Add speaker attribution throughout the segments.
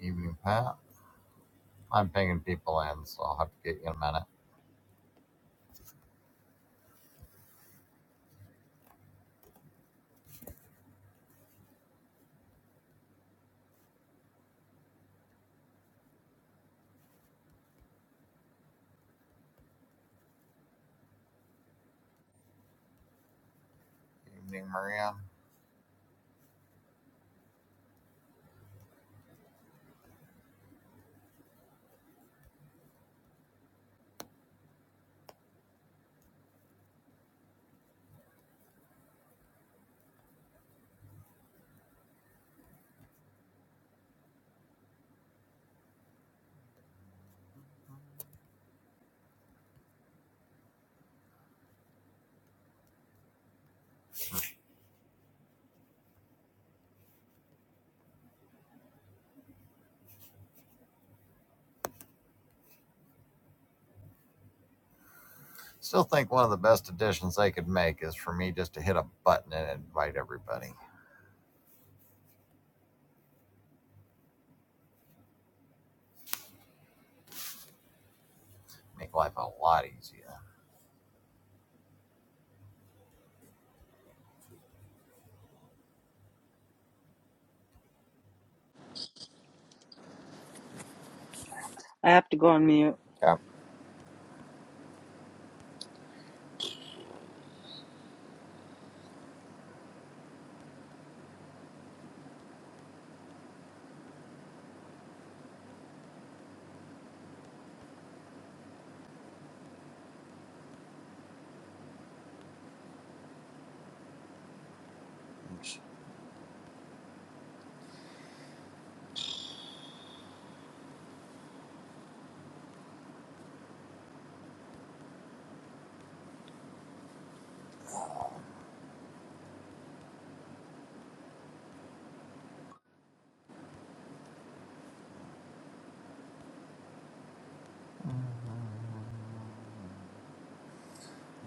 Speaker 1: Evening, Pat. I'm pinging people in, so I'll have to get you in a minute. Evening, Maria. Still think one of the best additions they could make is for me just to hit a button and invite everybody. Make life a lot easier.
Speaker 2: I have to go on mute.
Speaker 1: Yeah. Oops.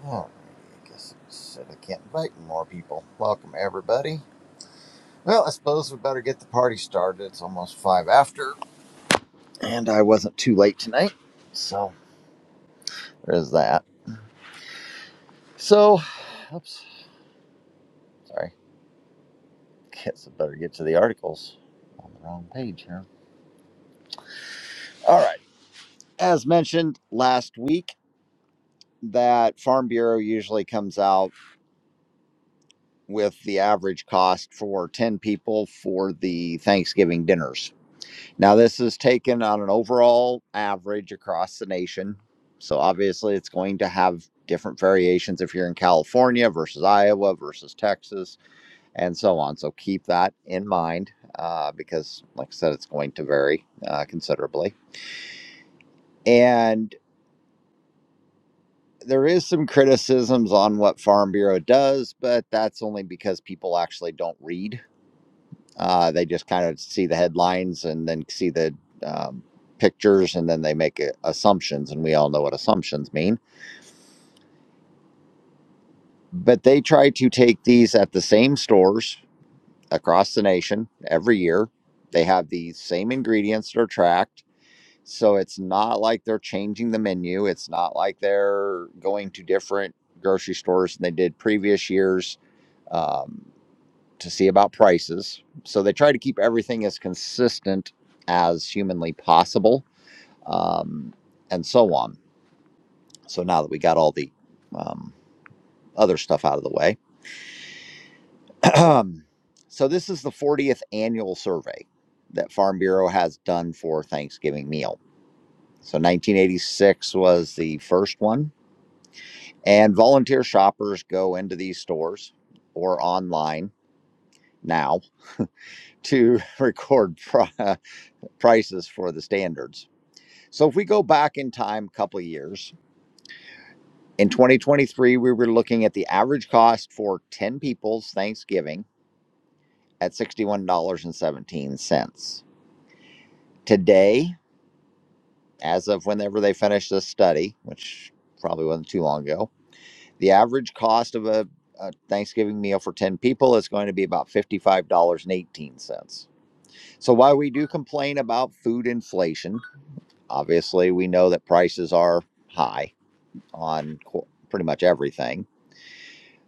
Speaker 1: Alrighty, I guess it said I can't invite more people. Welcome, everybody. Well, I suppose we better get the party started. It's almost five after, and I wasn't too late tonight, so there's that. So, oops, sorry. Guess I better get to the articles. On the wrong page here. All right. As mentioned last week, that Farm Bureau usually comes out with the average cost for 10 people for the Thanksgiving dinners. Now, this is taken on an overall average across the nation. So, obviously, it's going to have different variations if you're in California versus Iowa versus Texas and so on. So, keep that in mind uh, because, like I said, it's going to vary uh, considerably. And there is some criticisms on what Farm Bureau does, but that's only because people actually don't read. Uh, they just kind of see the headlines and then see the um, pictures and then they make a- assumptions. And we all know what assumptions mean. But they try to take these at the same stores across the nation every year. They have the same ingredients that are tracked So it's not like they're changing the menu. It's not like they're going to different grocery stores than they did previous years um, to see about prices. So they try to keep everything as consistent as humanly possible um, and so on. So now that we got all the um, other stuff out of the way, so this is the 40th annual survey that Farm Bureau has done for Thanksgiving meal. So 1986 was the first one. And volunteer shoppers go into these stores or online now to record pri- prices for the standards. So if we go back in time a couple of years, in 2023, we were looking at the average cost for 10 people's Thanksgiving at $61.17. Today, as of whenever they finished this study, which probably wasn't too long ago, The average cost of a, a Thanksgiving meal for 10 people is going to be about $55.18. So while we do complain about food inflation, obviously we know that prices are high on pretty much everything.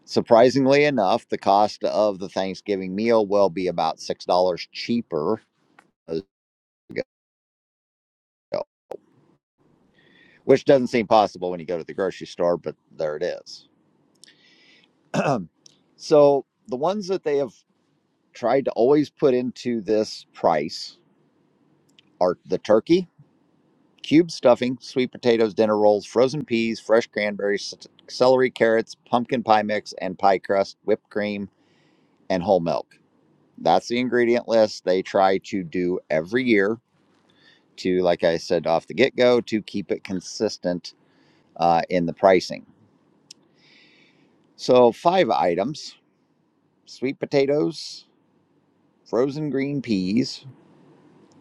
Speaker 1: Surprisingly enough, the cost of the Thanksgiving meal will be about $6 cheaper which doesn't seem possible when you go to the grocery store, but there it is. so the ones that they have tried to always put into this price are the turkey, cube stuffing, sweet potatoes, dinner rolls, frozen peas, fresh cranberries, celery, carrots, pumpkin pie mix, and pie crust, whipped cream, and whole milk. That's the ingredient list they try to do every year to, like I said off the get go, to keep it consistent uh, in the pricing. So, five items sweet potatoes, frozen green peas,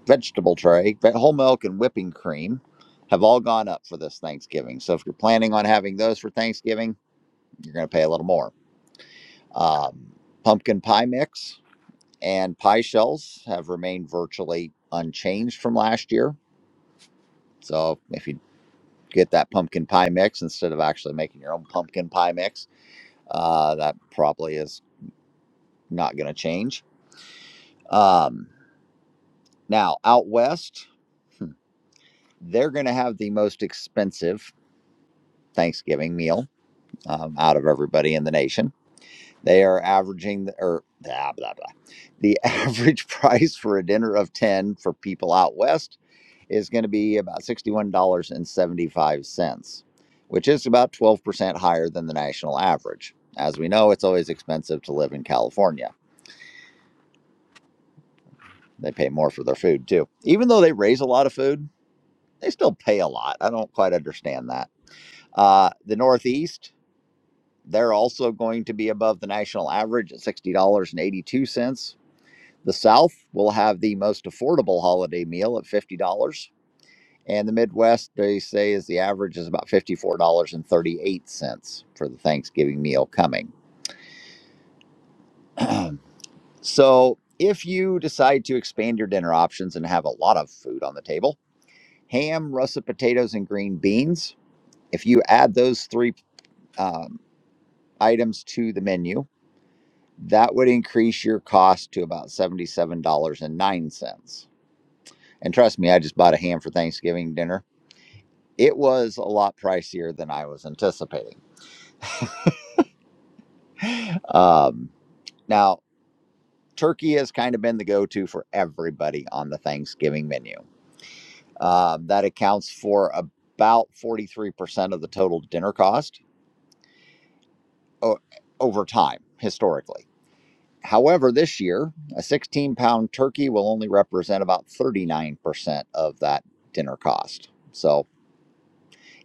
Speaker 1: vegetable tray, ve- whole milk, and whipping cream have all gone up for this Thanksgiving. So if you're planning on having those for Thanksgiving, you're going to pay a little more. Um, pumpkin pie mix and pie shells have remained virtually unchanged from last year. So if you get that pumpkin pie mix instead of actually making your own pumpkin pie mix, uh, that probably is not going to change. Um, now, out west, hmm, they're going to have the most expensive Thanksgiving meal um, out of everybody in the nation. They are averaging or blah, blah, blah. the average price for a dinner of 10 for people out west is going to be about $61.75, which is about 12% higher than the national average. As we know, it's always expensive to live in California. They pay more for their food too. Even though they raise a lot of food, they still pay a lot. I don't quite understand that. Uh, the Northeast They're also going to be above the national average at $60.82. The South will have the most affordable holiday meal at $50. And the Midwest, they say, is the average is about $54.38 for the Thanksgiving meal coming. so if you decide to expand your dinner options and have a lot of food on the table, ham, russet potatoes, and green beans, if you add those three um, items to the menu, that would increase your cost to about $77.09. And nine cents. And trust me, I just bought a ham for Thanksgiving dinner. It was a lot pricier than I was anticipating. Um, now, turkey has kind of been the go to for everybody on the Thanksgiving menu. Um, that accounts for about 43% of the total dinner cost o- over time, historically. However, this year, a 16 pound turkey will only represent about 39% of that dinner cost. So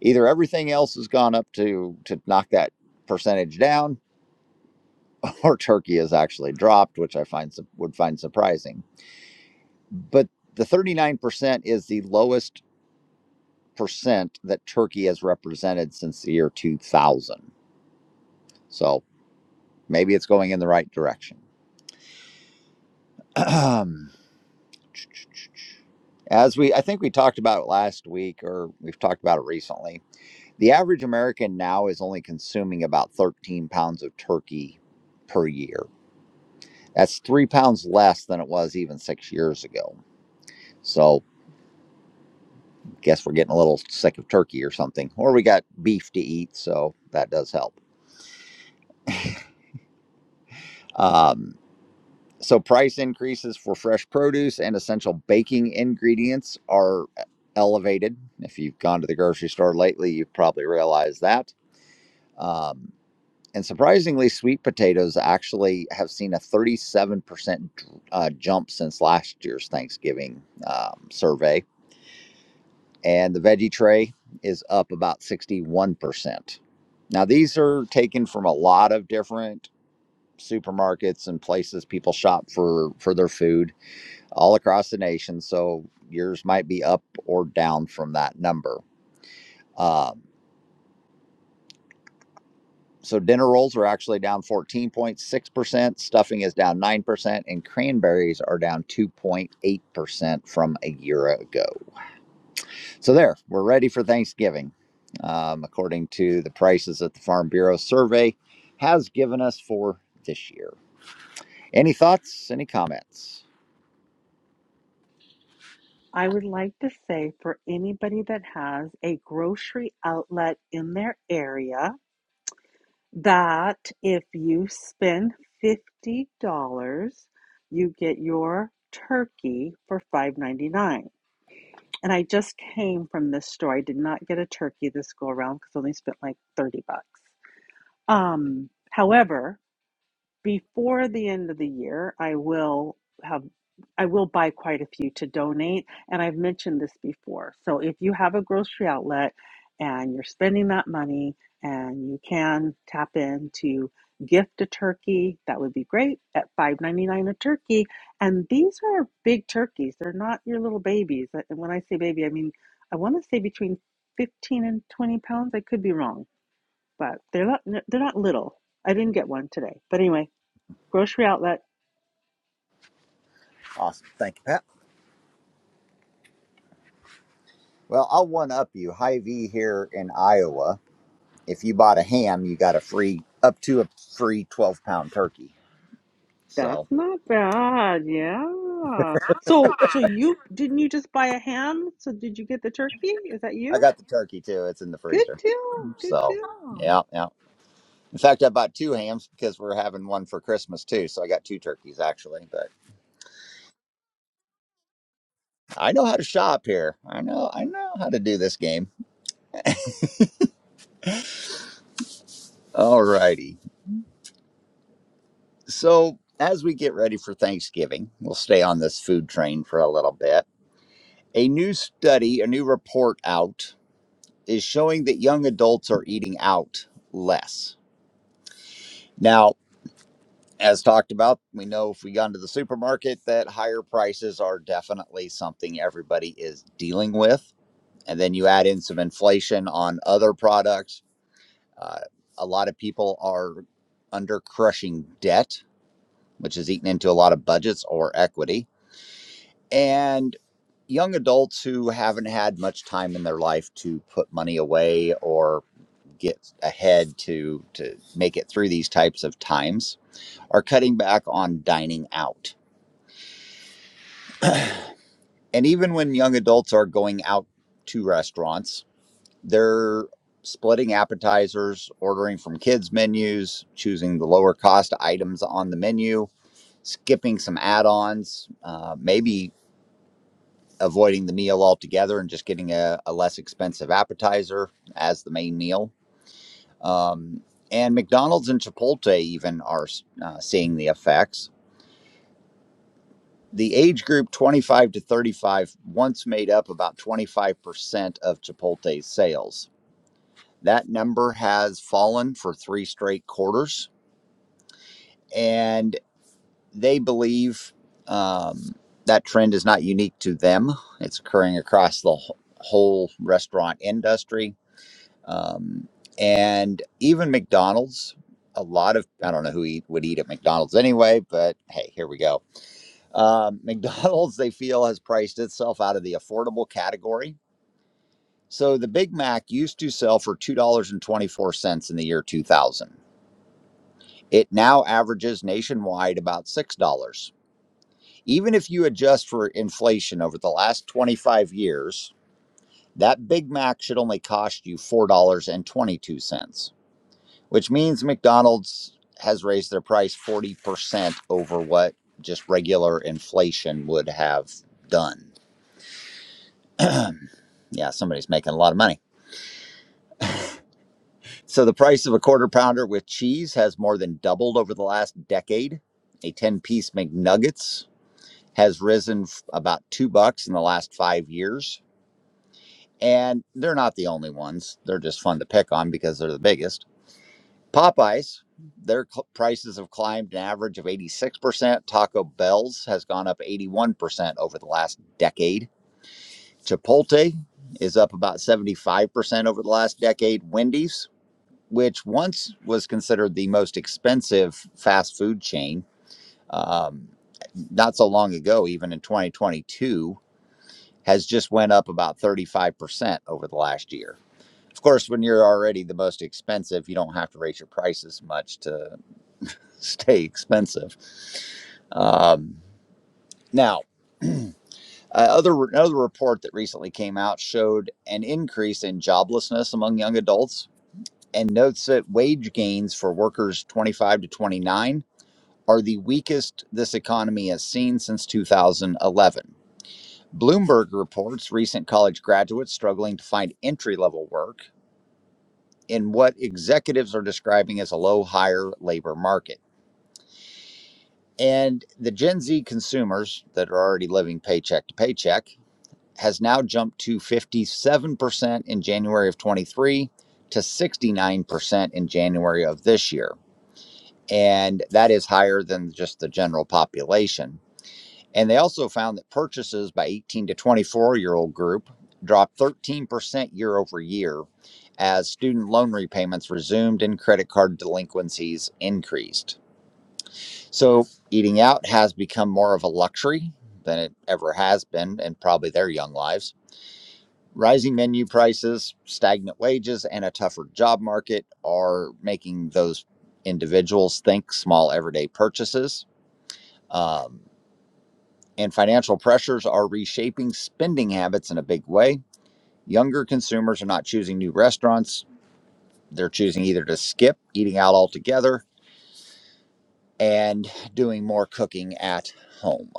Speaker 1: either everything else has gone up to, to knock that percentage down, or turkey has actually dropped, which I find would find surprising. But the 39% is the lowest percent that turkey has represented since the year 2000. So maybe it's going in the right direction. As we, I think we talked about it last week, or we've talked about it recently. The average American now is only consuming about 13 pounds of turkey per year. That's three pounds less than it was even six years ago. So, guess we're getting a little sick of turkey or something, or we got beef to eat, so that does help. Um, so, price increases for fresh produce and essential baking ingredients are e-, elevated. If you've gone to the grocery store lately, you've probably realized that. Um, And surprisingly, sweet potatoes actually have seen a 37% uh, jump since last year's Thanksgiving um, survey. And the veggie tray is up about 61%. Now, these are taken from a lot of different supermarkets and places people shop for, for their food all across the nation. So yours might be up or down from that number. Um, So dinner rolls are actually down 14.6%, stuffing is down 9%, and cranberries are down 2.8% from a year ago. So there, we're ready for Thanksgiving. Um, according to the prices that the Farm Bureau survey has given us for this year. Any thoughts? Any comments?
Speaker 2: I would like to say for anybody that has a grocery outlet in their area, that if you spend $50, you get your turkey for five ninety nine. And I just came from this store. I did not get a turkey this go around because I only spent like 30 bucks. Um, however, before the end of the year i will have i will buy quite a few to donate and i've mentioned this before so if you have a grocery outlet and you're spending that money and you can tap in to gift a turkey that would be great at 5.99 a turkey and these are big turkeys they're not your little babies Uh, and when i say baby i mean i want to say between 15 and 20 pounds i could be wrong but they're not they're not little i didn't get one today but anyway Grocery outlet.
Speaker 1: Awesome. Thank you, Pat. Well, I'll one up you. Hy-Vee here in Iowa. If you bought a ham, you got a free, up to a free 12 pound turkey. So
Speaker 2: That's not bad. Yeah. So so you didn't you just buy a ham? So did you get the turkey? Is that
Speaker 1: I
Speaker 2: you?
Speaker 1: got the turkey too. It's in the
Speaker 2: Good
Speaker 1: freezer.
Speaker 2: deal. Good
Speaker 1: So,
Speaker 2: deal.
Speaker 1: yeah, yeah. In fact, I bought two hams because we're having one for Christmas too. So I got two turkeys actually. But I know how to shop here. I know, I know how to do this game. All righty. So as we get ready for Thanksgiving, we'll stay on this food train for a little bit. A new study, a new report out, is showing that young adults are eating out less. Now, as talked about, we know if we got into the supermarket that higher prices are definitely something everybody is dealing with. And then you add in some inflation on other products. Uh, a lot of people are under crushing debt, which is eating into a lot of budgets or equity. And young adults who haven't had much time in their life to put money away or get ahead to to make it through these types of times are cutting back on dining out And even when young adults are going out to restaurants, they're splitting appetizers, ordering from kids' menus, choosing the lower cost items on the menu, skipping some add ons, uh, maybe avoiding the meal altogether and just getting a, a less expensive appetizer as the main meal. Um, and McDonald's and Chipotle even are uh, seeing the effects the age group 25 to 35 once made up about 25% of Chipotle's sales. That number has fallen for three straight quarters, and they believe um, that trend is not unique to them. It's occurring across the wh- whole restaurant industry. Um, and even McDonald's, a lot of, I don't know who eat, would eat at McDonald's anyway, but hey, here we go Um, McDonald's, they feel, has priced itself out of the affordable category. So the Big Mac used to sell for $2.24 in the year 2000. It now averages nationwide about $6. Even if you adjust for inflation over the last 25 years, that Big Mac should only cost you $4.22, which means McDonald's has raised their price 40% over what just regular inflation would have done. Yeah, somebody's making a lot of money. So the price of a quarter pounder with cheese has more than doubled over the last decade. A 10 piece McNuggets has risen f- about two bucks in the last five years. And they're not the only ones. They're just fun to pick on because they're the biggest. Popeyes, their cl- prices have climbed an average of 86%. Taco Bell's has gone up 81% over the last decade. Chipotle is up about 75% over the last decade. Wendy's which once was considered the most expensive fast food chain, um, not so long ago, even in 2022, has just went up about 35% over the last year. Of course, when you're already the most expensive, you don't have to raise your prices much to stay expensive. Um, now, uh, other another report that recently came out showed an increase in joblessness among young adults and notes that wage gains for workers 25 to 29 are the weakest this economy has seen since 2011. Bloomberg reports recent college graduates struggling to find entry level work in what executives are describing as a low hire labor market. And the Gen Z consumers that are already living paycheck to paycheck has now jumped to 57% in January of 23 to 69% in January of this year. And that is higher than just the general population And they also found that purchases by 18 to 24 year old group dropped 13% year over year as student loan repayments resumed and credit card delinquencies increased. So eating out has become more of a luxury than it ever has been in probably their young lives. Rising menu prices, stagnant wages, and a tougher job market are making those individuals think small everyday purchases. Um, and financial pressures are reshaping spending habits in a big way. Younger consumers are not choosing new restaurants, they're choosing either to skip eating out altogether and doing more cooking at home.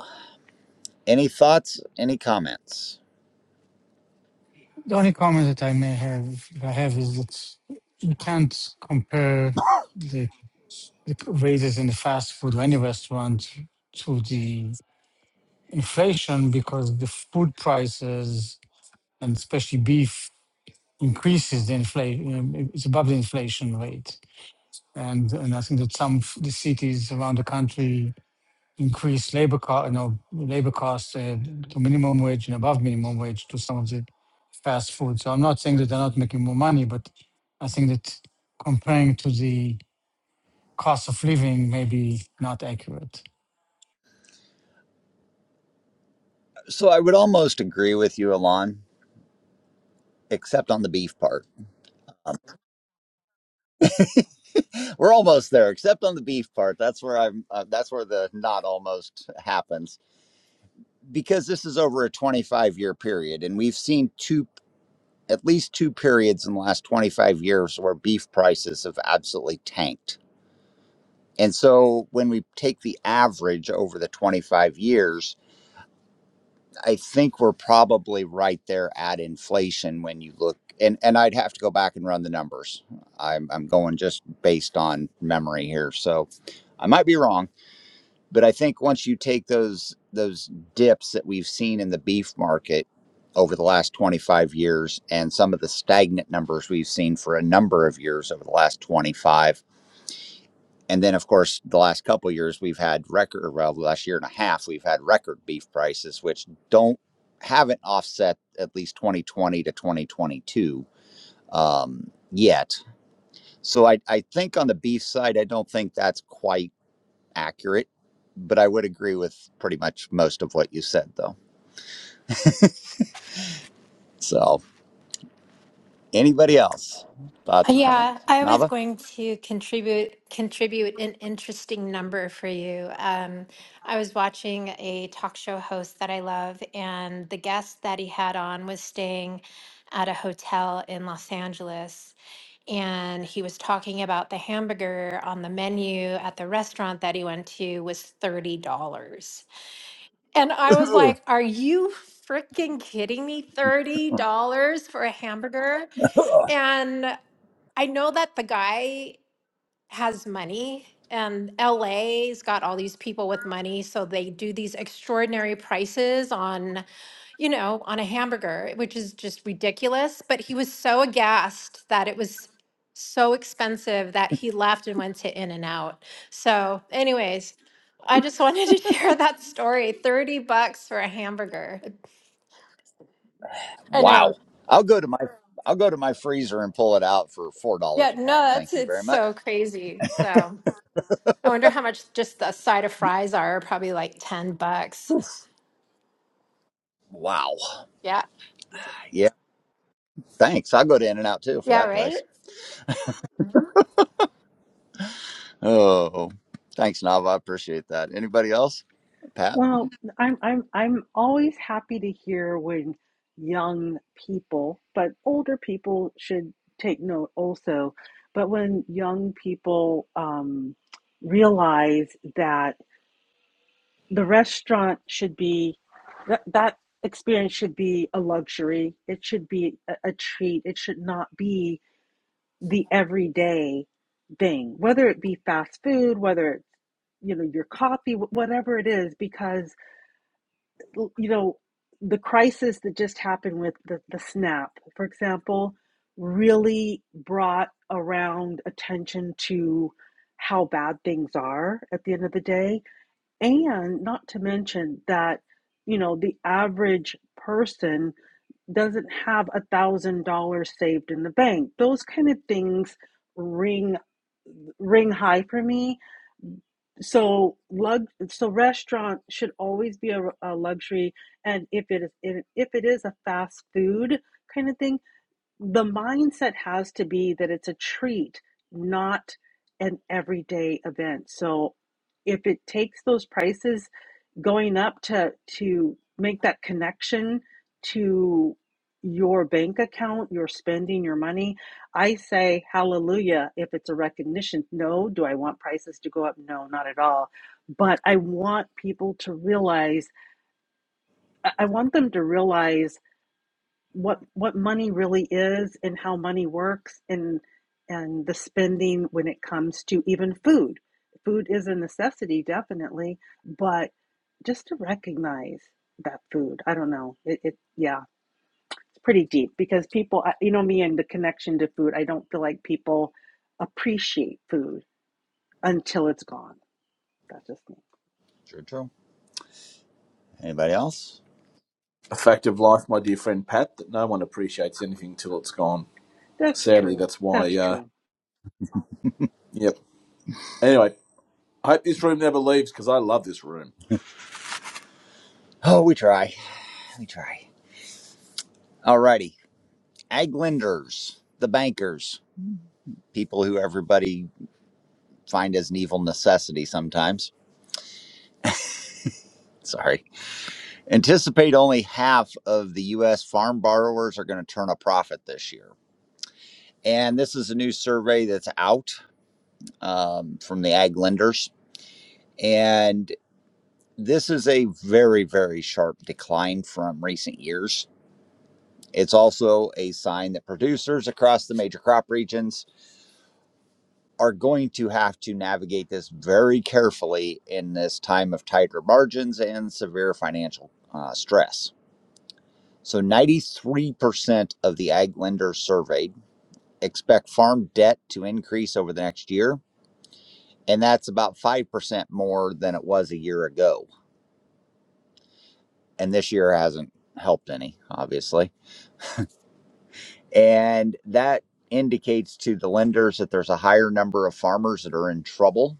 Speaker 1: Any thoughts? Any comments?
Speaker 3: The only comment that I may have, I have is that you can't compare the, the raises in the fast food or any restaurant to the inflation because the food prices and especially beef increases the inflation. It's above the inflation rate, and and I think that some of the cities around the country increase labor cost, you know, labor costs uh, to minimum wage and above minimum wage to some of the fast food. So I'm not saying that they're not making more money, but I think that comparing to the cost of living may be not accurate.
Speaker 1: So I would almost agree with you, Alon, except on the beef part. We're almost there, except on the beef part. That's where I'm. Uh, that's where the not almost happens because this is over a 25 year period, and we've seen two. at least two periods in the last 25 years where beef prices have absolutely tanked. And so when we take the average over the 25 years, I think we're probably right there at inflation when you look and and I'd have to go back and run the numbers. I'm I'm going just based on memory here. So I might be wrong, but I think once you take those those dips that we've seen in the beef market over the last 25 years and some of the stagnant numbers we've seen for a number of years over the last 25 and then of course the last couple of years we've had record well the last year and a half we've had record beef prices which don't haven't offset at least 2020 to 2022 um, yet so I, I think on the beef side i don't think that's quite accurate, but I would agree with pretty much most of what you said, though. So, anybody else? Thoughts or
Speaker 4: Yeah,
Speaker 1: comments?
Speaker 4: I was
Speaker 1: Nava?
Speaker 4: going to contribute contribute an interesting number for you. Um, I was watching a talk show host that I love, and the guest that he had on was staying at a hotel in Los Angeles, and he was talking about the hamburger on the menu at the restaurant that he went to was thirty dollars, and I was
Speaker 1: Ugh.
Speaker 4: like, "Are you?" Freaking kidding me, $30 for a hamburger. And I know that the guy has money and LA's got all these people with money so they do these extraordinary prices on, you know, on a hamburger, which is just ridiculous, but he was so aghast that it was so expensive that he left and went to In and Out. So, anyways, I just wanted to share that story. 30 bucks for a hamburger. I
Speaker 1: Wow.
Speaker 4: know.
Speaker 1: I'll go to my I'll go to my freezer and pull it out for four
Speaker 4: Yeah,
Speaker 1: dollars a
Speaker 4: no,
Speaker 1: pound.
Speaker 4: that's
Speaker 1: Thank you
Speaker 4: it's
Speaker 1: very much.
Speaker 4: so crazy. So, I wonder how much just the side of fries are, probably like 10 bucks.
Speaker 1: Wow.
Speaker 4: Yeah.
Speaker 1: Yeah. Thanks. I'll go to In and Out too for
Speaker 4: Yeah,
Speaker 1: that
Speaker 4: right?
Speaker 1: price. Oh. Thanks, Nava. I appreciate that. Anybody else? Pat?
Speaker 2: Well, I'm I'm I'm always happy to hear when young people, but older people should take note also, but when young people um realize that. the restaurant should be that that experience should be a luxury it should be a, a treat it should not be the everyday thing whether it be fast food whether it's you know your coffee whatever it is because you know the crisis that just happened with the, the snap for example really brought around attention to how bad things are at the end of the day and not to mention that, you know, the average person doesn't have a thousand dollars saved in the bank. Those kind of things ring ring high for me. So lug so restaurant should always be a, a luxury and if it is if it is a fast food kind of thing, the mindset has to be that it's a treat, not an everyday event. So if it takes those prices going up to to make that connection to your bank account, your spending, your money, I say hallelujah if it's a recognition. No, do I want prices to go up? No, not at all. But I want people to realize, I I want them to realize what what money really is and how money works and and the spending when it comes to even food. Food is a necessity, definitely, but just to recognize that food. I don't know. It, it yeah, it's pretty deep because people, you know me and the connection to food. I don't feel like people appreciate food until it's gone. That's just me.
Speaker 1: True, true. Anybody else?
Speaker 5: a fact of life, my dear friend Pat, that no one appreciates anything till it's gone.
Speaker 2: That's
Speaker 5: Sadly,
Speaker 2: true.
Speaker 5: that's
Speaker 2: That's
Speaker 5: why. Uh,
Speaker 2: true.
Speaker 5: yep. Anyway, I hope this room never leaves because I love this room.
Speaker 1: Oh, we try. We try. All righty. Ag lenders, the bankers, people who everybody find as an evil necessity sometimes. Sorry. Anticipate only half of the U.S. farm borrowers are going to turn a profit this year. And this is a new survey that's out um, from the ag lenders. And this is a very, very sharp decline from recent years. It's also a sign that producers across the major crop regions are going to have to navigate this very carefully in this time of tighter margins and severe financial uh, stress. So 93% of the ag lenders surveyed expect farm debt to increase over the next year. And that's about 5% more than it was a year ago. And this year hasn't helped any, obviously. And that indicates to the lenders that there's a higher number of farmers that are in trouble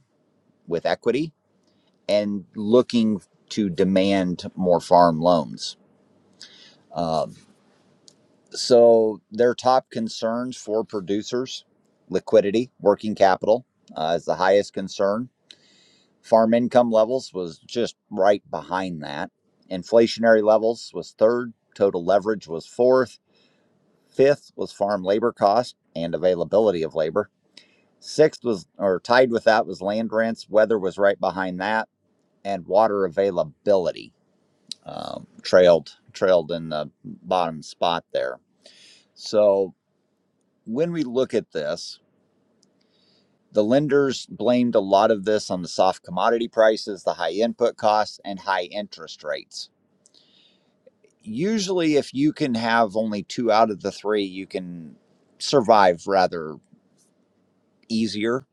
Speaker 1: with equity and looking to demand more farm loans. Um, So, their top concerns for producers liquidity, working capital uh, is the highest concern. Farm income levels was just right behind that. Inflationary levels was third. Total leverage was fourth. Fifth was farm labor cost and availability of labor. Sixth was, or tied with that, was land rents. Weather was right behind that, and water availability um, trailed trailed in the bottom spot there. So when we look at this, the lenders blamed a lot of this on the soft commodity prices, the high input costs, and high interest rates. Usually, if you can have only two out of the three, you can survive rather easier.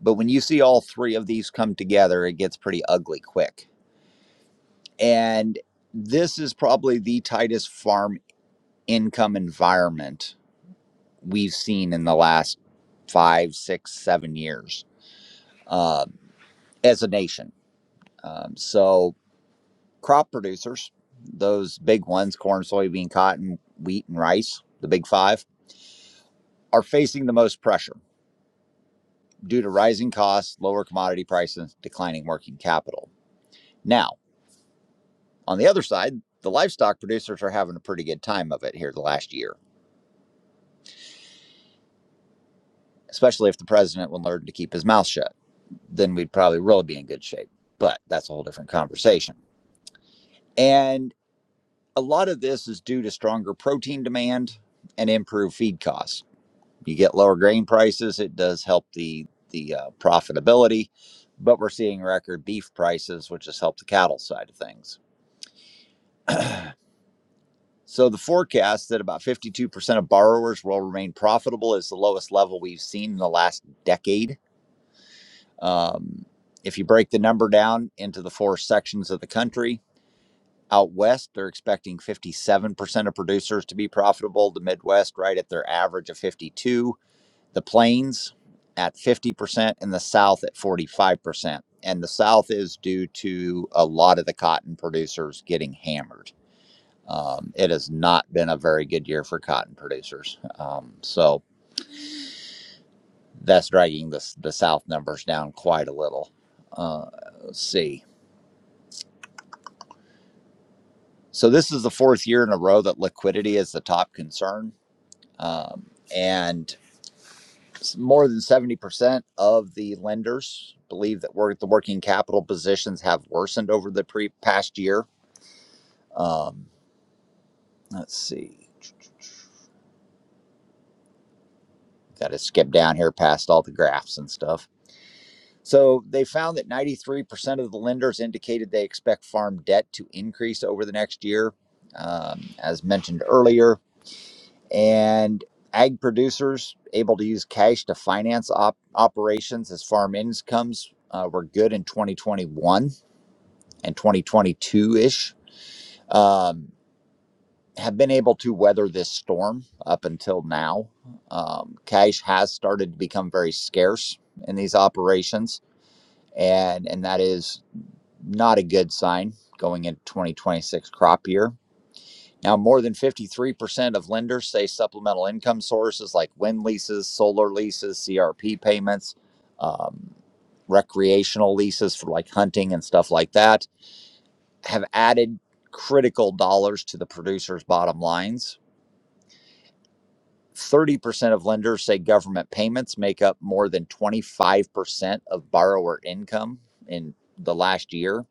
Speaker 1: But when you see all three of these come together, it gets pretty ugly quick. And this is probably the tightest farm income environment we've seen in the last five, six, seven years um, as a nation Um, so, crop producers, those big ones corn, soybean, cotton, wheat, and rice, the big five, are facing the most pressure due to rising costs, lower commodity prices, declining working capital. Now, on the other side, the livestock producers are having a pretty good time of it here the last year, especially if the president would learn to keep his mouth shut. Then we'd probably really be in good shape. But that's a whole different conversation. And a lot of this is due to stronger protein demand and improved feed costs you get lower grain prices it does help the the uh, profitability but we're seeing record beef prices which has helped the cattle side of things so the forecast that about 52% of borrowers will remain profitable is the lowest level we've seen in the last decade um, if you break the number down into the four sections of the country out west they're expecting 57% of producers to be profitable the midwest right at their average of 52 the plains at 50% and the south at 45% and the south is due to a lot of the cotton producers getting hammered um, it has not been a very good year for cotton producers um, so that's dragging the, the south numbers down quite a little uh, let's see so this is the fourth year in a row that liquidity is the top concern um, and more than 70% of the lenders believe that work, the working capital positions have worsened over the pre- past year. Um, let's see. Got to skip down here past all the graphs and stuff. So they found that 93% of the lenders indicated they expect farm debt to increase over the next year, um, as mentioned earlier. And ag producers able to use cash to finance op- operations as farm incomes uh, were good in 2021 and 2022 ish, um, have been able to weather this storm up until now. Um, cash has started to become very scarce in these operations, and, and that is not a good sign going into 2026 crop year. Now, more than 53% of lenders say supplemental income sources like wind leases, solar leases, CRP payments, um, recreational leases for like hunting and stuff like that have added critical dollars to the producers' bottom lines. 30% of lenders say government payments make up more than 25% of borrower income in the last year.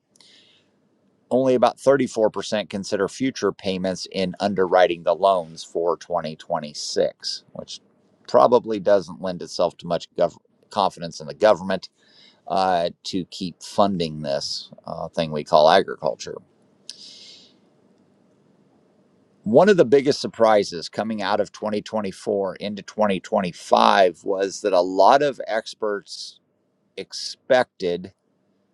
Speaker 1: Only about 34% consider future payments in underwriting the loans for 2026, which probably doesn't lend itself to much gov- confidence in the government uh, to keep funding this uh, thing we call agriculture. One of the biggest surprises coming out of 2024 into 2025 was that a lot of experts expected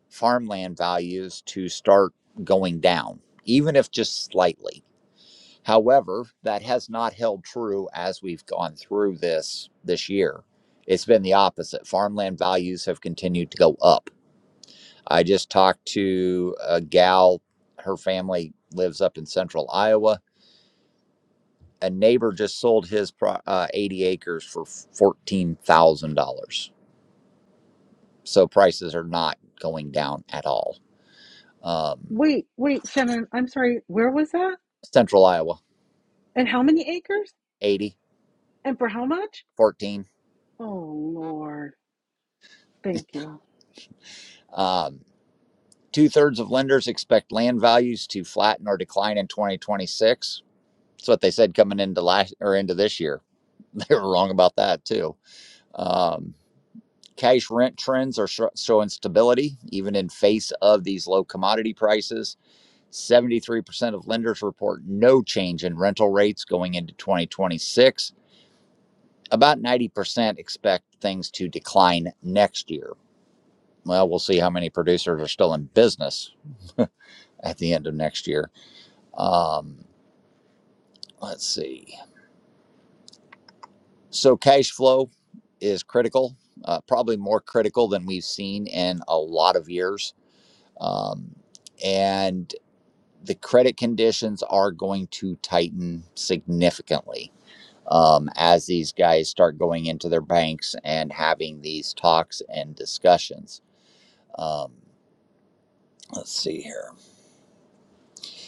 Speaker 1: farmland values to start going down, even if just slightly. However, that has not held true as we've gone through this this year. It's been the opposite. Farmland values have continued to go up. I just talked to a gal, her family lives up in central Iowa a neighbor just sold his uh, 80 acres for $14,000. So prices are not going down at all. Um,
Speaker 2: Wait, wait, Shannon. I'm sorry. Where was that?
Speaker 1: Central Iowa,
Speaker 2: And how many acres?
Speaker 1: eighty,
Speaker 2: And for how much?
Speaker 1: fourteen.
Speaker 2: Oh Lord, thank you.
Speaker 1: Um, Two thirds of lenders expect land values to flatten or decline in 2026. That's what they said coming into last or into this year. They were wrong about that too. Um, cash rent trends are sho- showing stability even in face of these low commodity prices 73% of lenders report no change in rental rates going into 2026. About 90% expect things to decline next year. Well, we'll see how many producers are still in business at the end of next year. Um, let's see. So, cash flow is critical, uh, probably more critical than we've seen in a lot of years. Um, and the credit conditions are going to tighten significantly um, as these guys start going into their banks and having these talks and discussions. Um, let's see here.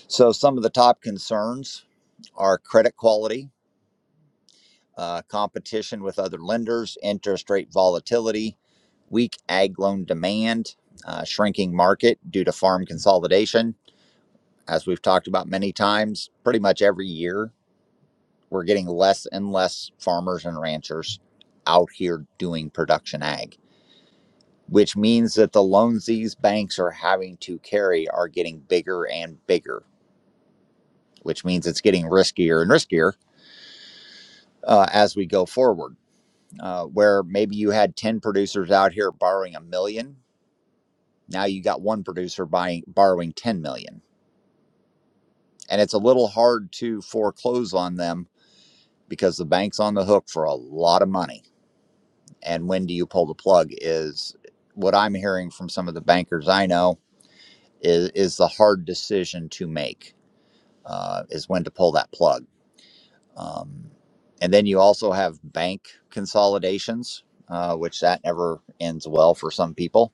Speaker 1: So, some of the top concerns are credit quality, uh, competition with other lenders, interest rate volatility, weak ag loan demand, uh, shrinking market due to farm consolidation. As we've talked about many times, pretty much every year, we're getting less and less farmers and ranchers out here doing production ag which means that the loans these banks are having to carry are getting bigger and bigger, which means it's getting riskier and riskier uh, as we go forward. Uh, where maybe you had 10 producers out here borrowing a million, now you got one producer buying borrowing 10 million. And it's a little hard to foreclose on them because the bank's on the hook for a lot of money. And when do you pull the plug is what I'm hearing from some of the bankers I know is is the hard decision to make uh, is when to pull that plug. Um, and then you also have bank consolidations, uh, which that never ends well for some people.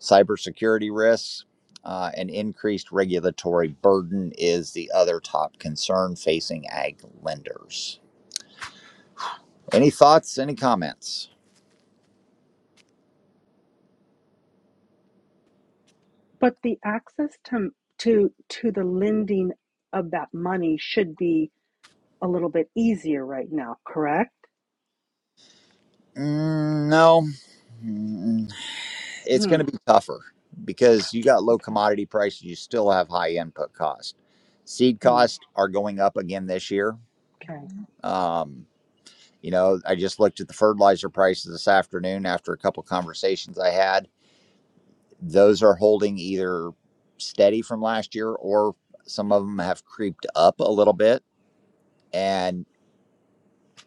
Speaker 1: Cybersecurity risks uh, and increased regulatory burden is the other top concern facing ag lenders. Any thoughts? Any comments?
Speaker 2: But the access to to to the lending of that money should be a little bit easier right now, correct?
Speaker 1: Mm, no, Mm, it's
Speaker 2: Hmm.
Speaker 1: going to be tougher because you got low
Speaker 2: Okay.
Speaker 1: commodity prices. You still have high input cost. Seed
Speaker 2: Hmm.
Speaker 1: costs are going up again this year
Speaker 2: Okay.
Speaker 1: Um, you know, I just looked at the fertilizer prices this afternoon after a couple conversations I had. Those are holding either steady from last year or some of them have creeped up a little bit. And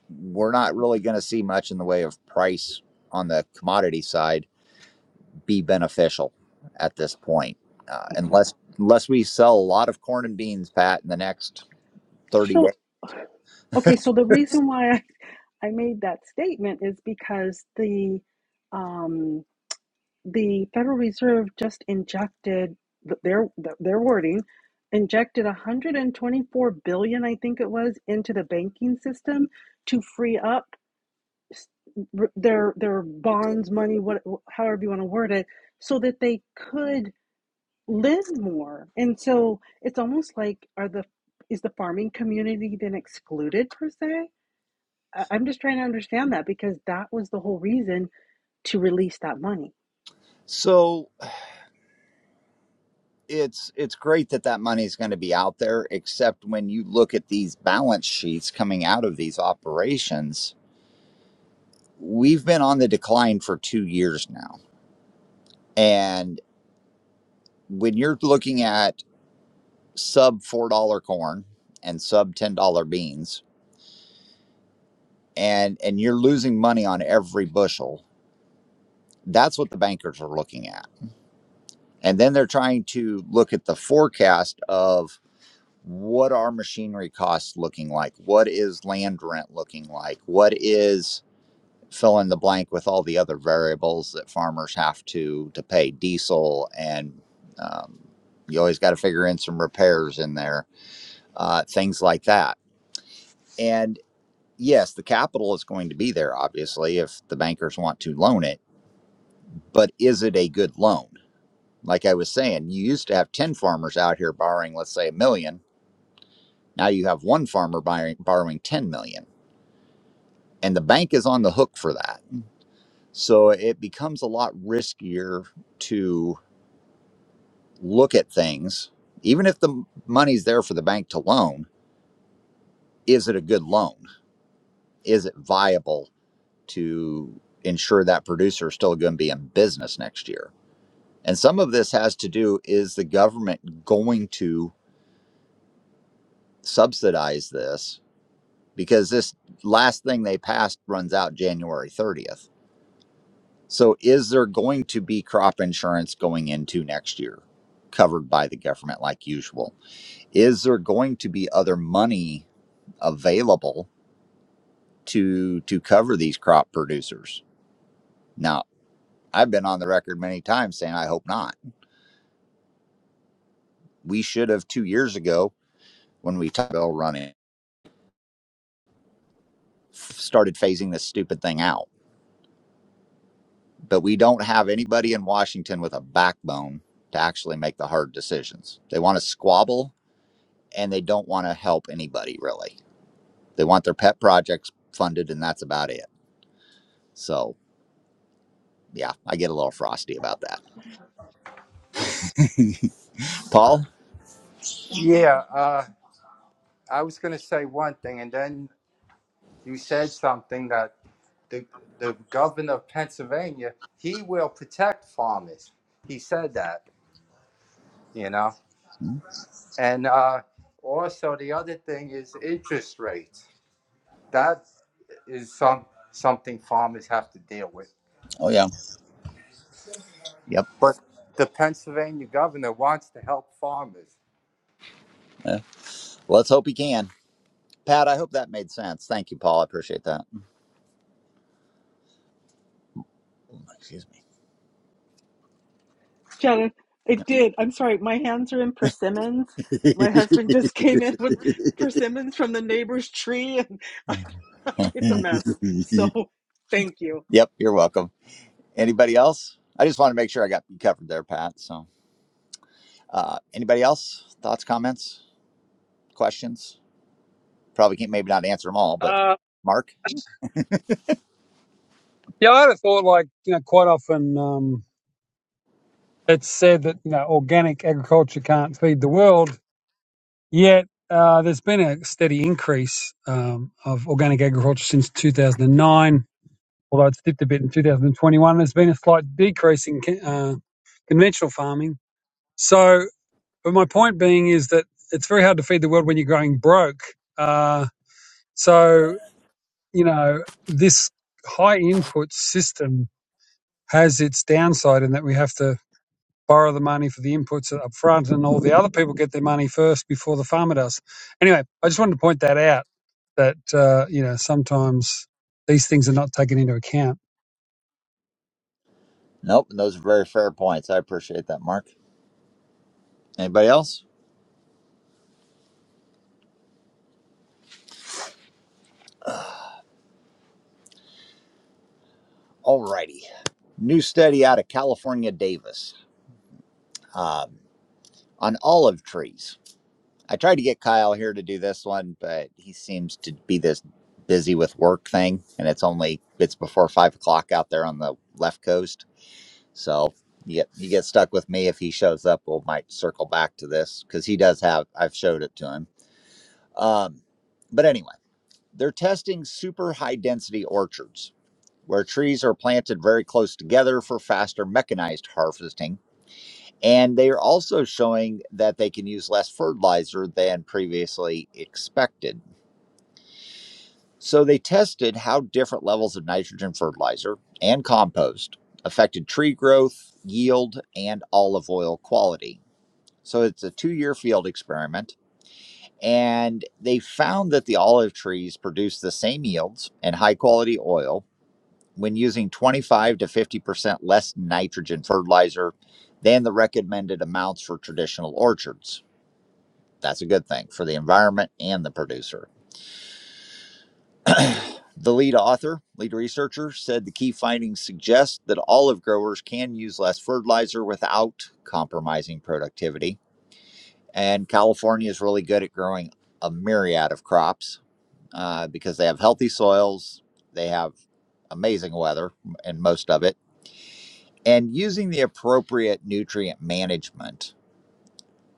Speaker 1: we're not really going to see much in the way of price on the commodity side be beneficial at this point, uh,
Speaker 2: Okay.
Speaker 1: unless unless we sell a lot of corn and beans, Pat, in the next 30 days.
Speaker 2: So, okay. So the reason why I, I made that statement is because the um, the Federal Reserve just injected their their wording injected 124 billion I think it was into the banking system to free up their their bonds money what however you want to word it so that they could live more and so it's almost like are the is the farming community then excluded per se I'm just trying to understand that because that was the whole reason to release that money.
Speaker 1: So it's it's great that that money is going to be out there except when you look at these balance sheets coming out of these operations we've been on the decline for 2 years now and when you're looking at sub $4 corn and sub $10 beans and and you're losing money on every bushel that's what the bankers are looking at and then they're trying to look at the forecast of what are machinery costs looking like? What is land rent looking like? What is fill in the blank with all the other variables that farmers have to to pay diesel and um, you always got to figure in some repairs in there, uh, things like that. And yes, the capital is going to be there, obviously, if the bankers want to loan it. But is it a good loan? Like I was saying, you used to have ten farmers out here borrowing, let's say, a million. Now you have one farmer buying, borrowing ten million and the bank is on the hook for that. So it becomes a lot riskier to look at things, even if the money's there for the bank to loan. Is it a good loan? Is it viable to ensure that producer is still going to be in business next year? And some of this has to do is the government going to subsidize this? Because this last thing they passed runs out January 30th So, is there going to be crop insurance going into next year covered by the government like usual? Is there going to be other money available to to cover these crop producers? Now, I've been on the record many times saying I hope not. We should have 2 years ago when we talked bill running started phasing this stupid thing out. But we don't have anybody in Washington with a backbone to actually make the hard decisions. They want to squabble and they don't want to help anybody really. They want their pet projects funded, and that's about it. So, yeah, I get a little frosty about that. Paul?
Speaker 6: Yeah, uh, I was going to say one thing, and then you said something that the the governor of Pennsylvania he will protect farmers. He said that, you know,
Speaker 1: Hmm?
Speaker 6: and uh, also the other thing is interest rates. That is some something farmers have to deal with.
Speaker 1: Oh, yeah. Yep.
Speaker 6: But the Pennsylvania governor wants to help farmers.
Speaker 1: Yeah. Well, Let's hope he can. Pat, I hope that made sense. Thank you, Paul. I appreciate that. Oh, Excuse me.
Speaker 2: Shannon, it did. I'm sorry, my hands are in persimmons. My husband just came in with persimmons from the neighbor's tree, and it's a mess. So thank you.
Speaker 1: yep, you're welcome. Anybody else? I just want to make sure I got you covered there, Pat. So, uh, anybody else? Thoughts, comments, questions? Probably can't, maybe not answer them all, but
Speaker 7: Uh,
Speaker 1: Mark?
Speaker 7: yeah, I had a thought like, you know, quite often um, it's said that, you know, organic agriculture can't feed the world, yet uh, there's been a steady increase um, of organic agriculture since 2009, although it's dipped a bit in 2021. There's been a slight decrease in co- uh, conventional farming. So, but my point being is that it's very hard to feed the world when you're going broke. Uh, so, you know, this high input system has its downside in that we have to borrow the money for the inputs up front, and all the other people get their money first before the farmer does. Anyway, I just wanted to point that out that uh, you know sometimes these things are not taken into account.
Speaker 1: Nope, and those are very fair points. I appreciate that, Mark. Anybody else? Alrighty. New study out of California Davis um, on olive trees. I tried to get Kyle here to do this one, but he seems to be this busy with work thing, and it's only it's before five o'clock out there on the left coast. So you get you get stuck with me if he shows up. We will might circle back to this because he does have. I've showed it to him. Um, but anyway, they're testing super high density orchards where trees are planted very close together for faster mechanized harvesting. And they are also showing that they can use less fertilizer than previously expected. So they tested how different levels of nitrogen fertilizer and compost affected tree growth, yield, and olive oil quality. So it's a two year field experiment. And they found that the olive trees produced the same yields and high quality oil when using 25 to 50% less nitrogen fertilizer than the recommended amounts for traditional orchards. That's a good thing for the environment and the producer. The lead author, lead researcher, said the key findings suggest that olive growers can use less fertilizer without compromising productivity. And California is really good at growing a myriad of crops uh, because they have healthy soils, they have amazing weather, and most of it and using the appropriate nutrient management,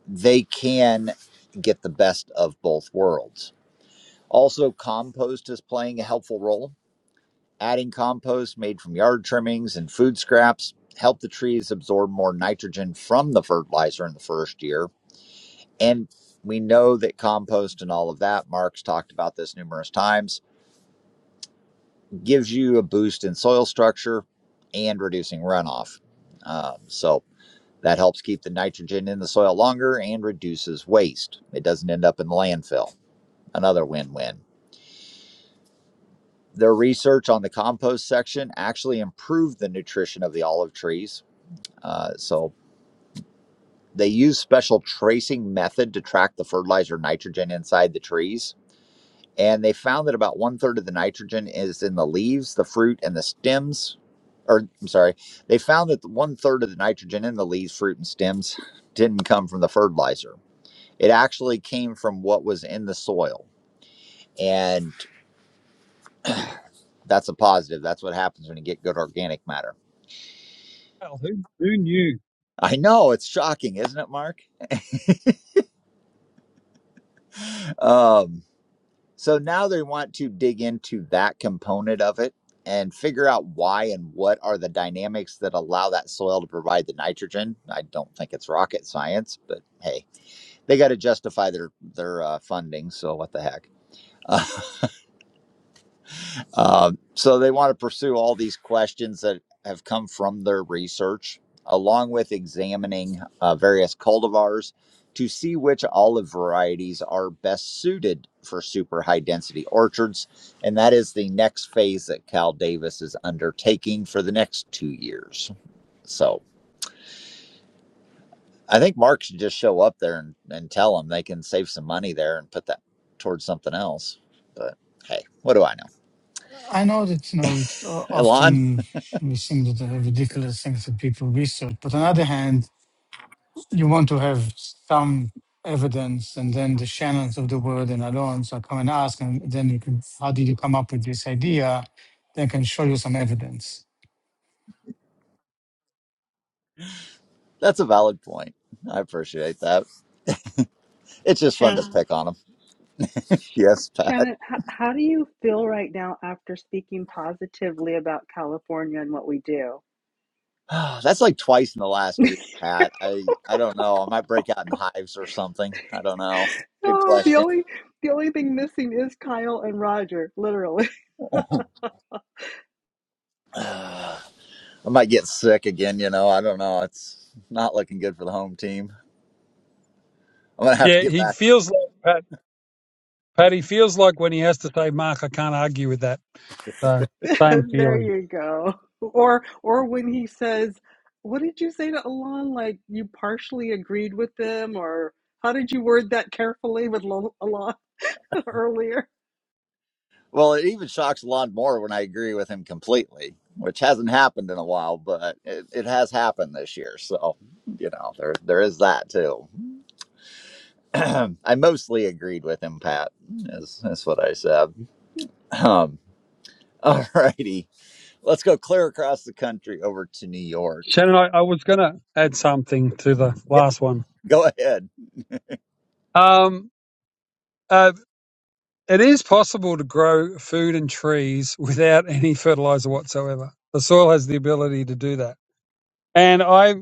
Speaker 1: they can get the best of both worlds. Also, compost is playing a helpful role. Adding compost made from yard trimmings and food scraps help the trees absorb more nitrogen from the fertilizer in the first year. And we know that compost and all of that, Mark's talked about this numerous times, gives you a boost in soil structure and reducing runoff. Um, so, That helps keep the nitrogen in the soil longer and reduces waste. It doesn't end up in the landfill. Another win win. Their research on the compost section actually improved the nutrition of the olive trees. Uh, so they use special tracing method to track the fertilizer nitrogen inside the trees. And they found that about one third of the nitrogen is in the leaves, the fruit, and the stems. Or, I'm sorry, they found that one third of the nitrogen in the leaves, fruit, and stems didn't come from the fertilizer It actually came from what was in the soil. And that's a positive. That's what happens when you get good organic matter.
Speaker 7: Well, who, who knew?
Speaker 1: I know it's shocking, isn't it, Mark? Um, so now they want to dig into that component of it and figure out why and what are the dynamics that allow that soil to provide the nitrogen. I don't think it's rocket science, but hey, they got to justify their their uh, funding. So what the heck? Uh, so they want to pursue all these questions that have come from their research, along with examining uh, various cultivars to see which olive varieties are best suited for super high density orchards. And that is the next phase that Cal Davis is undertaking for the next two years. So I think Mark should just show up there and, and tell them they can save some money there and put that towards something else. But hey, what do I know?
Speaker 3: I know that you know it's o-
Speaker 1: Elon?
Speaker 3: often we think that there are ridiculous things that people research, but on the other hand, you want to have some evidence and then the channels of the word and Alonso are come and ask and then you can how did you come up with this idea they can show you some evidence
Speaker 1: That's a valid point. I appreciate that. It's just fun
Speaker 2: Shannon.
Speaker 1: to pick on them.
Speaker 2: Sh-
Speaker 1: Yes, Pat.
Speaker 2: Shannon, how, how do you feel right now after speaking positively about California and what we do?
Speaker 1: That's like twice in the last week, Pat. I I don't know. I might break out in hives or something. I don't know. Good
Speaker 2: Oh, the
Speaker 1: question.
Speaker 2: only the only thing missing is Kyle and Roger, literally.
Speaker 1: I might get sick again. You know, I don't know. It's not looking good for the home team. I'm gonna have to
Speaker 7: Yeah,
Speaker 1: get
Speaker 7: he
Speaker 1: back.
Speaker 7: feels like Pat. Pat, he feels like when he has to say, "Mark, I can't argue with that." So same
Speaker 2: There
Speaker 7: feeling.
Speaker 2: you go. Or or when he says, "What did you say to Alon? Like you partially agreed with them, or how did you word that carefully with Lo- Alon earlier?"
Speaker 1: Well, it even shocks Lon more when I agree with him completely, which hasn't happened in a while, but it, it has happened this year. So, you know, there there is that too. I mostly agreed with him, Pat. That's is what I said. Um, all righty, let's go clear across the country over to New York.
Speaker 7: Shannon, I, I was going to add something to the
Speaker 1: Yep,
Speaker 7: last one.
Speaker 1: go ahead,
Speaker 7: Um, uh, It is possible to grow food and trees without any fertilizer whatsoever. The soil has the ability to do that. And I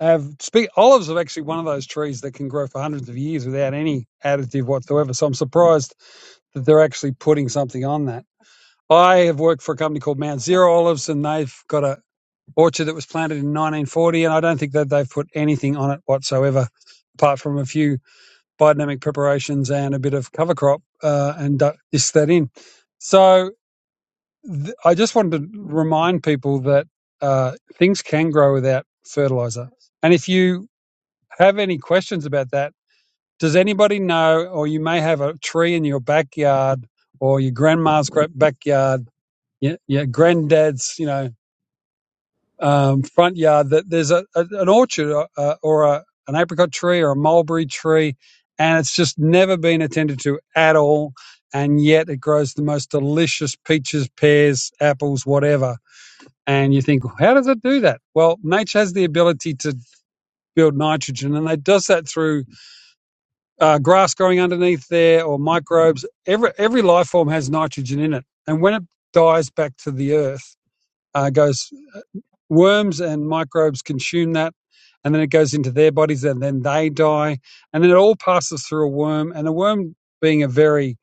Speaker 7: have speak olives are actually one of those trees that can grow for hundreds of years without any additive whatsoever. So I'm surprised that they're actually putting something on that. I have worked for a company called Mount Zero Olives and they've got a orchard that was planted in 1940 and I don't think that they've put anything on it whatsoever apart from a few biodynamic preparations and a bit of cover crop uh, and du- dish that in. So th- I just wanted to remind people that uh, things can grow without fertilizer. And if you have any questions about that, does anybody know, or you may have a tree in your backyard or your grandma's gra- backyard, your, your granddad's, you know, um, front yard that there's a, a an orchard or, uh, or a, an apricot tree or a mulberry tree, and it's just never been attended to at all. And yet it grows the most delicious peaches, pears, apples, whatever. And you think, how does it do that? Well, nature has the ability to build nitrogen, and it does that through uh, grass growing underneath there or microbes. Every every life form has nitrogen in it, and when it dies back to the earth, uh, goes worms and microbes consume that and then it goes into their bodies and then they die and then it all passes through a worm and a worm being a very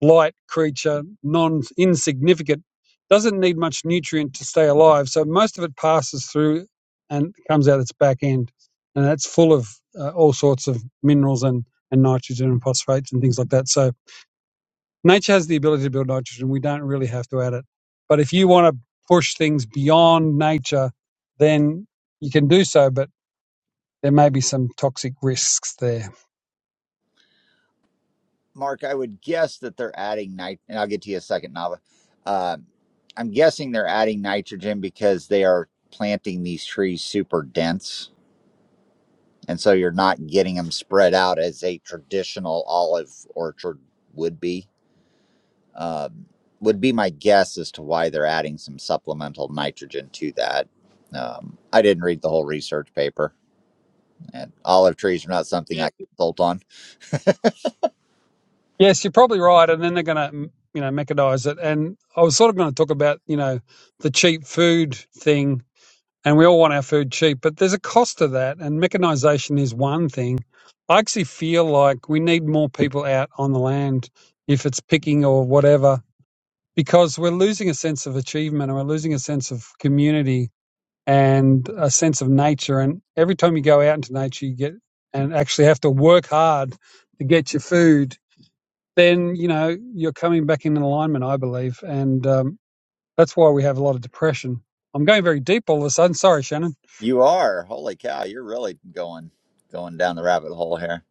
Speaker 7: light creature non insignificant doesn't need much nutrient to stay alive so most of it passes through and comes out its back end and that's full of uh, all sorts of minerals and and nitrogen and phosphates and things like that so nature has the ability to build nitrogen. We don't really have to add it. But if you want to push things beyond nature, then you can do so, but there may be some toxic risks there.
Speaker 1: Mark. I would guess that they're adding night, and I'll get to you in a second, Nava. Um I'm guessing they're adding nitrogen because they are planting these trees super dense, and so you're not getting them spread out as a traditional olive orchard would be. Um, would be my guess as to why they're adding some supplemental nitrogen to that. Um, I didn't read the whole research paper, and olive trees are not something
Speaker 7: Yeah.
Speaker 1: I consult on.
Speaker 7: Yes, you're probably right. And then they're going to, you know, mechanize it. And I was sort of going to talk about, you know, the cheap food thing. And we all want our food cheap, but there's a cost to that. And mechanization is one thing. I actually feel like we need more people out on the land if it's picking or whatever because we're losing a sense of achievement and we're losing a sense of community and a sense of nature. And every time you go out into nature, you get and actually have to work hard to get your food. Then you know you're coming back in alignment, I believe, and um, that's why we have a lot of depression. I'm going very deep all of a sudden. Sorry, Shannon.
Speaker 1: You are holy cow! You're really going going down the rabbit hole here,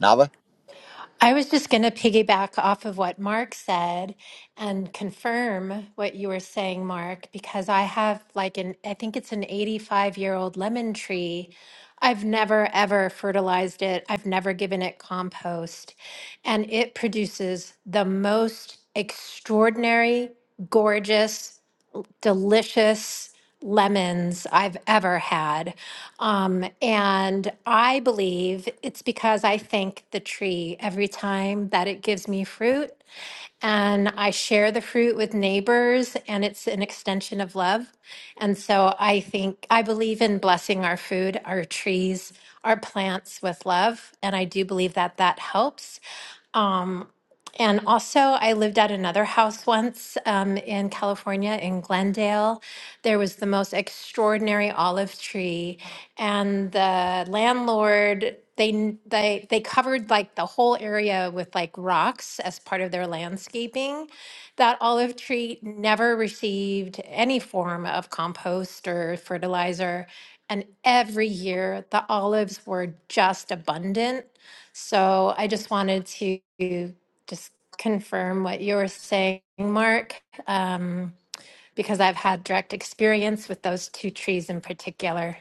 Speaker 1: Nava.
Speaker 4: I was just going to piggyback off of what Mark said and confirm what you were saying, Mark, because I have like an, I think it's an 85 year old lemon tree. I've never ever fertilized it, I've never given it compost. And it produces the most extraordinary, gorgeous delicious lemons I've ever had. Um, and I believe it's because I thank the tree every time that it gives me fruit. And I share the fruit with neighbors, and it's an extension of love. And so I think I believe in blessing our food, our trees, our plants with love. And I do believe that that helps. Um, and also, I lived at another house once um, in California, in Glendale. There was the most extraordinary olive tree, and the landlord they n- they they covered like the whole area with like rocks as part of their landscaping. That olive tree never received any form of compost or fertilizer, and every year the olives were just abundant so I just wanted to just confirm what you were saying, Mark, um, because I've had direct experience with those two trees in particular.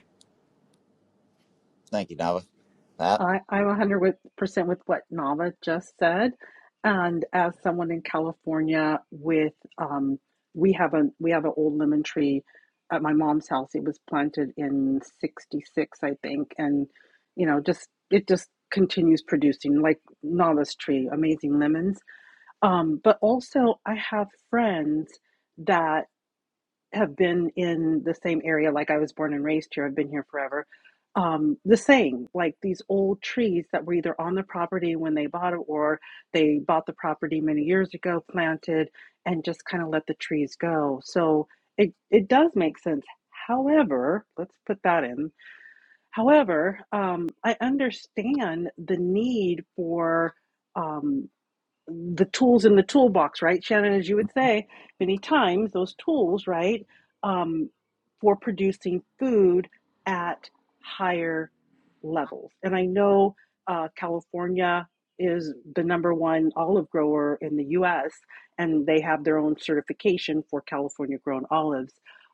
Speaker 1: Thank you, Nava. That
Speaker 2: I, I'm 100% with what Nava just said. And as someone in California with, um, we have a, we have an old lemon tree at my mom's house. It was planted in 66, I think. And, you know, just, it just continues producing like Nava's tree, amazing lemons. Um, but also I have friends that have been in the same area, like I was born and raised here, I've been here forever. Um, the same, like these old trees that were either on the property when they bought it or they bought the property many years ago, planted, and just kind of let the trees go. So it, it does make sense. However, let's put that in. However, um, I understand the need for. Um, the tools in the toolbox, right, Shannon? As you would say many times, those tools, right, um, for producing food at higher levels. And I know uh, California is the number one olive grower in the U.S., and they have their own certification for California grown olives.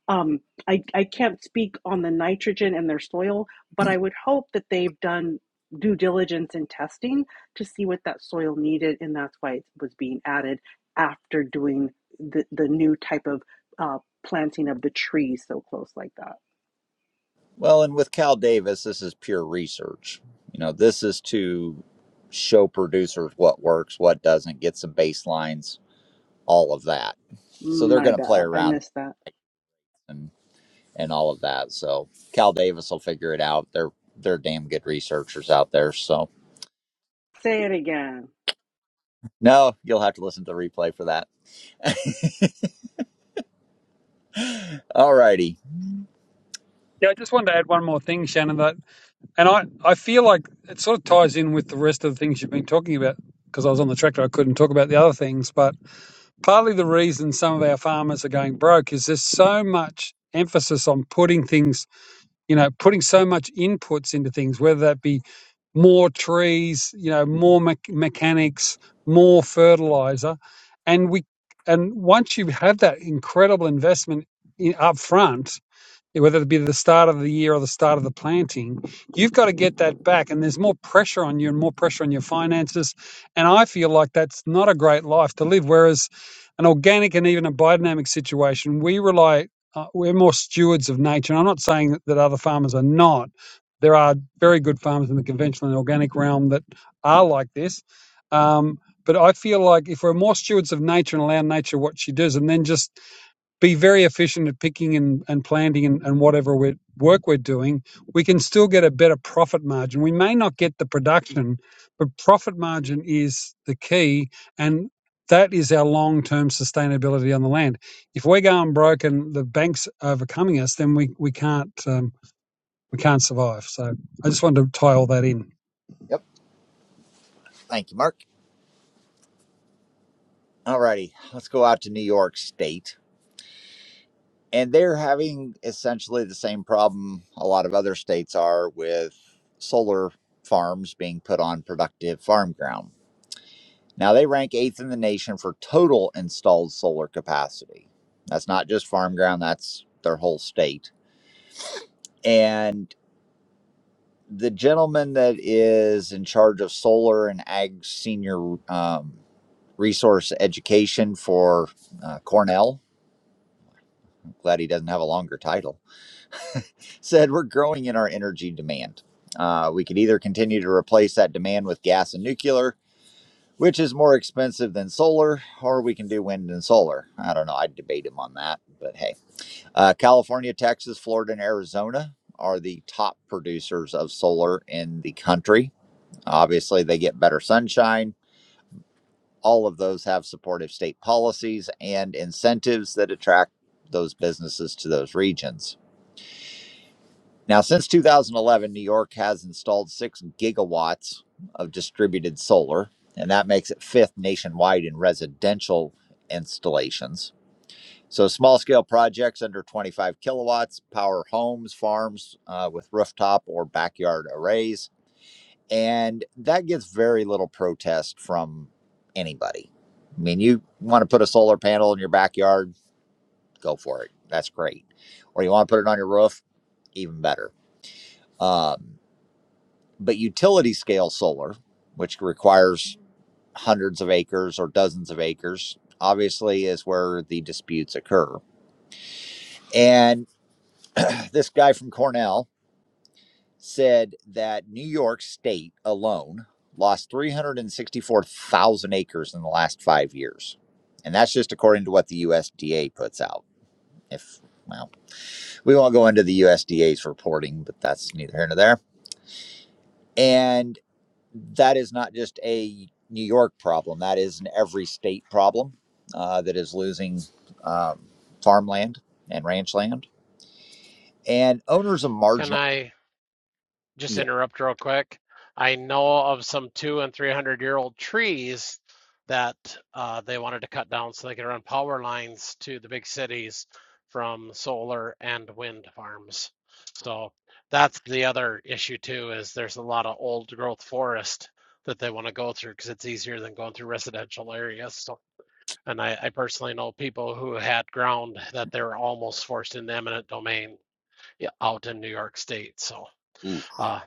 Speaker 2: Um, I, I can't speak on the nitrogen in their soil, but I would hope that they've done due diligence and testing to see what that soil needed, and that's why it was being added after doing the, the new type of uh, planting of the trees so close like that.
Speaker 1: well, and with Cal Davis, this is pure research. You know, this is to show producers what works, what doesn't, get some baselines, all of that. So they're
Speaker 2: My
Speaker 1: going to play
Speaker 2: bad, I
Speaker 1: around.
Speaker 2: missed that.
Speaker 1: and. and all of that. So Cal Davis will figure it out. They're they're damn good researchers out there. So
Speaker 2: Say it again.
Speaker 1: no, you'll have to listen to the replay for that. All righty.
Speaker 7: Yeah, I just wanted to add one more thing, Shannon. That, and I, I feel like it sort of ties in with the rest of the things you've been talking about. Because I was on the tractor, I couldn't talk about the other things. But partly the reason some of our farmers are going broke is there's so much emphasis on putting things, you know, putting so much inputs into things, whether that be more trees, you know, more me- mechanics, more fertilizer, and we, and once you have that incredible investment in, up front, whether it be the start of the year or the start of the planting, you've got to get that back. And there's more pressure on you and more pressure on your finances. And I feel like that's not a great life to live. Whereas an organic and even a biodynamic situation, we rely, uh, we're more stewards of nature. And I'm not saying that, that other farmers are not. There are very good farmers in the conventional and organic realm that are like this. Um, but I feel like if we're more stewards of nature and allow nature what she does, and then just be very efficient at picking and, and planting and, and whatever we're, work we're doing, we can still get a better profit margin. We may not get the production, but profit margin is the key. And that is our long term sustainability on the land. If we're going broke and the bank's overcoming us, then we, we can't. Um, we can't survive. So I just wanted to tie all that in.
Speaker 1: Yep. Thank you, Mark. All righty. Let's go out to New York State. And they're having essentially the same problem a lot of other states are with solar farms being put on productive farm ground. Now, they rank eighth in the nation for total installed solar capacity. That's not just farm ground, that's their whole state. And the gentleman that is in charge of solar and ag senior um, resource education for uh, Cornell, I'm glad he doesn't have a longer title, said we're growing in our energy demand. Uh, we could either continue to replace that demand with gas and nuclear, which is more expensive than solar, or we can do wind and solar. I don't know. I'd debate him on that, but hey. Uh, California, Texas, Florida, and Arizona are the top producers of solar in the country. Obviously, they get better sunshine. All of those have supportive state policies and incentives that attract those businesses to those regions. Now, since 2011, New York has installed six gigawatts of distributed solar, and that makes it fifth nationwide in residential installations. So, small scale projects under 25 kilowatts power homes, farms uh, with rooftop or backyard arrays and that gets very little protest from anybody. I mean, you want to put a solar panel in your backyard, go for it. That's great. Or you want to put it on your roof, even better. Um, but utility scale solar, which requires hundreds of acres or dozens of acres, obviously is where the disputes occur. And this guy from Cornell, said that New York State alone lost 364,000 acres in the last five years. And that's just according to what the USDA puts out. If, well, we won't go into the USDA's reporting, but that's neither here nor there. And that is not just a New York problem, that is an every state problem uh, that is losing um, farmland and ranch land. And owners of
Speaker 8: Can
Speaker 1: marginal,
Speaker 8: I just
Speaker 1: yeah,
Speaker 8: interrupt real quick? I know of some two and three hundred year old trees that uh, they wanted to cut down so they could run power lines to the big cities from solar and wind farms. So that's the other issue too, is there's a lot of old growth forest that they want to go through because it's easier than going through residential areas. So, and I, I personally know people who had ground that they were almost forced into eminent domain yeah, out in New York State. So
Speaker 1: ooh,
Speaker 8: uh,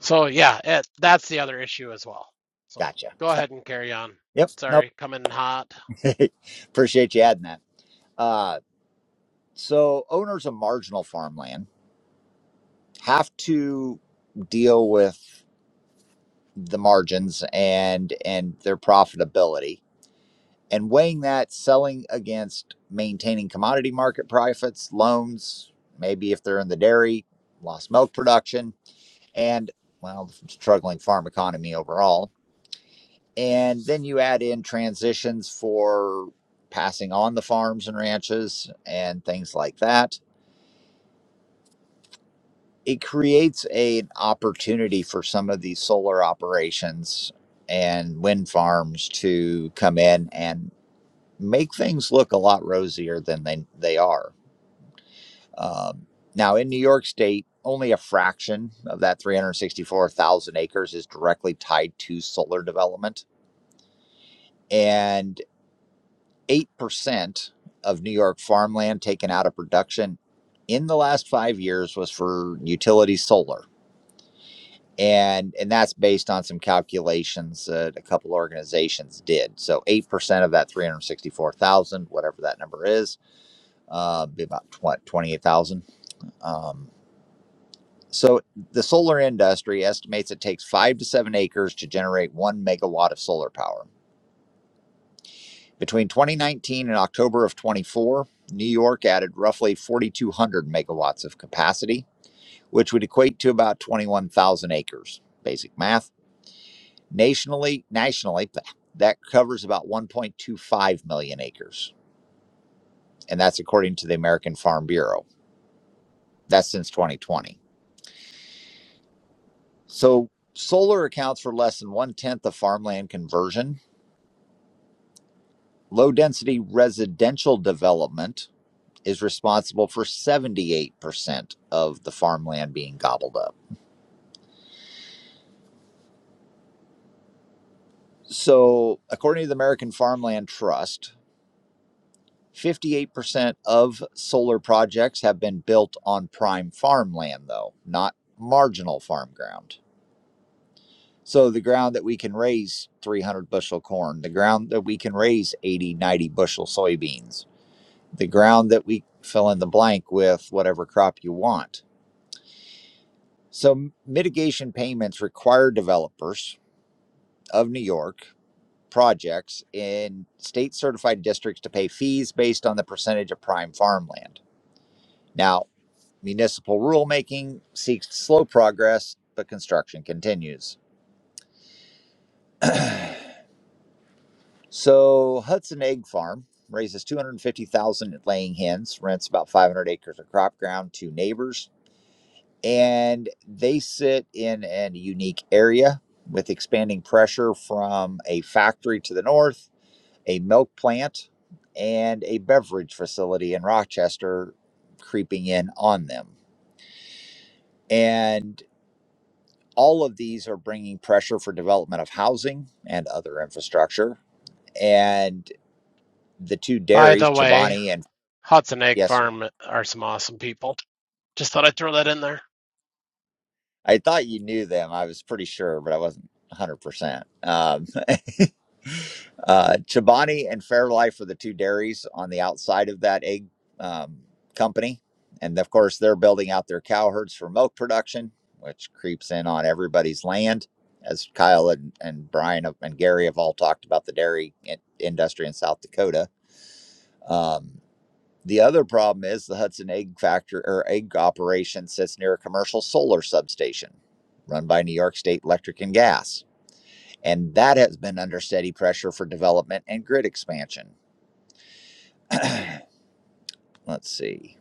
Speaker 8: so yeah, it, that's the other issue as well. So
Speaker 1: gotcha.
Speaker 8: go ahead and carry on.
Speaker 1: Yep, no
Speaker 8: Sorry, coming hot.
Speaker 1: Appreciate you adding that. Uh, so, owners of marginal farmland have to deal with the margins and and their profitability, and weighing that selling against maintaining commodity market profits, loans, maybe if they're in the dairy, lost milk production, and well, the struggling farm economy overall. And then you add in transitions for passing on the farms and ranches and things like that it creates a, an opportunity for some of these solar operations and wind farms to come in and make things look a lot rosier than they, they are. Um, now, in New York State, only a fraction of that 364,000 acres is directly tied to solar development. And 8% of New York farmland taken out of production in the last five years was for utility solar and and that's based on some calculations that a couple organizations did. So eight percent of that three hundred sixty-four thousand, whatever that number is, uh, be about twenty-eight thousand. Um, so the solar industry estimates it takes five to seven acres to generate one megawatt of solar power. Between 2019 and October of 24, New York added roughly 4,200 megawatts of capacity, which would equate to about 21,000 acres. Basic math. Nationally, nationally, that covers about 1.25 million acres, and that's according to the American Farm Bureau. That's since 2020. So solar accounts for less than one tenth of farmland conversion. Low density residential development is responsible for 78% of the farmland being gobbled up. So, according to the American Farmland Trust, 58% of solar projects have been built on prime farmland, though, not marginal farm ground. So the ground that we can raise 300 bushel corn, the ground that we can raise 80, 90 bushel soybeans, the ground that we fill in the blank with whatever crop you want. So mitigation payments require developers of New York projects in state certified districts to pay fees based on the percentage of prime farmland. Now, Municipal rulemaking seeks to slow progress, but construction continues. So Hudson Egg Farm raises 250,000 laying hens, rents about 500 acres of crop ground to neighbors, and they sit in a unique area with expanding pressure from a factory to the north, a milk plant, and a beverage facility in Rochester creeping in on them. And all of these are bringing pressure for development of housing and other infrastructure. And the two
Speaker 8: By
Speaker 1: dairies,
Speaker 8: the way,
Speaker 1: Chobani and
Speaker 8: Hudson Egg
Speaker 1: yes, sir.
Speaker 8: Farm are some awesome people. Just thought I'd throw that in there.
Speaker 1: I thought you knew them. I was pretty sure, but I wasn't 100%. Um, uh, Chobani and Fairlife are the two dairies on the outside of that egg um, company. And of course, they're building out their cow herds for milk production, which creeps in on everybody's land. As Kyle and, and Brian and Gary have all talked about the dairy in- industry in South Dakota Um, the other problem is the Hudson Egg Factory or egg operation sits near a commercial solar substation run by New York State Electric and Gas, and that has been under steady pressure for development and grid expansion. Let's see.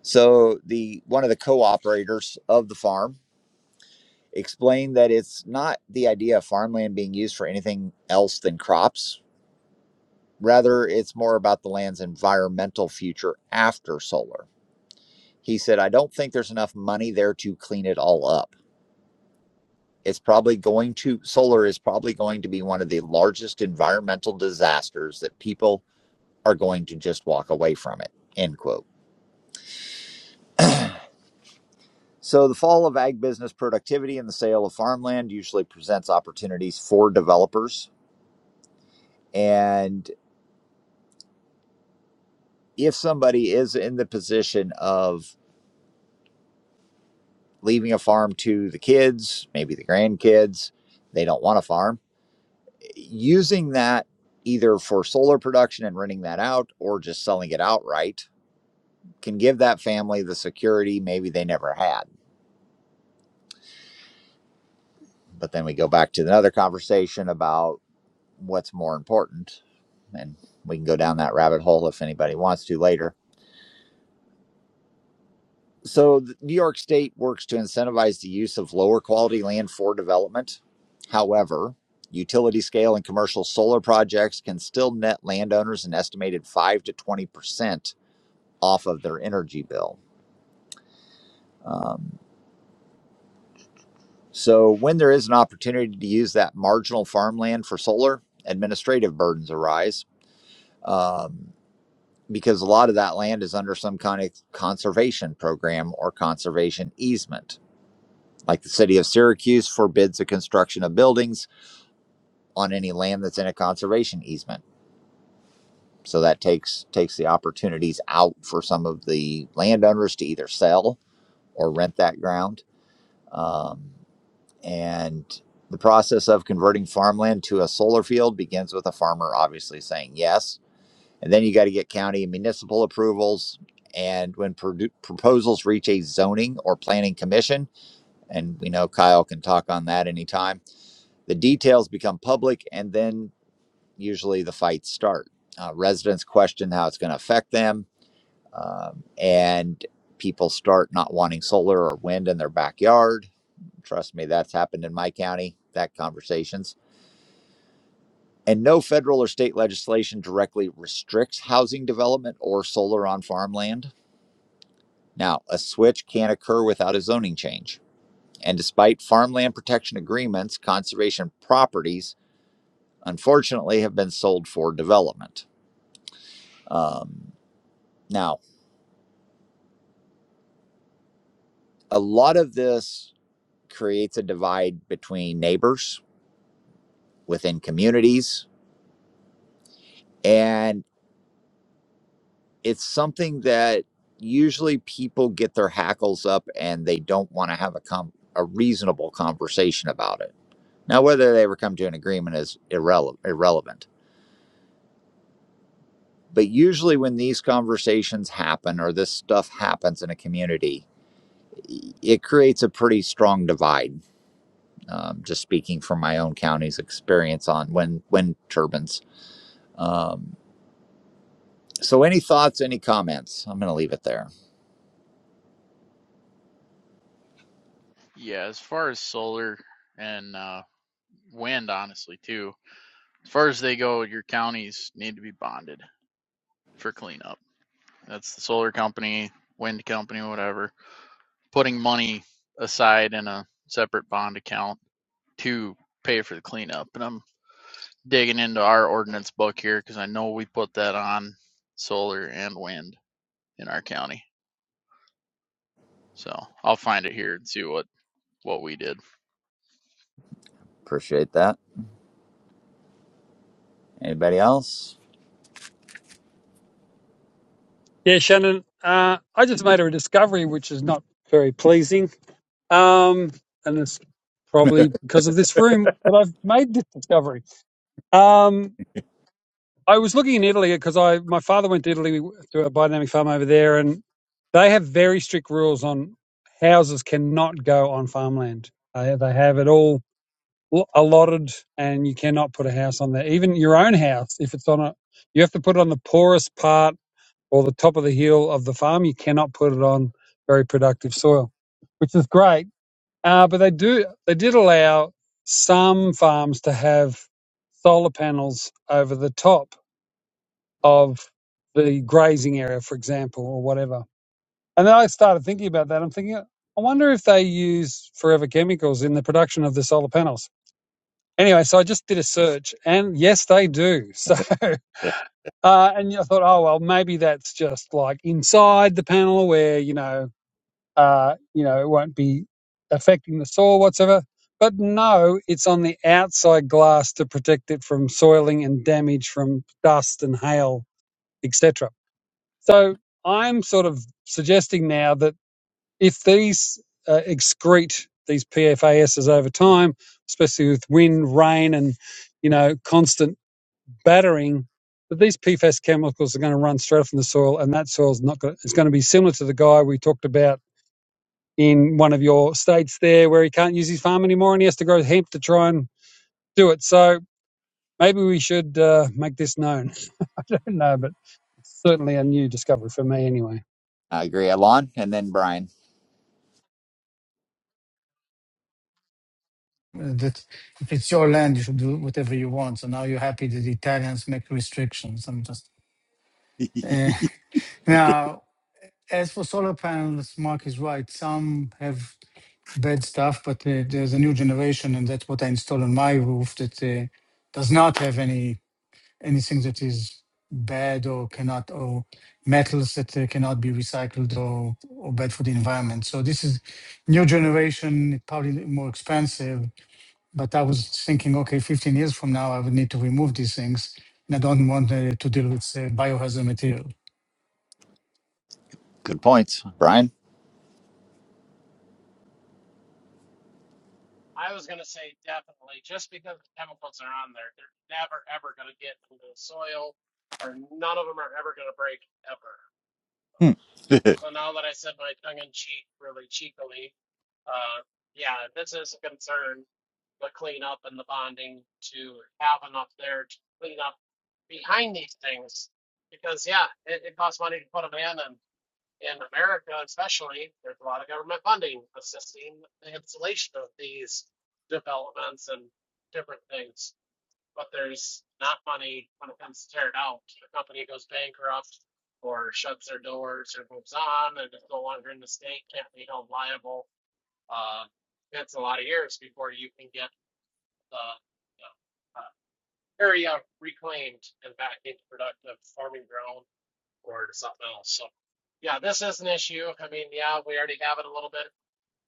Speaker 1: So the one of the co-operators of the farm explained that it's not the idea of farmland being used for anything else than crops. Rather, it's more about the land's environmental future after solar. He said, I don't think there's enough money there to clean it all up. It's probably going to, solar is probably going to be one of the largest environmental disasters that people are going to just walk away from it. End quote. So, the fall of ag business productivity and the sale of farmland usually presents opportunities for developers. And if somebody is in the position of leaving a farm to the kids, maybe the grandkids, they don't want a farm using that either for solar production and renting that out or just selling it outright can give that family the security maybe they never had. But then we go back to another conversation about what's more important. And we can go down that rabbit hole if anybody wants to later. So, New York State works to incentivize the use of lower quality land for development. However, utility scale and commercial solar projects can still net landowners an estimated 5 to 20% off of their energy bill. Um, so, when there is an opportunity to use that marginal farmland for solar, administrative burdens arise um, because a lot of that land is under some kind of conservation program or conservation easement. Like the city of Syracuse forbids the construction of buildings on any land that's in a conservation easement. So that takes takes the opportunities out for some of the landowners to either sell or rent that ground. Um, And the process of converting farmland to a solar field begins with a farmer obviously saying yes. And then you got to get county and municipal approvals. And when produ- proposals reach a zoning or planning commission, and we know Kyle can talk on that anytime, the details become public and then usually the fights start. Uh, residents question how it's going to affect them, um, and people start not wanting solar or wind in their backyard Trust me, that's happened in my county, that conversations. And no federal or state legislation directly restricts housing development or solar on farmland. Now, a switch can't occur without a zoning change. And despite farmland protection agreements, conservation properties unfortunately have been sold for development. Um, now, a lot of this creates a divide between neighbors within communities. and. it's something that usually people get their hackles up and they don't want to have a com- a reasonable conversation about it. Now, whether they ever come to an agreement is irrele- irrelevant. But usually, when these conversations happen or this stuff happens in a community, i- it creates a pretty strong divide. Um, just speaking from my own county's experience on wind wind turbines. Um, so, any thoughts? Any comments? I'm going to leave it there.
Speaker 9: Yeah, as far as solar and uh, wind, honestly, too, as far as they go, your counties need to be bonded for cleanup. That's the solar company, wind company, whatever, putting money aside in a separate bond account to pay for the cleanup. And I'm digging into our ordinance book here because I know we put that on solar and wind in our county. So I'll find it here and see what, what we did.
Speaker 1: Appreciate that. Anybody else?
Speaker 7: Yeah, Shannon, uh, I just made a discovery which is not very pleasing. um, and it's probably because of this room that I've made this discovery. Um, I was looking in Italy because I my father went to Italy to a biodynamic farm over there, and they have very strict rules on houses cannot go on farmland. They they have it all lo- allotted, and you cannot put a house on there. Even your own house, if it's on a, you have to put it on the poorest part or the top of the hill of the farm. You cannot put it on very productive soil, which is great uh, but they do they did allow some farms to have solar panels over the top of the grazing area, for example, or whatever. And then I started thinking about that. I'm thinking, I wonder if they use forever chemicals in the production of the solar panels. Anyway, so I just did a search, and yes, they do. So, uh, and I thought, oh well, maybe that's just like inside the panel where you know uh, you know, it won't be affecting the soil whatsoever. But no, it's on the outside glass to protect it from soiling and damage from dust and hail, etc. So I'm sort of suggesting now that if these uh, excrete these PFASs over time, especially with wind, rain, and you know, constant battering, that these PFAS chemicals are going to run straight from the soil, and that soil's not going. It's going to be similar to the guy we talked about in one of your states there where he can't use his farm anymore and he has to grow hemp to try and do it. So maybe we should uh, make this known. I don't know, but it's certainly a new discovery for me anyway.
Speaker 1: I agree. Alon and then Brian.
Speaker 3: Uh, that if it's your land you should do whatever you want so now you're happy that the italians make restrictions i'm just uh, now as for solar panels mark is right some have bad stuff but uh, there's a new generation and that's what i install on my roof that uh, does not have any anything that is bad or cannot or metals that uh, cannot be recycled or, or bad for the environment so this is new generation probably more expensive but i was thinking okay 15 years from now i would need to remove these things and i don't want uh, to deal with uh, biohazard material.
Speaker 1: Good points. Brian.
Speaker 8: I was gonna say definitely, just because the chemicals are on there, they're never ever gonna get into the soil, or none of them are ever gonna break ever.
Speaker 1: Hmm.
Speaker 8: So now that I said my tongue in cheek, really cheekily, uh, yeah, this is a concern the cleanup and the bonding to have enough there to clean up behind these things. Because yeah, it, it costs money to put them in, and in America especially, there's a lot of government funding assisting the installation of these developments and different things. But there's not money when it comes to tear it out. The company goes bankrupt or shuts their doors or moves on and it's no longer in the state, can't be held liable. Uh, it's a lot of years before you can get uh, you know, uh, area reclaimed and back into productive farming ground or to something else. So, yeah, this is an issue. I mean, yeah, we already have it a little bit.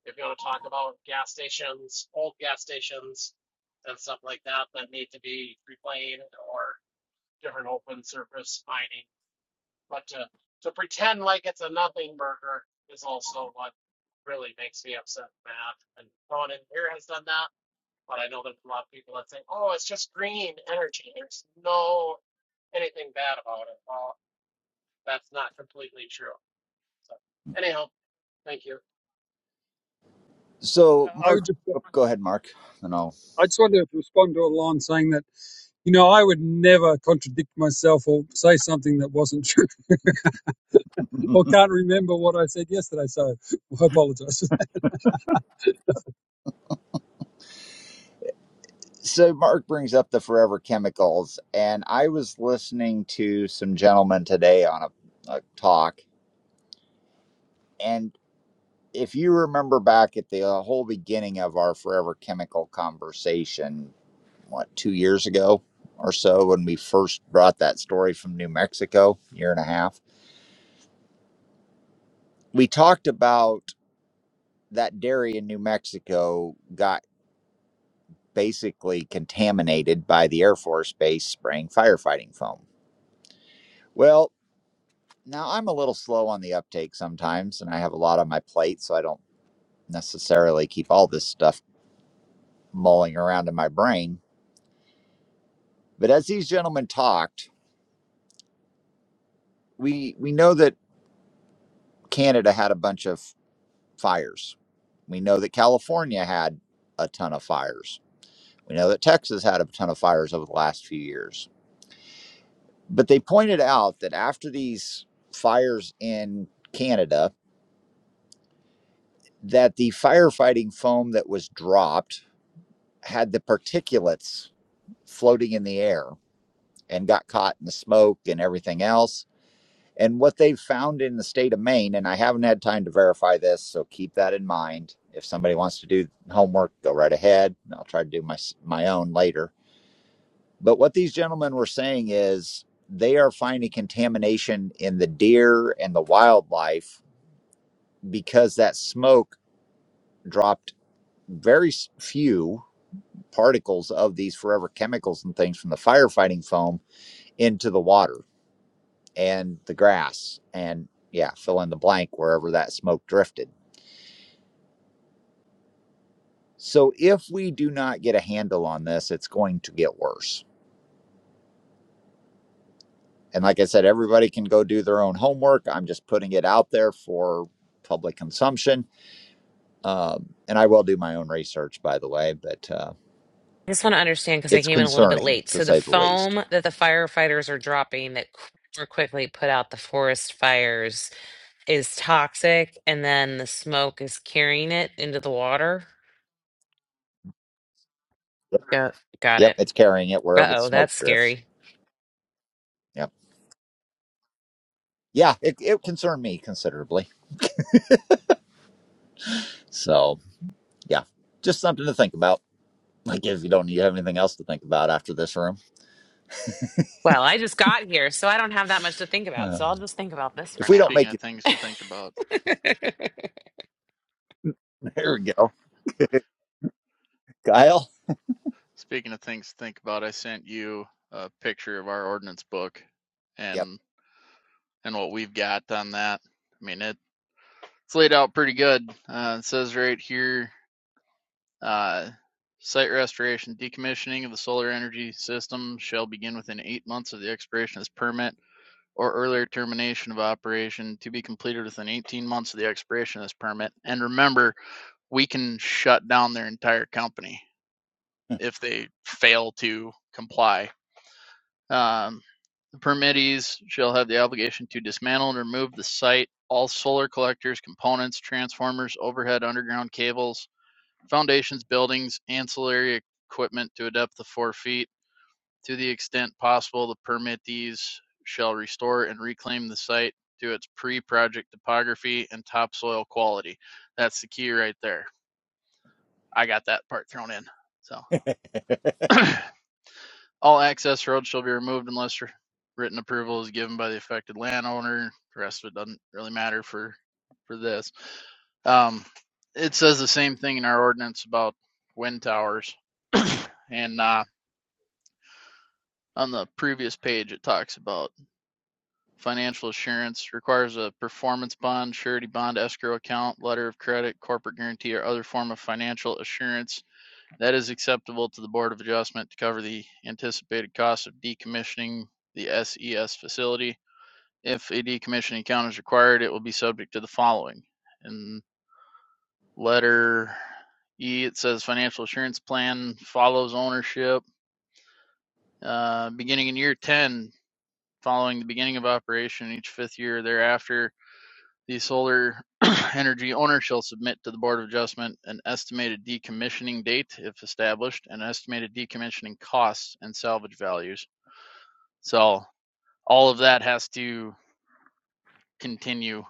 Speaker 8: If you want to talk about gas stations, old gas stations, and stuff like that that need to be reclaimed or different open surface mining, but to to pretend like it's a nothing burger is also what really makes me upset, and Matt. And no one in here has done that but I know there's a lot of people that say, "Oh, it's just green energy. There's no anything bad about it." Well, that's not completely true. So, anyhow, thank you.
Speaker 1: so
Speaker 7: I would
Speaker 1: Mark
Speaker 7: just,
Speaker 1: oh, go ahead, Mark. And I'll
Speaker 7: I just wanted to respond to a line saying that, you know, I would never contradict myself or say something that wasn't true or can't remember what I said yesterday. So I apologize. for that.
Speaker 1: so Mark brings up the forever chemicals, and I was listening to some gentlemen today on a, a talk, and if you remember back at the uh, whole beginning of our forever chemical conversation, what two years ago or so, when we first brought that story from New Mexico, year and a half, we talked about. that dairy in New Mexico got basically contaminated by the Air Force Base spraying firefighting foam. Well, now I'm a little slow on the uptake sometimes, and I have a lot on my plate, so I don't necessarily keep all this stuff mulling around in my brain. But as these gentlemen talked, we we know that Canada had a bunch of fires. We know that California had a ton of fires. We know that Texas had a ton of fires over the last few years but they pointed out that after these fires in Canada, that the firefighting foam that was dropped had the particulates floating in the air and got caught in the smoke and everything else. And what they found in the state of Maine, and I haven't had time to verify this, so keep that in mind. If somebody wants to do homework, go right ahead. I'll try to do my my own later. But what these gentlemen were saying is they are finding contamination in the deer and the wildlife because that smoke dropped very s- few particles of these forever chemicals and things from the firefighting foam into the water and the grass and yeah fill in the blank wherever that smoke drifted so if we do not get a handle on this it's going to get worse and like i said everybody can go do their own homework i'm just putting it out there for public consumption um, and i will do my own research by the way but uh,
Speaker 10: I just want to understand because I
Speaker 1: it's
Speaker 10: came in a little bit
Speaker 1: concerning
Speaker 10: late.
Speaker 1: to
Speaker 10: So the
Speaker 1: say the least
Speaker 10: foam that the firefighters are dropping that qu- more quickly put out the forest fires is toxic, and then the smoke is carrying it into the water. Yeah, got
Speaker 1: Yep,
Speaker 10: it.
Speaker 1: it's carrying it
Speaker 10: Uh
Speaker 1: wherever the
Speaker 10: oh, that's
Speaker 1: smoke drifts.
Speaker 10: scary.
Speaker 1: Yep. Yeah, it, it concerned me considerably. So, yeah, just something to think about. Like, if you don't you have anything else to think about after this room.
Speaker 10: Well, I just got here, so I don't have that much to think about.
Speaker 1: Uh,
Speaker 10: So I'll just think about this for
Speaker 1: if we don't
Speaker 10: now.
Speaker 9: Speaking
Speaker 1: make
Speaker 9: of
Speaker 1: it,
Speaker 9: things to think about.
Speaker 1: there we go. Kyle?
Speaker 9: Speaking of things to think about, I sent you a picture of our ordinance book
Speaker 1: Yep.
Speaker 9: and and what we've got on that. I mean, it, it's laid out pretty good. Uh, it says right here, uh, site restoration, decommissioning of the solar energy system shall begin within eight months of the expiration of this permit or earlier termination of operation to be completed within 18 months of the expiration of this permit. And remember, we can shut down their entire company if they fail to comply. Um, The permittees shall have the obligation to dismantle and remove the site, all solar collectors, components, transformers, overhead underground cables, foundations, buildings, ancillary equipment to a depth of four feet. To the extent possible, the permittees shall restore and reclaim the site to its pre-project topography and topsoil quality. That's the key right there. I got that part thrown in. So All access roads shall be removed unless r- written approval is given by the affected landowner. The rest of it doesn't really matter for for this. Um, it says the same thing in our ordinance about wind towers, and uh, on the previous page it talks about financial assurance requires a performance bond, surety bond, escrow account, letter of credit, corporate guarantee, or other form of financial assurance that is acceptable to the Board of Adjustment to cover the anticipated cost of decommissioning the SES facility If a decommissioning count is required, it will be subject to the following. In letter E, it says financial assurance plan follows ownership. Uh, beginning in year 10, following the beginning of operation, each fifth year thereafter, the solar energy owner shall submit to the Board of Adjustment an estimated decommissioning date, if established, and estimated decommissioning costs and salvage values. So all of that has to continue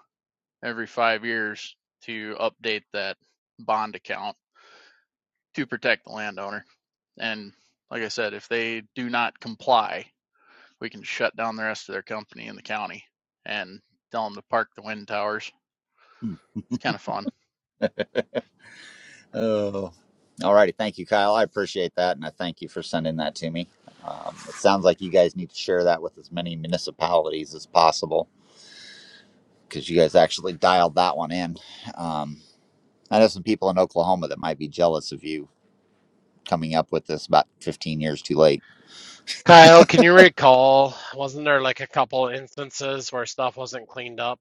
Speaker 9: every five years to update that bond account to protect the landowner. And like I said, if they do not comply, we can shut down the rest of their company in the county and tell them to park the wind towers. It's kind of fun.
Speaker 1: Oh. All righty. Thank you, Kyle. I appreciate that. And I thank you for sending that to me. Um, it sounds like you guys need to share that with as many municipalities as possible because you guys actually dialed that one in. Um, I know some people in Oklahoma that might be jealous of you coming up with this about 15 years too late.
Speaker 8: Kyle, can you recall? Wasn't there like a couple instances where stuff wasn't cleaned up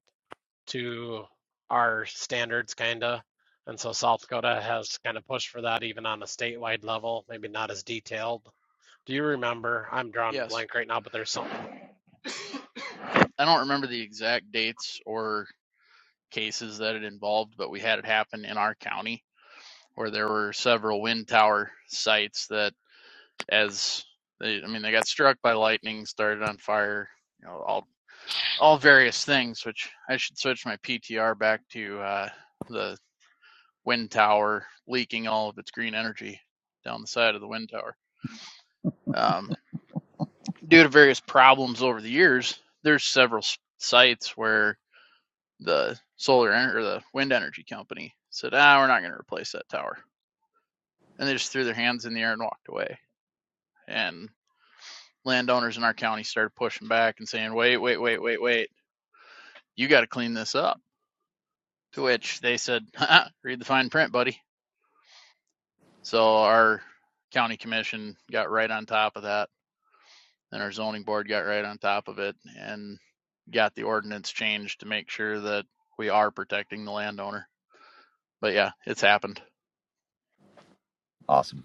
Speaker 8: to our standards, kinda? And so South Dakota has kind of pushed for that even on a statewide level, maybe not as detailed. Do you remember? I'm drawing a
Speaker 9: Yes.
Speaker 8: blank right now, but there's something.
Speaker 9: I don't remember the exact dates or cases that it involved, but we had it happen in our county where there were several wind tower sites that, as they, I mean, they got struck by lightning, started on fire, you know, all all various things, which I should switch my PTR back to uh, the wind tower leaking all of its green energy down the side of the wind tower. Um, due to various problems over the years, there's several sites where the solar en- or the wind energy company said, "Ah, we're not going to replace that tower," and they just threw their hands in the air and walked away. And landowners in our county started pushing back and saying, "Wait, wait, wait, wait, wait! You got to clean this up." To which they said, "Read the fine print, buddy." So our county commission got right on top of that, and our zoning board got right on top of it and got the ordinance changed to make sure that we are protecting the landowner. But yeah, it's happened.
Speaker 1: Awesome.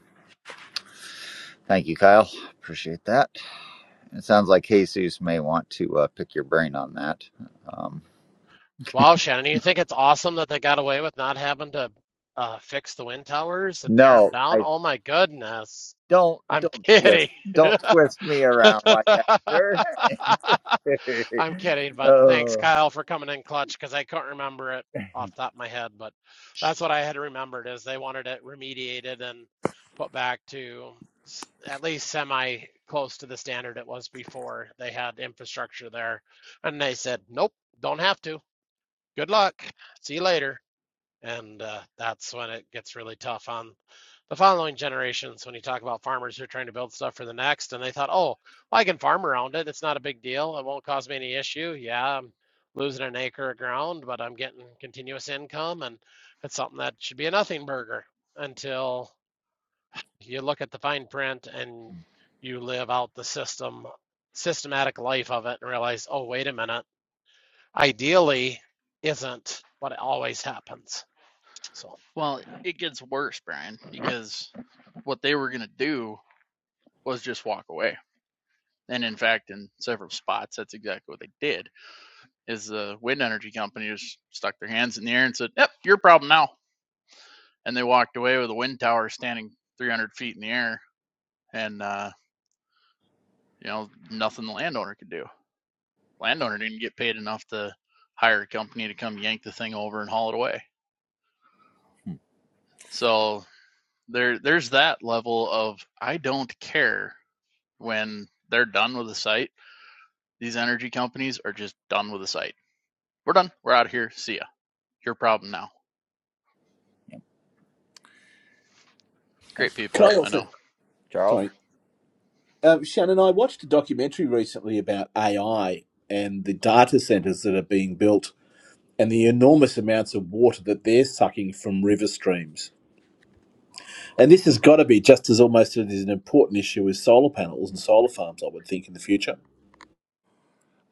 Speaker 1: Thank you, Kyle. Appreciate that. It sounds like Jesus may want to uh, pick your brain on that. Um,
Speaker 8: Wow, Shannon, you think it's awesome that they got away with not having to uh, fix the wind towers and tear them
Speaker 1: no,
Speaker 8: down?
Speaker 1: I
Speaker 8: Oh my goodness.
Speaker 1: don't.
Speaker 8: I'm
Speaker 1: Don't twist.
Speaker 8: kidding.
Speaker 1: Don't twist me around like that, sir.
Speaker 8: I'm kidding, but thanks,
Speaker 1: oh,
Speaker 8: Kyle, for coming in clutch because I couldn't remember it off the top of my head, but that's what I had remembered is they wanted it remediated and put back to s- at least semi close to the standard it was before they had infrastructure there. And they said, nope, don't have to good luck. See you later. And uh, that's when it gets really tough on the following generations when you talk about farmers who are trying to build stuff for the next and they thought, oh, well, I can farm around it. It's not a big deal. It won't cause me any issue. Yeah, I'm losing an acre of ground, but I'm getting continuous income and it's something that should be a nothing burger until you look at the fine print and you live out the system systematic life of it and realize, oh, wait a minute ideally isn't what always happens. So,
Speaker 9: Well, it gets worse, Brian, because what they were going to do was just walk away. And in fact, in several spots, that's exactly what they did. Is the wind energy company just stuck their hands in the air and said, "Yep, your problem now," and they walked away with a wind tower standing 300 feet in the air and uh, You know, nothing the landowner could do. Landowner didn't get paid enough to hire a company to come yank the thing over and haul it away. So there there's that level of I don't care when they're done with the site. These energy companies are just done with the site. We're done. We're out of here. See ya. Your problem now.
Speaker 1: yeah, thank
Speaker 9: Great people.
Speaker 5: Can
Speaker 1: Char-
Speaker 5: I
Speaker 9: I
Speaker 5: also?
Speaker 9: know.
Speaker 1: Charles.
Speaker 5: Sorry, um, Shannon. I watched a documentary recently about AI and the data centers that are being built and the enormous amounts of water that they're sucking from river streams. And this has got to be just as almost as an important issue as solar panels and solar farms, I would think, in the future.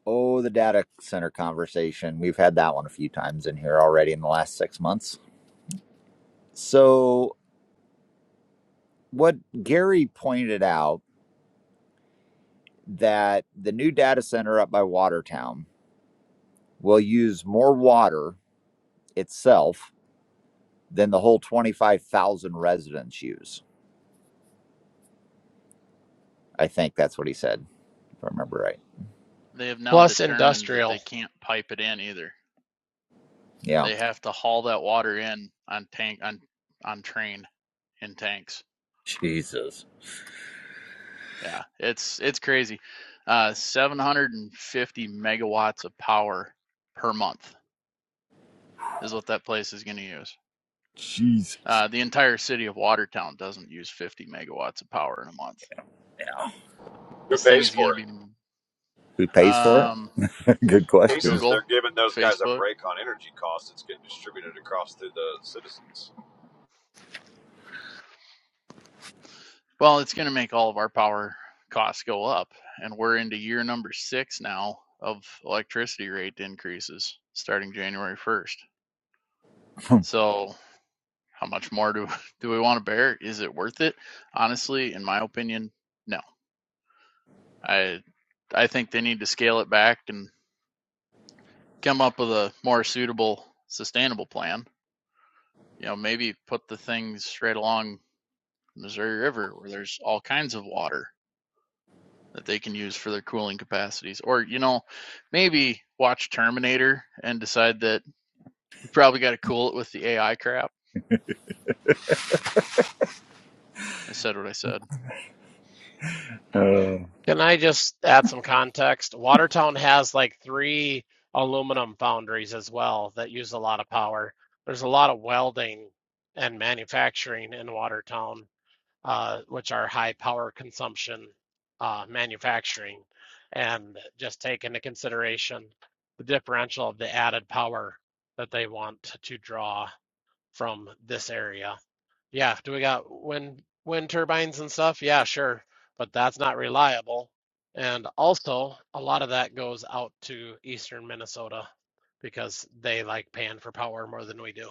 Speaker 1: Oh, the data center conversation. We've had that one a few times in here already in the last six months. So, what Gary pointed out that the new data center up by Watertown will use more water itself than the whole 25,000 residents use. I think that's what he said, if I remember right.
Speaker 9: They have now
Speaker 8: plus
Speaker 9: determined that they
Speaker 8: industrial.
Speaker 9: can't pipe it in either.
Speaker 1: Yeah.
Speaker 9: They have to haul that water in on tank on on train in tanks.
Speaker 1: Jesus.
Speaker 9: Yeah, it's it's crazy. Uh, 750 megawatts of power per month is what that place is going to use.
Speaker 1: Jesus.
Speaker 9: Uh, the entire city of Watertown doesn't use 50 megawatts of power in a month.
Speaker 11: Who
Speaker 9: This thing
Speaker 11: pays
Speaker 9: is going to
Speaker 11: for it?
Speaker 9: be
Speaker 1: Who pays for
Speaker 9: um,
Speaker 1: it? Good question.
Speaker 11: Cases they're
Speaker 9: Google,
Speaker 11: giving those guys a
Speaker 9: Facebook.
Speaker 11: break on energy costs. It's getting distributed across to the citizens.
Speaker 9: Well, it's going to make all of our power costs go up, and we're into year number six now of electricity rate increases starting January 1st. So How much more do do we want to bear? Is it worth it? Honestly, in my opinion, no. I I think they need to scale it back and come up with a more suitable, sustainable plan. You know, maybe put the things right along the Missouri River where there's all kinds of water that they can use for their cooling capacities. Or, you know, maybe watch Terminator and decide that we probably got to cool it with the AI crap. I said what I said.
Speaker 1: Oh,
Speaker 8: Can I just add some context? Watertown has like three aluminum foundries as well that use a lot of power. There's a lot of welding and manufacturing in Watertown, uh, which are high power consumption uh, manufacturing. And just take into consideration the differential of the added power that they want to draw from this area Yeah, do we got wind wind turbines and stuff? Yeah, sure, but that's not reliable. And also, a lot of that goes out to eastern Minnesota because they like paying for power more than we do.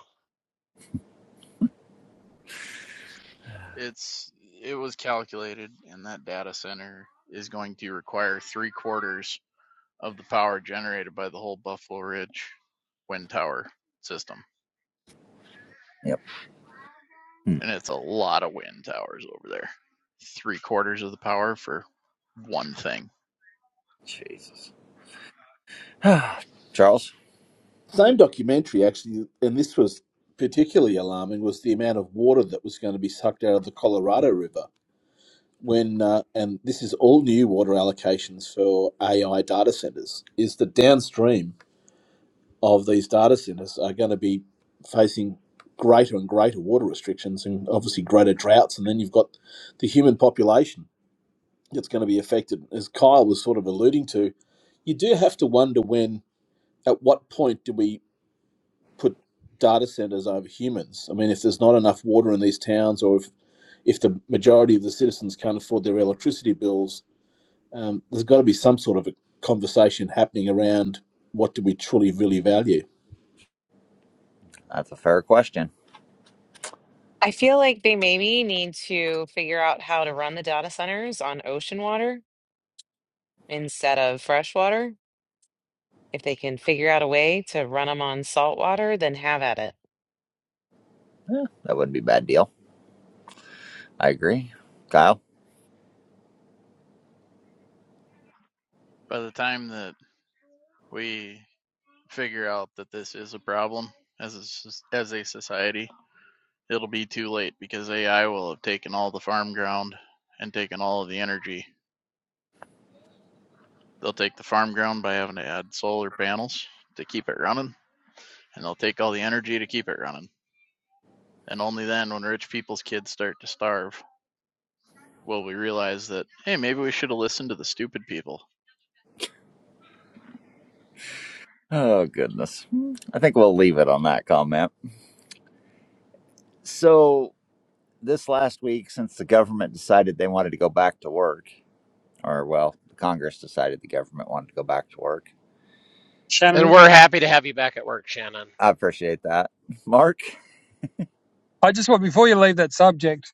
Speaker 9: It's it was calculated, and that data center is going to require three quarters of the power generated by the whole Buffalo Ridge wind tower system,
Speaker 1: Yep. hmm,
Speaker 9: and it's a lot of wind towers over there. Three quarters of the power for one thing.
Speaker 1: Jesus. Charles,
Speaker 5: Same documentary, actually, and this was particularly alarming, was the amount of water that was going to be sucked out of the Colorado River. When uh, and this is all new water allocations for AI data centers. Is the downstream of these data centers are going to be facing greater and greater water restrictions and obviously greater droughts, and then you've got the human population that's going to be affected. As Kyle was sort of alluding to, you do have to wonder when, at what point do we put data centers over humans. I mean, if there's not enough water in these towns, or if if the majority of the citizens can't afford their electricity bills, um, there's got to be some sort of a conversation happening around what do we truly really value.
Speaker 1: that's a fair question.
Speaker 10: I feel like they maybe need to figure out how to run the data centers on ocean water instead of fresh water. If they can figure out a way to run them on salt water, then have at it.
Speaker 1: Yeah, that wouldn't be a bad deal. I agree. Kyle?
Speaker 9: By the time that we figure out that this is a problem as a, as a society, it'll be too late because AI will have taken all the farm ground and taken all of the energy They'll take the farm ground by having to add solar panels to keep it running, and they'll take all the energy to keep it running. And only then, when rich people's kids start to starve, will we realize that, hey, maybe we should have listened to the stupid people.
Speaker 1: Oh, goodness. I think we'll leave it on that comment. So, this last week, since the government decided they wanted to go back to work, or well, Congress decided the government wanted to go back to work.
Speaker 8: And
Speaker 7: Shannon,
Speaker 8: we're happy to have you back at work, Shannon.
Speaker 1: I appreciate that. Mark,
Speaker 7: I just want, before you leave that subject,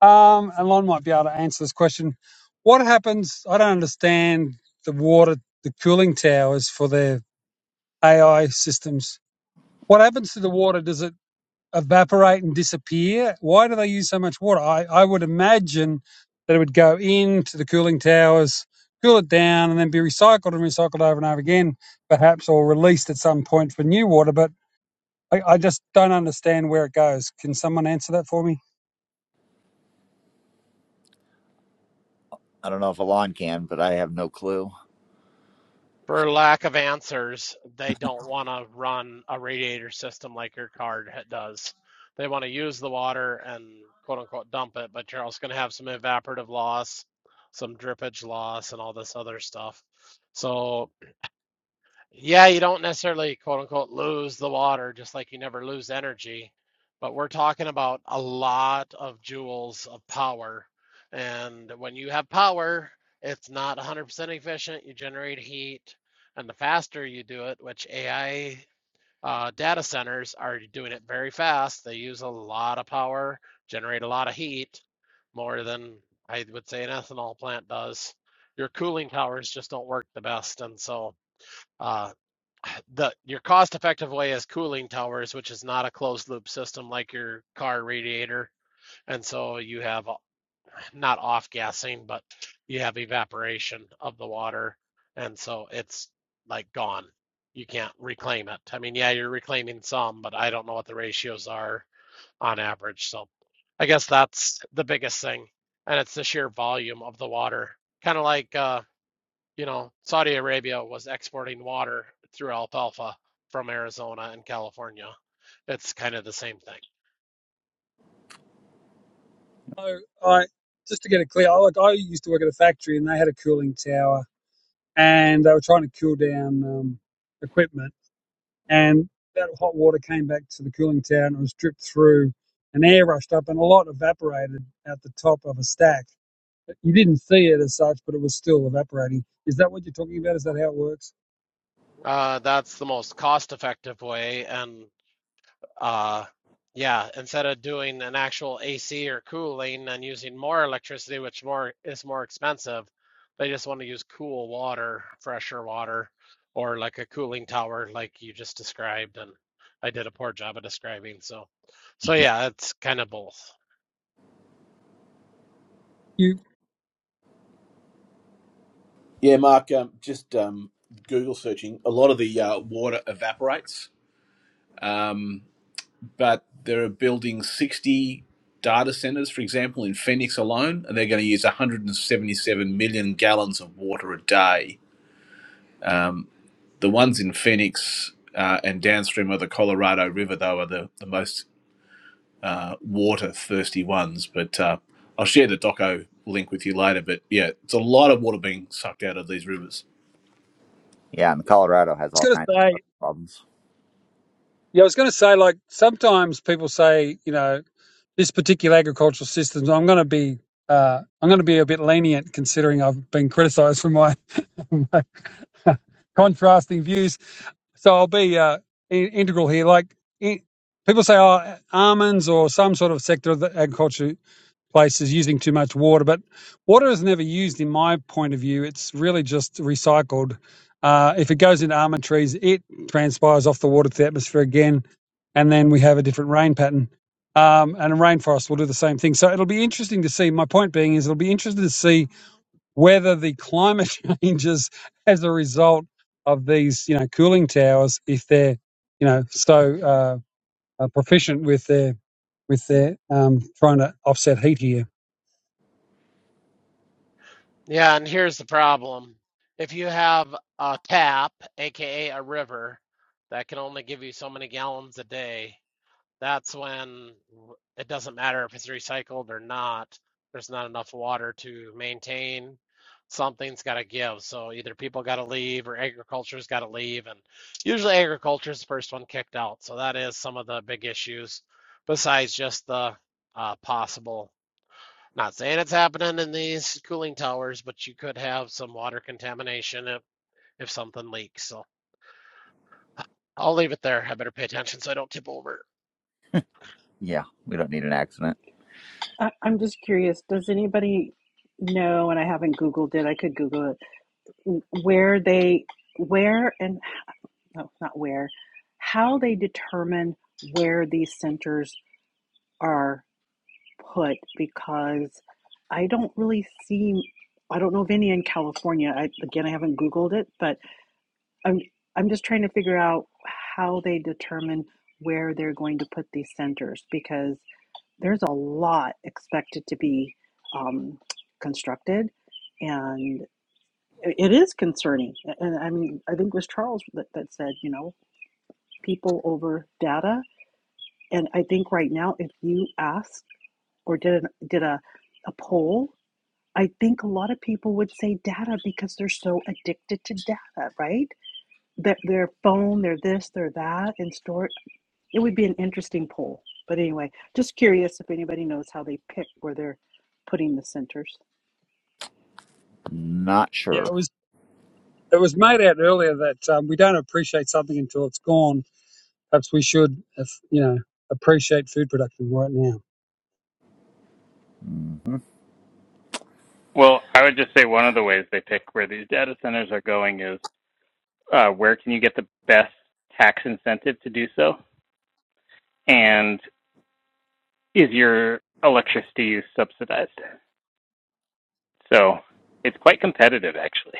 Speaker 7: Um, and might be able to answer this question. What happens? I don't understand the water, the cooling towers for their AI systems. What happens to the water? Does it evaporate and disappear? Why do they use so much water? I, I would imagine that it would go into the cooling towers, cool it down, and then be recycled and recycled over and over again, perhaps, or released at some point for new water. But I, I just don't understand where it goes. Can someone answer that for me?
Speaker 1: I don't know if Alon can, but I have no clue.
Speaker 8: For lack of answers, they don't want to run a radiator system like your card ha- does. They want to use the water and quote unquote dump it, but you're also going to have some evaporative loss, some drippage loss, and all this other stuff. So Yeah, you don't necessarily quote unquote lose the water, just like you never lose energy. But we're talking about a lot of joules of power. And when you have power, it's not 100% efficient. You generate heat. And the faster you do it, which AI uh, data centers are doing it very fast, they use a lot of power, generate a lot of heat, more than I would say an ethanol plant does. Your cooling towers just don't work the best. And so. uh, the your cost effective way is cooling towers which is not a closed loop system like your car radiator and so you have uh, not off gassing but you have evaporation of the water and so it's like gone you can't reclaim it i mean yeah you're reclaiming some but i don't know what the ratios are on average so i guess that's the biggest thing and it's the sheer volume of the water kind of like uh you know, Saudi Arabia was exporting water through alfalfa from Arizona and California. It's kind of the same thing.
Speaker 7: So I, just to get it clear, I, like I used to work at a factory and they had a cooling tower and they were trying to cool down um, equipment and that hot water came back to the cooling tower and it was dripped through and air rushed up and a lot evaporated out the top of a stack. But You didn't see it as such, but it was still evaporating. Is that what you're talking about? Is that how it works?
Speaker 8: Uh, that's the most cost effective way. And uh, yeah, instead of doing an actual AC or cooling and using more electricity, which more is more expensive, they just want to use cool water, fresher water, or like a cooling tower, like you just described. And I did a poor job of describing. So, so yeah, it's kind of both.
Speaker 7: You, I
Speaker 5: Yeah, Mark, um, just um, Google searching. A lot of the uh, water evaporates, um, but there are building 60 data centers, for example, in Phoenix alone, and they're going to use 177 million gallons of water a day. Um, The ones in Phoenix uh, and downstream of the Colorado River, though, are the, the most uh, water thirsty ones. But uh, I'll share the doco link with you later. But yeah, it's a lot of water being sucked out of these rivers.
Speaker 1: Yeah, and Colorado has
Speaker 7: was
Speaker 1: all
Speaker 7: going to
Speaker 1: kinds of
Speaker 7: say,
Speaker 1: other problems.
Speaker 7: yeah, I was going to say, like sometimes people say, you know, this particular agricultural system, I'm going to be uh, I'm going to be a bit lenient considering I've been criticised for my, my contrasting views. So I'll be uh, in, integral here. Like in, people say, oh, almonds or some sort of sector of the agriculture places using too much water. But water is never used, in my point of view. It's really just recycled. Uh, if it goes into almond trees, it transpires off the water to the atmosphere again, and then we have a different rain pattern. Um, and a rainforest will do the same thing. So it'll be interesting to see. My point being is it'll be interesting to see whether the climate changes as a result of these, you know, cooling towers, if they're, you know, so uh, uh, proficient with their with their um, trying to offset heat here.
Speaker 8: Yeah, and here's the problem. If you have a tap, aka a river, that can only give you so many gallons a day, that's when w- it doesn't matter if it's recycled or not. There's not enough water to maintain. Something's got to give. So either people got to leave or agriculture's got to leave. And usually agriculture's the first one kicked out. So that is some of the big issues besides just the uh, possible. Not saying it's happening in these cooling towers, but you could have some water contamination if, if something leaks. So I'll leave it there. I better pay attention so I don't tip over.
Speaker 1: Yeah, we don't need an accident.
Speaker 2: I, I'm just curious. Does anybody know? And I haven't Googled it. I could Google it. where they where and no, not where how they determine where these centers are put because i don't really see i don't know of any in california I, again i haven't googled it but i'm i'm just trying to figure out how they determine where they're going to put these centers because there's a lot expected to be um, constructed and it it is concerning. And I mean, I think it was Charles that, that said, you know, people over data. And I think right now, if you ask or did an, did a, a poll, I think a lot of people would say data because they're so addicted to data, right? That their phone, their this, their that, and store. It would be an interesting poll. But anyway, just curious if anybody knows how they pick where they're putting the centers.
Speaker 1: Not
Speaker 7: Yeah,
Speaker 1: sure.
Speaker 7: it was it was made out earlier that um, we don't appreciate something until it's gone. Perhaps we should, if, you know, appreciate food production right now.
Speaker 1: hmm
Speaker 12: Well, I would just say one of the ways they pick where these data centers are going is uh, where can you get the best tax incentive to do so? And is your electricity use subsidized? So it's quite competitive, actually.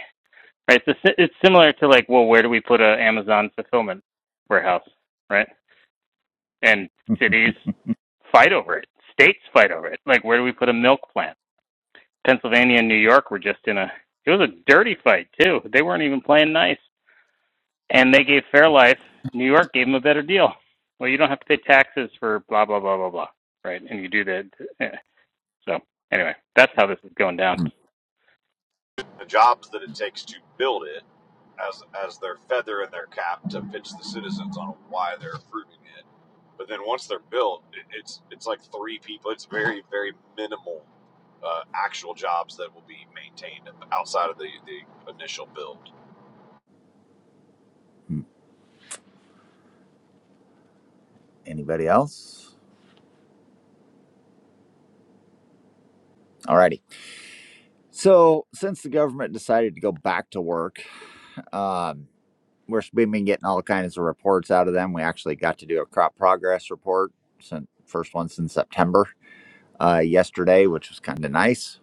Speaker 12: Right? It's, a, si-, it's similar to like, well, where do we put an Amazon fulfillment warehouse? Right? And cities fight over it. States fight over it. Like, where do we put a milk plant? Pennsylvania and New York were just in a. It was a dirty fight too. They weren't even playing nice. and they gave Fairlife, New York gave them a better deal. Well, you don't have to pay taxes for blah blah blah blah blah, right? And you do that. eh, So anyway, that's how this is going down.
Speaker 11: The jobs that it takes to build it, as as their feather in their cap to pitch the citizens on why they're approving it. But then once they're built, it, it's it's like three people. It's very very minimal uh, actual jobs that will be maintained outside of the the initial build.
Speaker 1: Mhm. Anybody else? Alrighty. So since the government decided to go back to work, um, we're, we've been getting all kinds of reports out of them. We actually got to do a crop progress report, since, first one since September. uh, yesterday, which was kind of nice,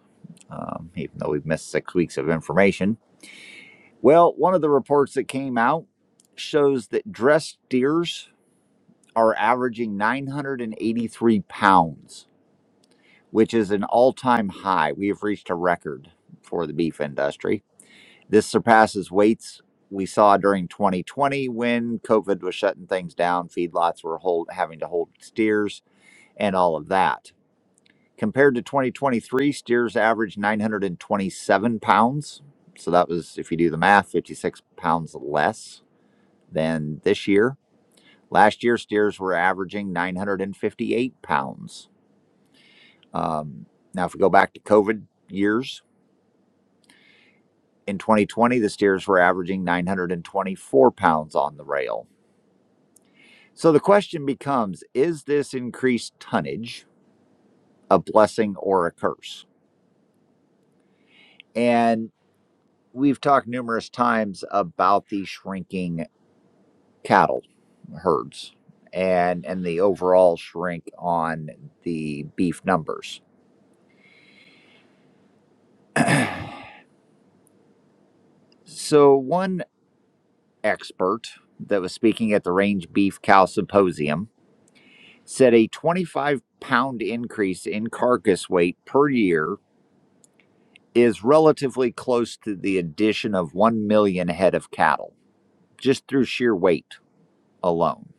Speaker 1: um, even though we've missed six weeks of information. Well, one of the reports that came out shows that dressed deers are averaging 983 pounds, which is an all time high. We have reached a record for the beef industry. This surpasses weights we saw during 2020 when COVID was shutting things down, feedlots were hold, having to hold steers, and all of that. Compared to 2023, steers averaged 927 pounds. So that was, if you do the math, 56 pounds less than this year. Last year, steers were averaging 958 pounds. Um, now, if we go back to COVID years, in 2020, the steers were averaging 924 pounds on the rail. So the question becomes is this increased tonnage a blessing or a curse? And we've talked numerous times about the shrinking cattle herds and and the overall shrink on the beef numbers. So one expert that was speaking at the Range Beef Cow Symposium said a 25 pound increase in carcass weight per year is relatively close to the addition of 1 million head of cattle just through sheer weight alone.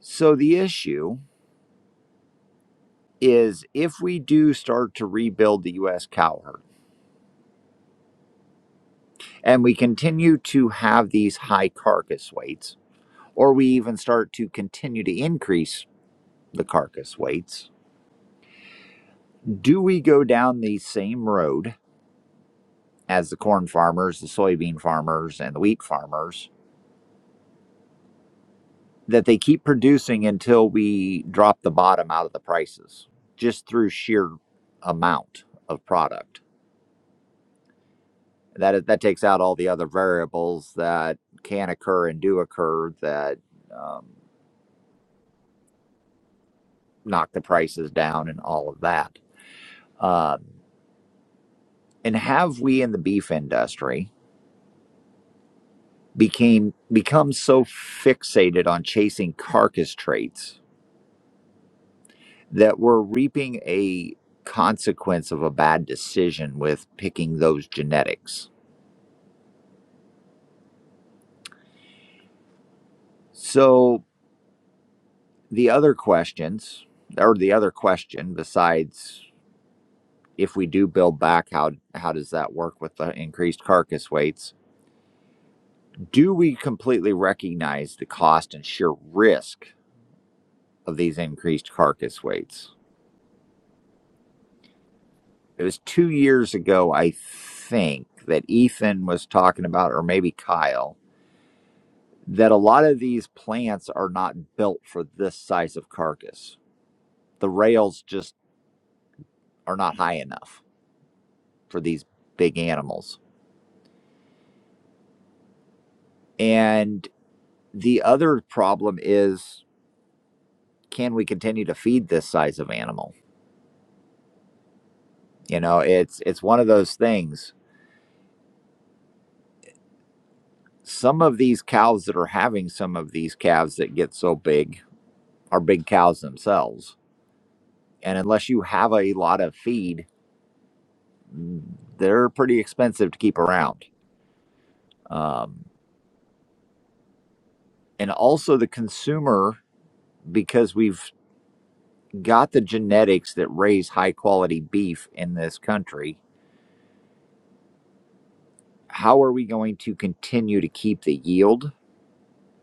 Speaker 1: So the issue is if we do start to rebuild the US cow herd and we continue to have these high carcass weights, or we even start to continue to increase the carcass weights, do we go down the same road as the corn farmers, the soybean farmers, and the wheat farmers that they keep producing until we drop the bottom out of the prices just through sheer amount of product? That, is, that takes out all the other variables that can occur and do occur that um, knock the prices down and all of that Um, and have we in the beef industry became become so fixated on chasing carcass traits that we're reaping a consequence of a bad decision with picking those genetics? So the other questions, or the other question besides if we do build back, how how does that work with the increased carcass weights? Do we completely recognize the cost and sheer risk of these increased carcass weights? it was two years ago, I think, that Ethan was talking about, or maybe Kyle, that a lot of these plants are not built for this size of carcass. The rails just are not high enough for these big animals. And the other problem is can we continue to feed this size of animal? You know, it's it's one of those things. Some of these cows that are having some of these calves that get so big are big cows themselves and unless you have a lot of feed, mm, they're pretty expensive to keep around. Um, and also the consumer, because we've got the genetics that raise high quality beef in this country, how are we going to continue to keep the yield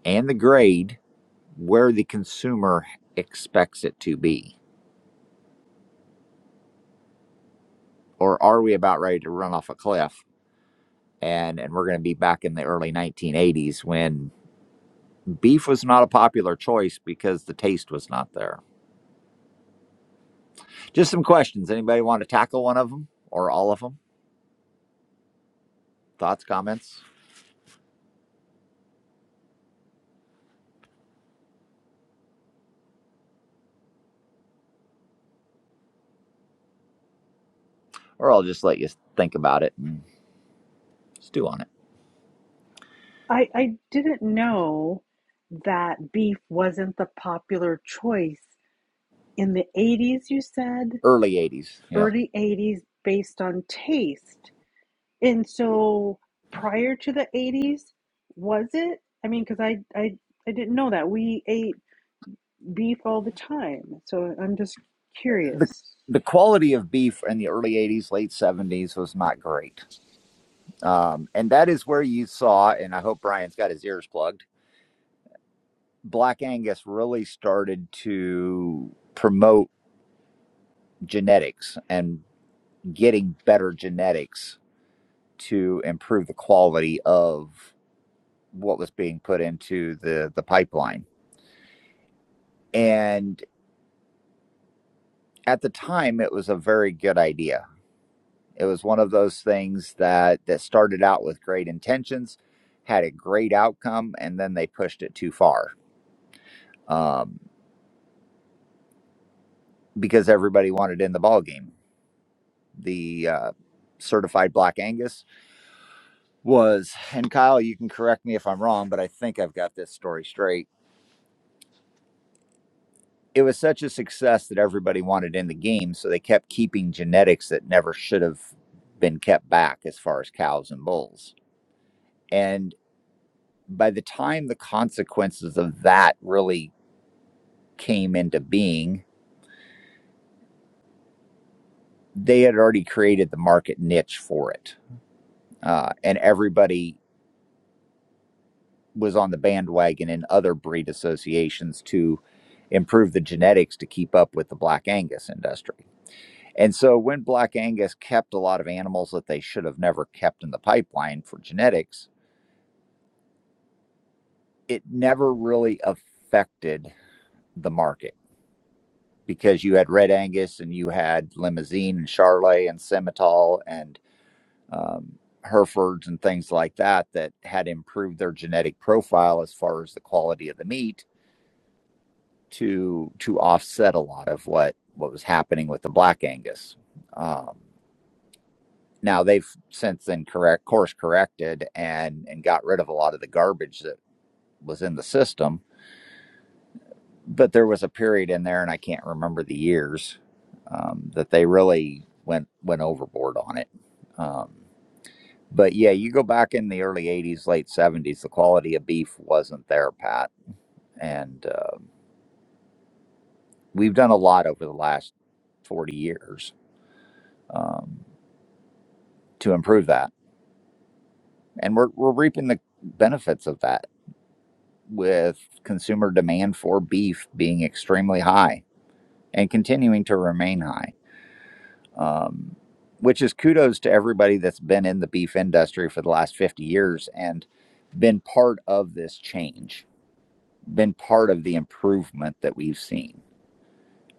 Speaker 1: and the grade where the consumer expects it to be? Or are we about ready to run off a cliff? And, and we're going to be back in the early 1980s when Beef was not a popular choice because the taste was not there. Just some questions. Anybody want to tackle one of them or all of them? Thoughts, comments? Or I'll just let you think about it and stew on it.
Speaker 2: I, I didn't know that beef wasn't the popular choice in the 80s, you said,
Speaker 1: Early 80s. Yep.
Speaker 2: early 80s, based on taste. And so prior to the 80s, was it? I mean, because I, I, I didn't know that. We ate beef all the time. So I'm just
Speaker 1: The,
Speaker 2: curious.
Speaker 1: the quality of beef in the early 80s, late 70s was not great. Um, and that is where you saw, and I hope Brian's got his ears plugged, Black Angus really started to promote genetics and getting better genetics to improve the quality of what was being put into the the pipeline. And at the time, it was a very good idea. It was one of those things that that started out with great intentions, had a great outcome, and then they pushed it too far um, because everybody wanted in the ball game. The uh, certified Black Angus was, and Kyle, you can correct me if I'm wrong, but I think I've got this story straight it was such a success that everybody wanted in the game, so they kept keeping genetics that never should have been kept back as far as cows and bulls. And by the time the consequences of that really came into being, they had already created the market niche for it. Uh, and everybody was on the bandwagon in other breed associations to improve the genetics to keep up with the Black Angus industry And so when Black Angus kept a lot of animals that they should have never kept in the pipeline for genetics, it never really affected the market because you had Red Angus and you had Limousine and Charlet and Simmental and um, Herefords and things like that that had improved their genetic profile as far as the quality of the meat to to offset a lot of what what was happening with the Black Angus. Um, Now they've since then correct course corrected and and got rid of a lot of the garbage that was in the system. But there was a period in there, and I can't remember the years um, that they really went went overboard on it. Um, but yeah, you go back in the early '80s, late '70s, the quality of beef wasn't there, Pat. And uh, we've done a lot over the last 40 years um, to improve that, and we're we're reaping the benefits of that with consumer demand for beef being extremely high and continuing to remain high, um, which is kudos to everybody that's been in the beef industry for the last 50 years and been part of this change, been part of the improvement that we've seen.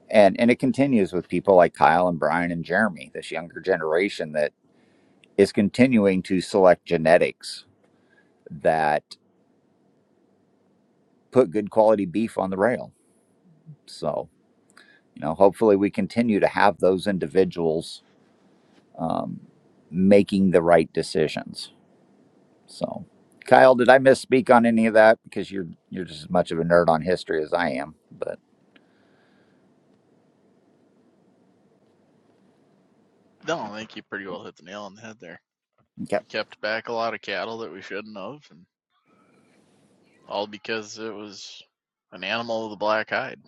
Speaker 1: And, and it continues with people like Kyle and Brian and Jeremy, this younger generation that is continuing to select genetics that put good quality beef on the rail. So, You know, hopefully we continue to have those individuals um, making the right decisions. So, Kyle, did I misspeak on any of that? Because you're you're just as much of a nerd on history as I am. But
Speaker 9: No, I think you pretty well hit the nail on the head there.
Speaker 1: okay.
Speaker 9: We kept back a lot of cattle that we shouldn't have, and all because it was an animal with a black hide.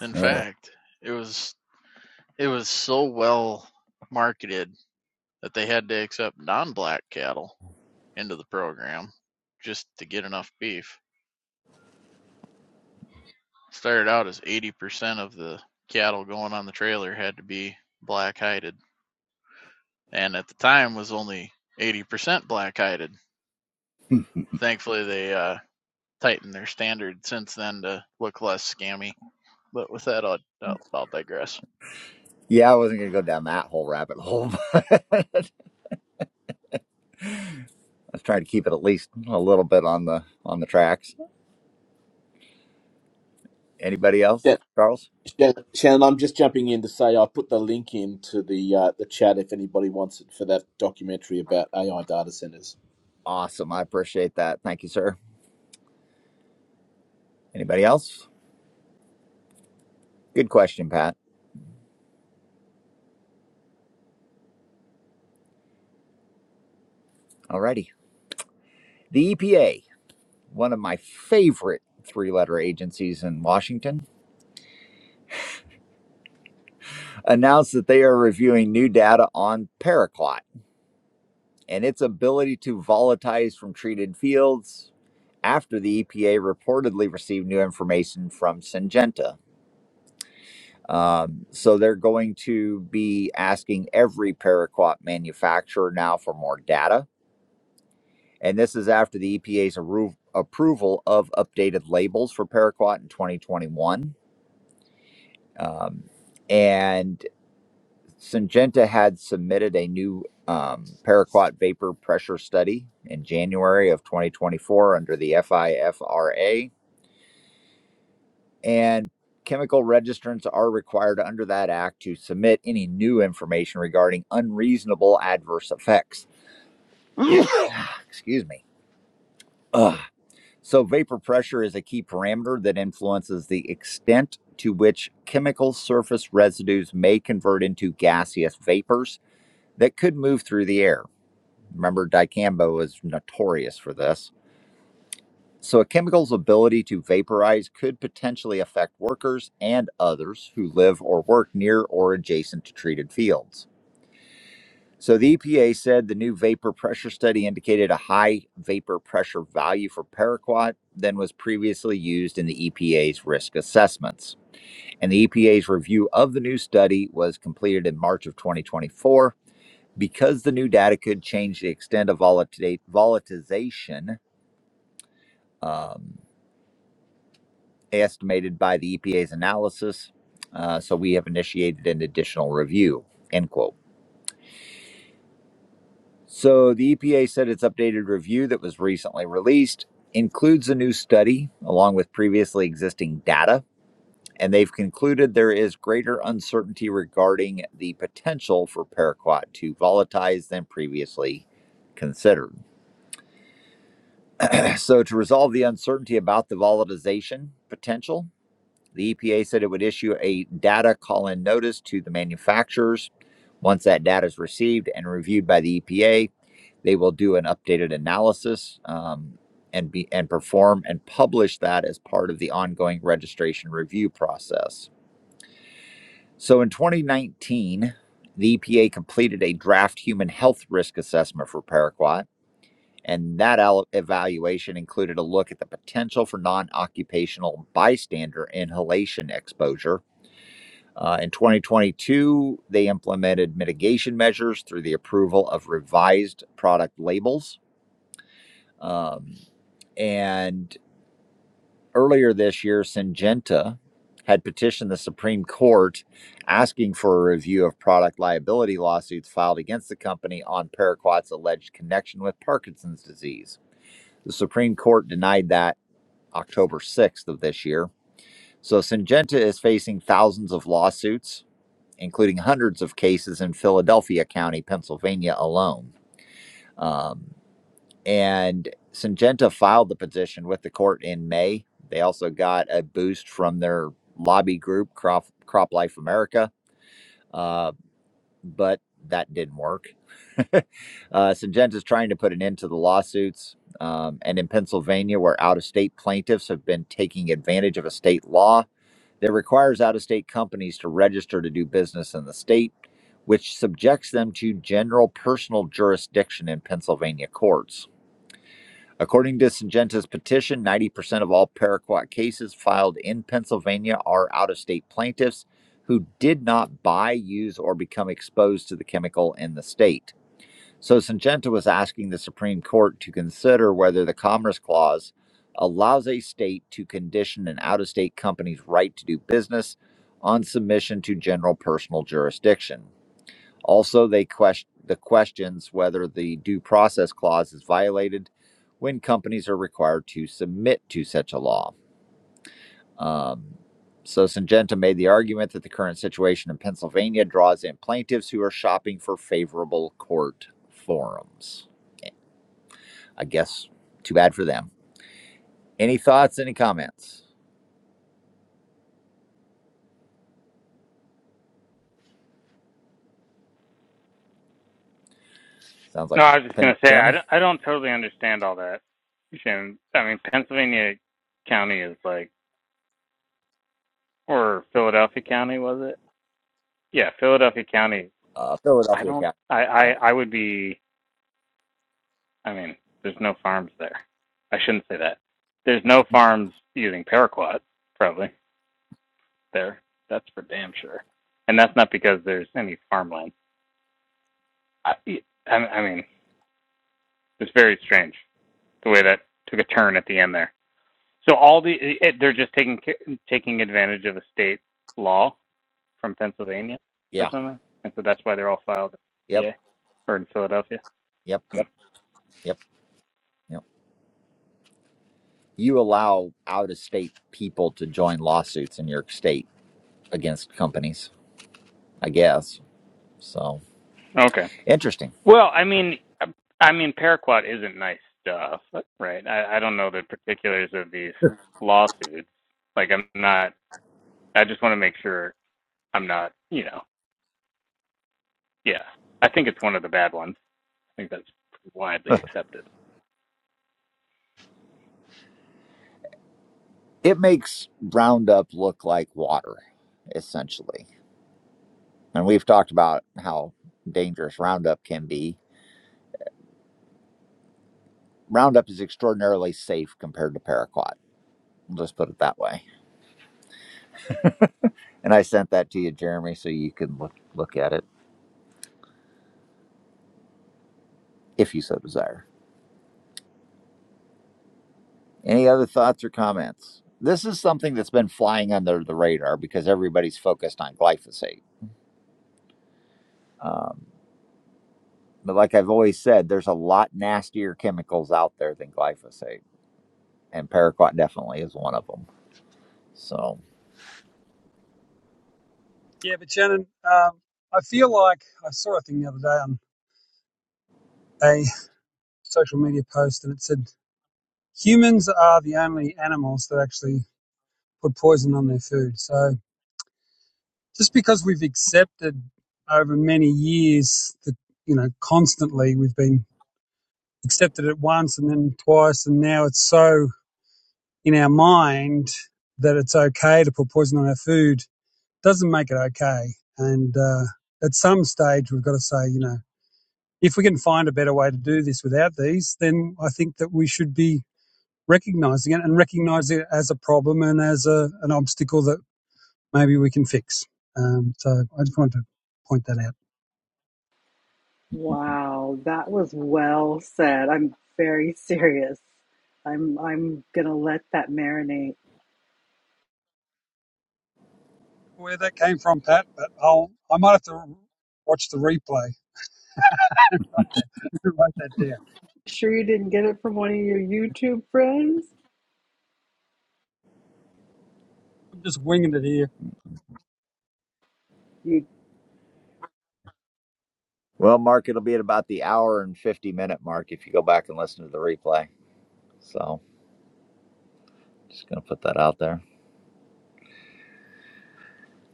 Speaker 9: In
Speaker 1: Uh,
Speaker 9: fact, it was it was so well marketed that they had to accept non-black cattle into the program just to get enough beef. Started out as 80% of the cattle going on the trailer had to be black hided, and at the time was only 80% black hided. Thankfully, they uh, tightened their standard since then to look less scammy. But with that, I'll, I'll, I'll digress.
Speaker 1: yeah, I wasn't going to go down that whole rabbit hole. I was trying to keep it at least a little bit on the on the tracks. Anybody else,
Speaker 5: Shan-
Speaker 1: Charles?
Speaker 5: Shan- Shannon, I'm just jumping in to say I put the link into the uh, the chat if anybody wants it for that documentary about AI data centers.
Speaker 1: Awesome, I appreciate that. Thank you, sir. Anybody else? Good question, Pat. Alrighty. The EPA. one of my favorite three letter agencies in Washington, announced that they are reviewing new data on Paraquat and its ability to volatilize from treated fields after the EPA reportedly received new information from Syngenta. Um, so they're going to be asking every Paraquat manufacturer now for more data. And this is after the EPA's arro- approval of updated labels for Paraquat in 2021. Um, and Syngenta had submitted a new um, paraquat vapor pressure study in January of 2024 under the FIFRA, and chemical registrants are required under that act to submit any new information regarding unreasonable adverse effects. Excuse me. So, vapor pressure is a key parameter that influences the extent to which chemical surface residues may convert into gaseous vapors that could move through the air. Remember, dicambo was notorious for this. So, a chemical's ability to vaporize could potentially affect workers and others who live or work near or adjacent to treated fields. So, the EPA said the new vapor pressure study indicated a high vapor pressure value for paraquat than was previously used in the EPA's risk assessments. And the EPA's review of the new study was completed in March of 2024 because the new data could change the extent of volatilization um, estimated by the EPA's analysis, uh, so we have initiated an additional review. End quote. So the EPA said its updated review that was recently released includes a new study along with previously existing data, and they've concluded there is greater uncertainty regarding the potential for paraquat to volatilize than previously considered. So to resolve the uncertainty about the volatilization potential, The EPA said it would issue a data call in notice to the manufacturers. Once that data is received and reviewed by the EPA, they will do an updated analysis um, and be and perform and publish that as part of the ongoing registration review process. So in 2019, the EPA completed a draft human health risk assessment for paraquat, and that evaluation included a look at the potential for non-occupational bystander inhalation exposure uh, in 2022, they implemented mitigation measures through the approval of revised product labels. Um, and earlier this year, Syngenta had petitioned the Supreme Court asking for a review of product liability lawsuits filed against the company on Paraquat's alleged connection with Parkinson's disease. The Supreme Court denied that October 6th of this year. So Syngenta is facing thousands of lawsuits including hundreds of cases in Philadelphia County, Pennsylvania alone. Um, and Syngenta filed the petition with the court in May. They also got a boost from their lobby group, Crop, Crop Life America, uh, but that didn't work. uh, Syngenta is trying to put an end to the lawsuits. Um, and in Pennsylvania, where out of state plaintiffs have been taking advantage of a state law, that requires out of state companies to register to do business in the state, which subjects them to general personal jurisdiction in Pennsylvania courts. According to Syngenta's petition, 90% of all paraquat cases filed in Pennsylvania are out of state plaintiffs who did not buy, use, or become exposed to the chemical in the state. So Syngenta was asking the Supreme Court to consider whether the Commerce Clause allows a state to condition an out of state company's right to do business on submission to general personal jurisdiction. Also, they question the questions whether the due process clause is violated when companies are required to submit to such a law. Um, so Syngenta made the argument that the current situation in Pennsylvania draws in plaintiffs who are shopping for favorable court forums. I guess too bad for them. Any thoughts? Any comments? Sounds like
Speaker 12: No, I was just going
Speaker 1: Pen-
Speaker 12: to say I
Speaker 1: Jeremy,
Speaker 12: don't, I don't totally understand all that. Shannon. I mean, Pennsylvania County is like, or Philadelphia County was it? Yeah, Philadelphia County.
Speaker 1: uh,
Speaker 12: I
Speaker 1: Philadelphia
Speaker 12: don't.
Speaker 1: Cap.
Speaker 12: I I,
Speaker 1: Yeah,
Speaker 12: I would be. I mean, there's no farms there. I shouldn't say that. There's no farms using paraquat, probably. there. That's for damn sure. And that's not because there's any farmland. I, I, I mean, it's very strange the way that took a turn at the end there. So all the it, they're just taking taking advantage of a state law from Pennsylvania or
Speaker 1: yeah,
Speaker 12: something, and so that's why they're all filed
Speaker 1: yep,
Speaker 12: in PA or in Philadelphia.
Speaker 1: yep,
Speaker 12: Hmm.
Speaker 1: yep, yep, yep. You allow out of state people to join lawsuits in your state against companies, I guess. So
Speaker 12: Okay.
Speaker 1: interesting.
Speaker 12: Well, I mean, I I mean, Paraquat isn't nice stuff, right? I, I don't know the particulars of these lawsuits. Like, I'm not. I just want to make sure I'm not, you know, yeah. I think it's one of the bad ones. I think that's widely accepted.
Speaker 1: It makes Roundup look like water, essentially. And we've talked about how dangerous Roundup can be. Roundup is extraordinarily safe compared to Paraquat. Let's put it that way And I sent that to you, Jeremy, so you can look look at it if you so desire. Any other thoughts or comments? This is something that's been flying under the radar because everybody's focused on glyphosate. Um, but like I've always said, there's a lot nastier chemicals out there than glyphosate, and paraquat definitely is one of them. So,
Speaker 7: Yeah, but Shannon, um, I feel like I saw a thing the other day on a social media post, and it said humans are the only animals that actually put poison on their food. So just because we've accepted over many years that you know constantly we've been accepted it once and then twice, and now it's so in our mind that it's okay to put poison on our food doesn't make it okay. And uh, at some stage, we've got to say, you know, if we can find a better way to do this without these, then I think that we should be recognizing it and recognizing it as a problem and as a, an obstacle that maybe we can fix. Um, so I just wanted to point that out.
Speaker 2: Wow, that was well said. I'm very serious. I'm I'm gonna let that marinate.
Speaker 7: Where that came from, Pat, but I'll, I might have to watch the replay and write that, write that down.
Speaker 2: Sure you didn't get it from one of your YouTube friends?
Speaker 7: I'm just winging it here.
Speaker 2: You
Speaker 1: well, Mark, it'll be at about the hour and 50 minute mark if you go back and listen to the replay. So, just going to put that out there.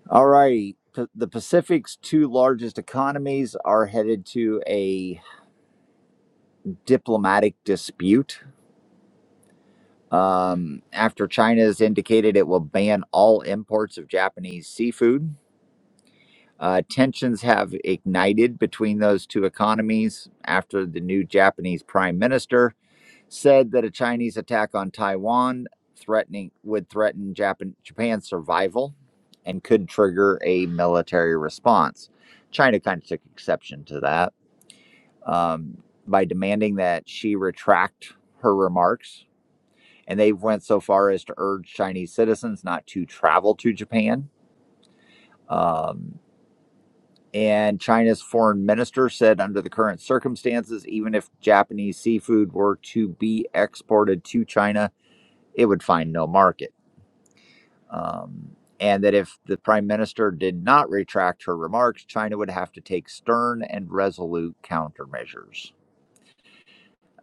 Speaker 1: All right. P- The Pacific's two largest economies are headed to a diplomatic dispute um, after China has indicated it will ban all imports of Japanese seafood. Uh, tensions have ignited between those two economies after the new Japanese prime minister said that a Chinese attack on Taiwan threatening would threaten Japan, Japan's survival and could trigger a military response. China kind of took exception to that um, by demanding that she retract her remarks, and they went so far as to urge Chinese citizens not to travel to Japan. Um, and China's foreign minister said, under the current circumstances, even if Japanese seafood were to be exported to China, it would find no market. Um, and that if the prime minister did not retract her remarks, China would have to take stern and resolute countermeasures.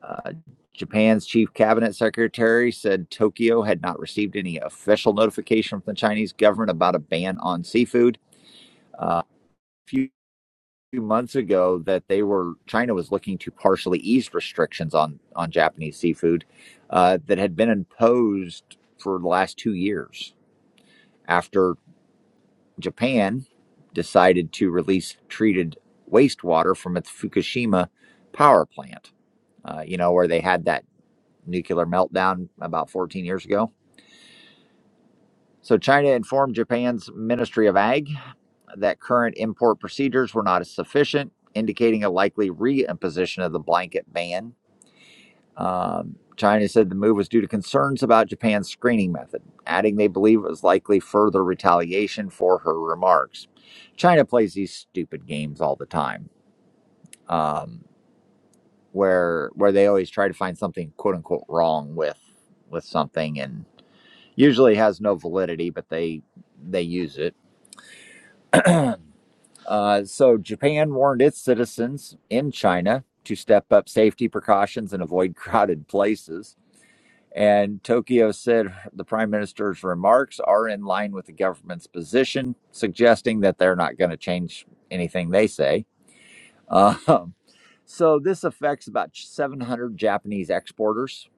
Speaker 1: Uh, Japan's chief cabinet secretary said Tokyo had not received any official notification from the Chinese government about a ban on seafood. Uh, a few months ago, that they were China was looking to partially ease restrictions on on Japanese seafood uh, that had been imposed for the last two years after Japan decided to release treated wastewater from its Fukushima power plant, uh, you know, where they had that nuclear meltdown about 14 years ago. So, China informed Japan's Ministry of Ag that current import procedures were not sufficient, indicating a likely reimposition of the blanket ban Um, China said the move was due to concerns about Japan's screening method, adding they believe it was likely further retaliation for her remarks. China plays these stupid games all the time, um, where where they always try to find something "quote unquote" wrong with with something, and usually has no validity, but they they use it. Uh, so Japan warned its citizens in China to step up safety precautions and avoid crowded places. And Tokyo said the prime minister's remarks are in line with the government's position, suggesting that they're not going to change anything they say. Um, so, this affects about 700 Japanese exporters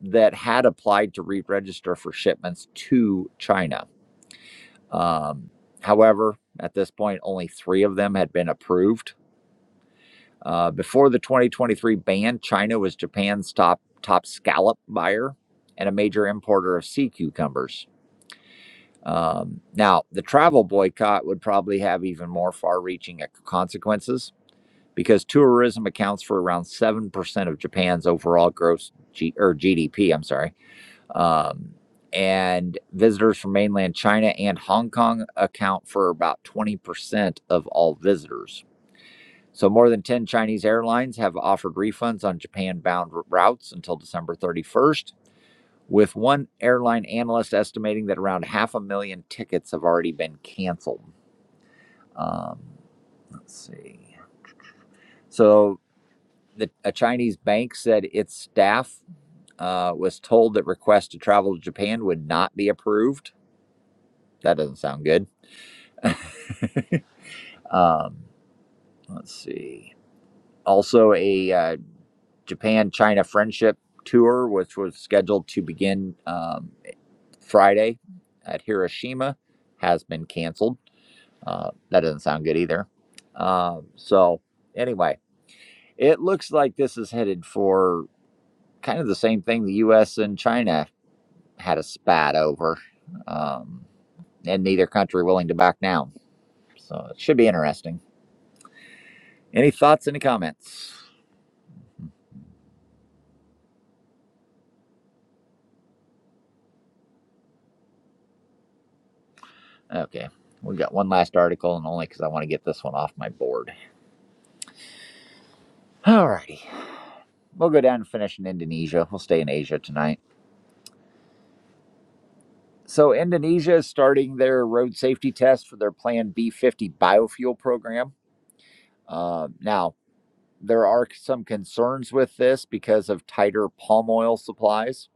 Speaker 1: that had applied to re register for shipments to China. Um, however, at this point, only three of them had been approved. Uh, before the 2023 ban, China was Japan's top, top scallop buyer and a major importer of sea cucumbers. Um, now, the travel boycott would probably have even more far reaching consequences because tourism accounts for around 7% of Japan's overall gross G- or GDP. I'm sorry. Um, and visitors from mainland China and Hong Kong account for about 20% of all visitors. So, more than 10 Chinese airlines have offered refunds on Japan bound routes until December 31st with one airline analyst estimating that around half a million tickets have already been canceled. Um, let's see. So, the, a Chinese bank said its staff uh, was told that requests to travel to Japan would not be approved. That doesn't sound good. Um, let's see. Also, a uh, Japan China friendship tour, which was scheduled to begin um, Friday at Hiroshima, has been canceled. Uh, that doesn't sound good either. Um, so, anyway, it looks like this is headed for kind of the same thing the U.S. and China had a spat over, um, and neither country willing to back down. So, it should be interesting. Any thoughts, any comments? Okay, we got one last article, and only because I want to get this one off my board. Alrighty, we'll go down and finish in Indonesia. We'll stay in Asia tonight. So, Indonesia is starting their road safety test for their planned B 50 biofuel program. Uh, now, there are some concerns with this because of tighter palm oil supplies,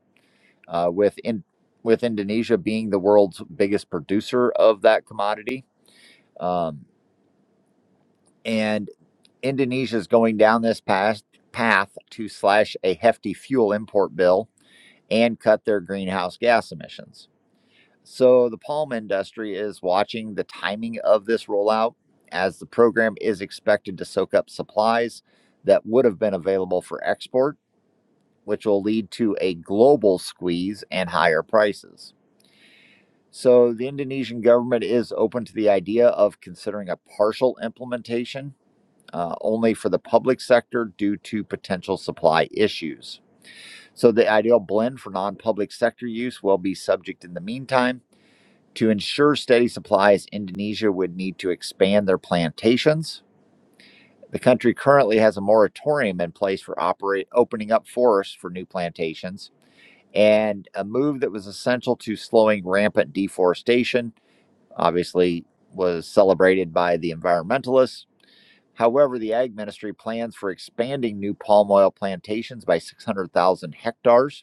Speaker 1: uh, with, in, with Indonesia being the world's biggest producer of that commodity. Um, and Indonesia is going down this path, path to slash a hefty fuel import bill and cut their greenhouse gas emissions. So the palm industry is watching the timing of this rollout as the program is expected to soak up supplies that would have been available for export, which will lead to a global squeeze and higher prices. So the Indonesian government is open to the idea of considering a partial implementation. uh, only for the public sector due to potential supply issues. So, the ideal blend for non public sector use will be subject in the meantime to ensure steady supplies, Indonesia would need to expand their plantations. The country currently has a moratorium in place for operate opening up forests for new plantations, and a move that was essential to slowing rampant deforestation. Obviously, was celebrated by the environmentalists. However, the ag ministry plans for expanding new palm oil plantations by 600,000 hectares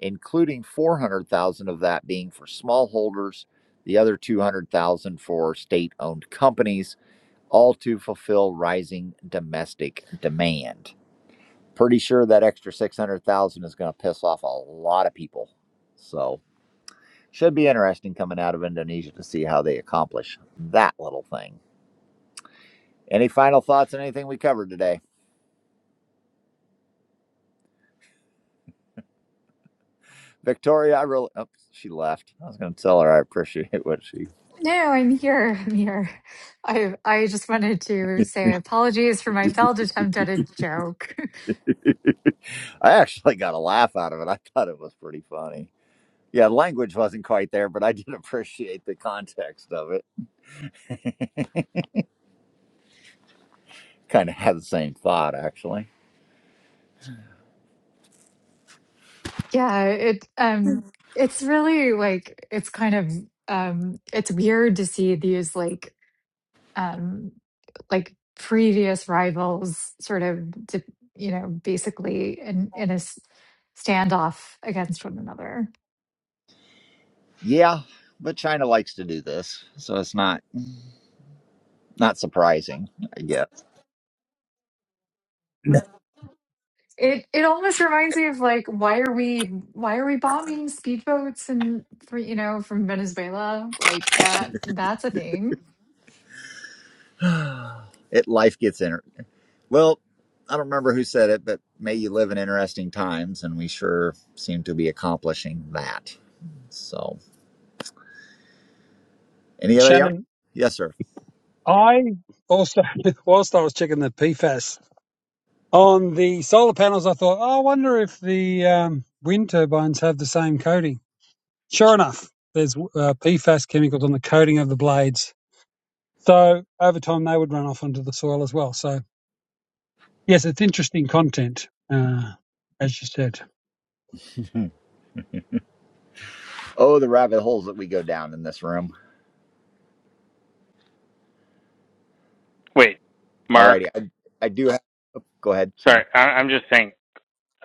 Speaker 1: including 400,000 of that being for smallholders, the other 200,000 for state-owned companies, all to fulfill rising domestic demand. Pretty sure that extra 600,000 is going to piss off a lot of people. So, should be interesting coming out of Indonesia to see how they accomplish that little thing. Any final thoughts on anything we covered today? Victoria, I really, oops, she left. I was going to tell her I appreciate what she
Speaker 13: No, I'm here. I'm here. I I just wanted to say apologies for my failed attempt at a joke.
Speaker 1: I actually got a laugh out of it. I thought it was pretty funny. Yeah, language wasn't quite there, but I did appreciate the context of it. Kind of had the same thought actually.
Speaker 13: yeah, it um it's really like it's kind of um it's weird to see these like um like previous rivals sort of di- you know basically in in a s- standoff against one another.
Speaker 1: Yeah, but China likes to do this, so it's not not surprising. I guess
Speaker 13: It it almost reminds me of like why are we why are we bombing speedboats and for you know from Venezuela like that that's a thing.
Speaker 1: it life gets in. Well, I don't remember who said it, but may you live in interesting times, and we sure seem to be accomplishing that. So, anybody else?
Speaker 7: Shannon
Speaker 1: Yes, sir.
Speaker 7: I also, whilst I was checking the PFAS on the solar panels, I thought, oh, I wonder if the um, wind turbines have the same coating. Sure enough, there's uh, PFAS chemicals on the coating of the blades. So over time, they would run off onto the soil as well. So, yes, it's interesting content, uh, as you said.
Speaker 1: Oh, the rabbit holes that we go down in this room.
Speaker 12: Wait, Mark,
Speaker 1: Alrighty, I, I do. Go ahead. Sorry.
Speaker 12: sorry, I, I'm just saying,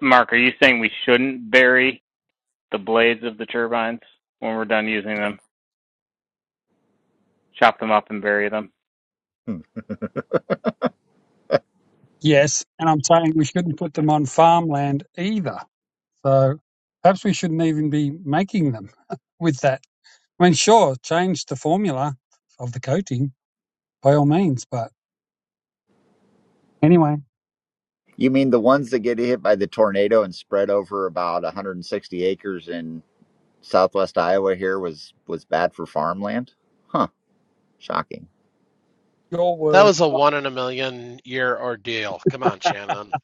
Speaker 12: Mark, are you saying we shouldn't bury the blades of the turbines when we're done using them? Chop them up and bury them,
Speaker 1: Hmm.
Speaker 7: Yes. And I'm saying we shouldn't put them on farmland either. So perhaps we shouldn't even be making them with that. I mean, sure, change the formula of the coating by all means, but anyway,
Speaker 1: You mean the ones that get hit by the tornado and spread over about 160 acres in southwest Iowa here was was bad for farmland? Huh. Shocking.
Speaker 7: your
Speaker 8: That
Speaker 7: word.
Speaker 8: was a one in a million year ordeal. Come on, Shannon.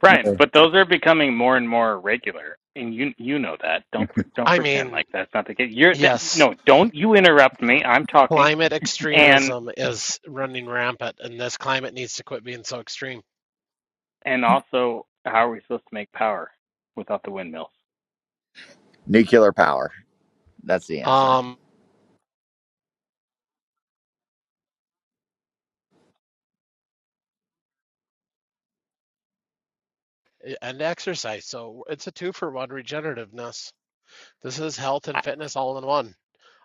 Speaker 12: Brian.
Speaker 1: Uh,
Speaker 12: But those are becoming more and more regular, and you you know that. Don't pre- don't
Speaker 8: I
Speaker 12: pretend
Speaker 8: mean,
Speaker 12: like that's not the case. You're that,
Speaker 8: yes,
Speaker 12: no, don't you interrupt me. I'm talking,
Speaker 8: Climate
Speaker 12: and
Speaker 8: extremism is running rampant, and this climate needs to quit being so extreme.
Speaker 12: and also, how are we supposed to make power without the windmills?
Speaker 1: Nuclear power. That's the answer.
Speaker 8: Um, and exercise. So it's a two for one regenerativeness. This is health and
Speaker 1: I,
Speaker 8: fitness all in one.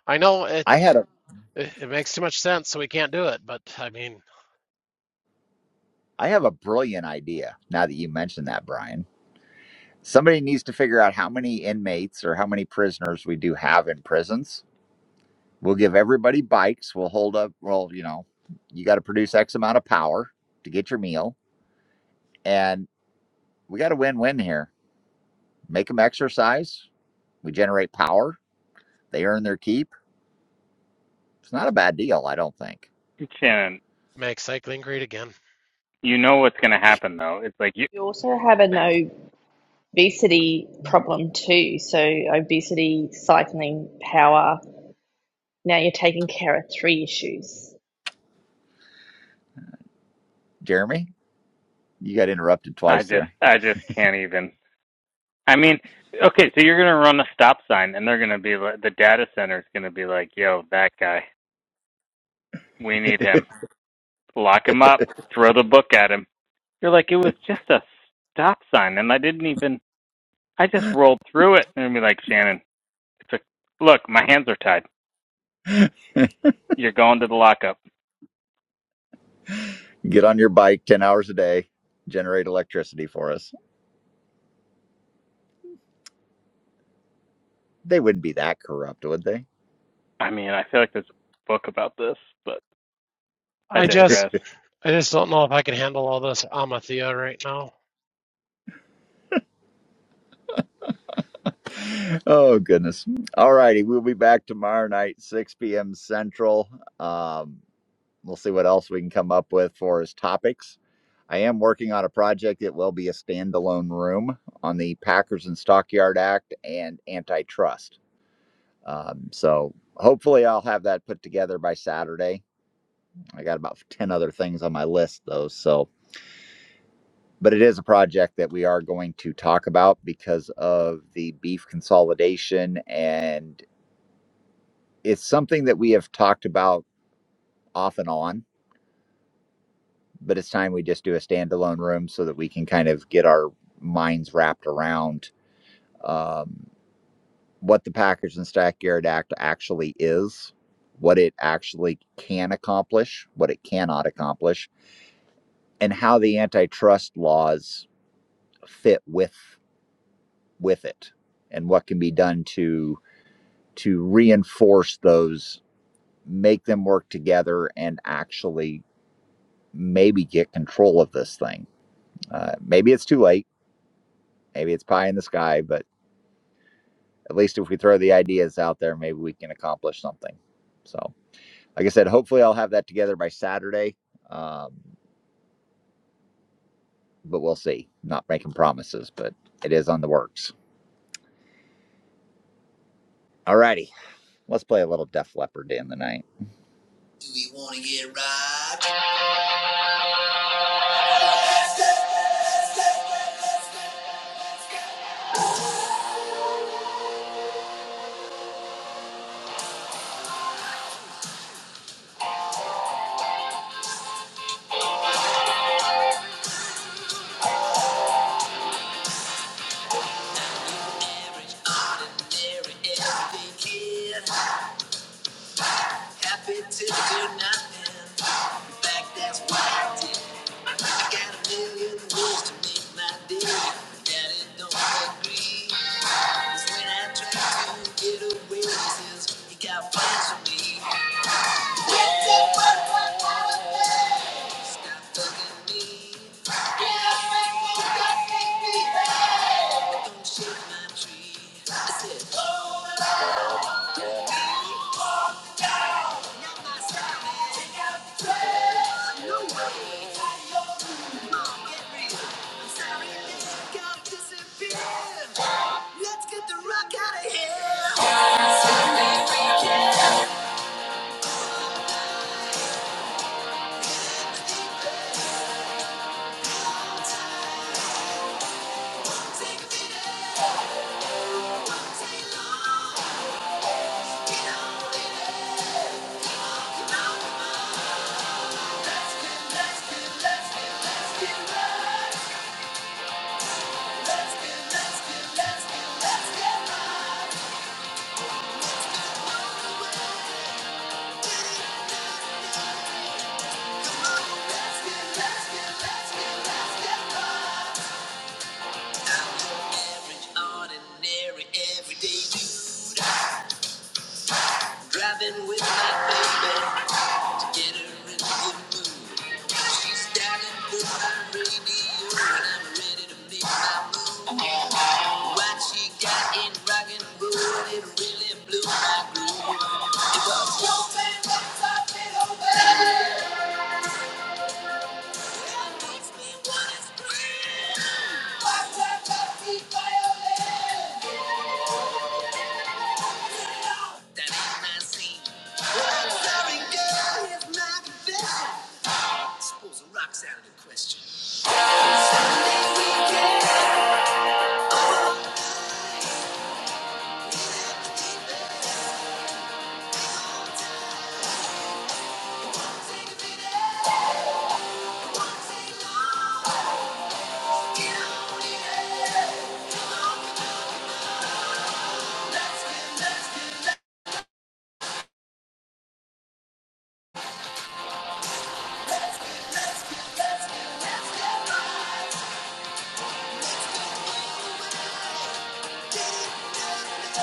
Speaker 8: I know it
Speaker 1: I had a
Speaker 8: it it makes too much sense, so we can't do it. But I mean,
Speaker 1: I have a brilliant idea now that you mentioned that, Brian. Somebody needs to figure out how many inmates or how many prisoners we do have in prisons. We'll give everybody bikes. We'll hold up, well, you know, you got to produce X amount of power to get your meal we got a win-win here. Make them exercise. We generate power. They earn their keep. It's not a bad deal, I don't think.
Speaker 12: Shannon,
Speaker 8: make cycling great again.
Speaker 12: you know what's going to happen though. It's like you,
Speaker 14: You also have an obesity problem too. So obesity, cycling, power. Now you're taking care of three issues.
Speaker 1: Jeremy, you got interrupted
Speaker 12: I
Speaker 1: twice
Speaker 12: just,
Speaker 1: there.
Speaker 12: I just can't even. I mean, okay, so you're going to run a stop sign, and they're going to be like, the data center's going to be like, "Yo, that guy, we need him. Lock him up. Throw the book at him." You're like, it was just a stop sign, and I didn't even. I just rolled through it, and be like, Shannon, it's a look. My hands are tied. You're going to the lockup.
Speaker 1: Get on your bike 10 hours a day, generate electricity for us. They wouldn't be that corrupt, would they?
Speaker 12: I mean, I feel like there's a book about this, but I
Speaker 8: I just
Speaker 12: digress.
Speaker 8: I just don't know if I can handle all this Amathea right now.
Speaker 1: oh, goodness. All righty. We'll be back tomorrow night, 6 p.m. Central. Um, We'll see what else we can come up with for as topics. I am working on a project. It will be a standalone room on the Packers and Stockyard Act and antitrust. Um, so hopefully, I'll have that put together by Saturday. I got about 10 other things on my list, though. So, but it is a project that we are going to talk about because of the beef consolidation. And it's something that we have talked about off and on but it's time we just do a standalone room so that we can kind of get our minds wrapped around um, what the Package and Stack Guard Act actually is, what it actually can accomplish, what it cannot accomplish, and how the antitrust laws fit with with it, and what can be done to to reinforce those, make them work together, and actually maybe get control of this thing. Uh, maybe it's too late. Maybe it's pie in the sky, but at least if we throw the ideas out there, maybe we can accomplish something. So, like I said, hopefully I'll have that together by Saturday, um, but we'll see. Not making promises, but it is on the works. Alrighty, let's play a little Def Leppard in the night. Do we want to get robbed? Average, ordinary, everyday kid. Happy to do nothing. In fact, that's what I did. I got a million words to make my day. Daddy don't agree. Cause when I try to get away, he says, you got plans for me. Stop bugging me. Don't shake my tree. I said, oh, not my style. Take out the trash. No way. Mom, get real. I'm sorry, this got disappear. Let's get the rock out of here. Ordinary, everyday dude. Driving with my baby. to get her in the mood. She's styling good, I'm really you, and I'm ready to make my move. What she got in rock and roll, it really blew my groove. It was your man that taught me the way. It makes me wanna scream. Watch out, that be violent. Girl, here's my confession. Sunday weekend, won't take long. Get on it, but get it done.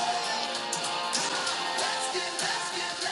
Speaker 1: Let's get let's get,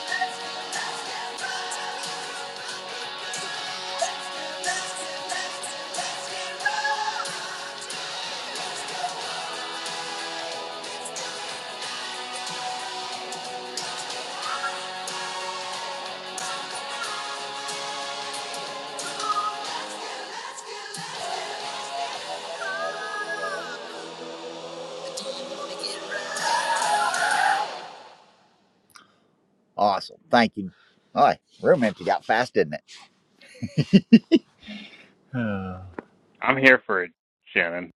Speaker 1: let's get, get, Awesome. Thank you. Oh, room empty got fast, didn't it?
Speaker 12: I'm here for it, Shannon.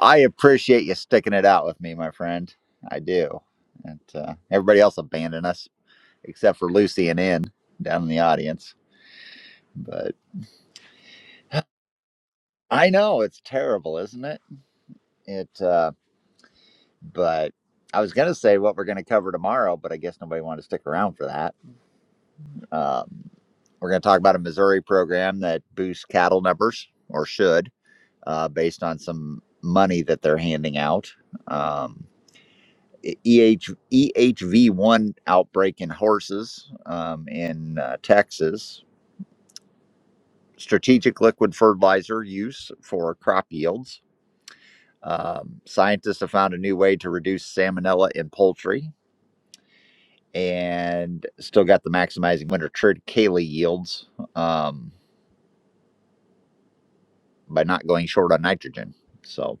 Speaker 1: I appreciate you sticking it out with me, my friend. I do. And uh, everybody else abandoned us except for Lucy and N down in the audience. But I know it's terrible, isn't it? It. Uh, but I was going to say what we're going to cover tomorrow, but I guess nobody wanted to stick around for that. Um, we're going to talk about a Missouri program that boosts cattle numbers, or should. uh, based on some money that they're handing out. Um, EH, EHV1 outbreak in horses um, in uh, Texas, strategic liquid fertilizer use for crop yields. Um, scientists have found a new way to reduce salmonella in poultry and still got the maximizing winter triticale yields um, by not going short on nitrogen. So,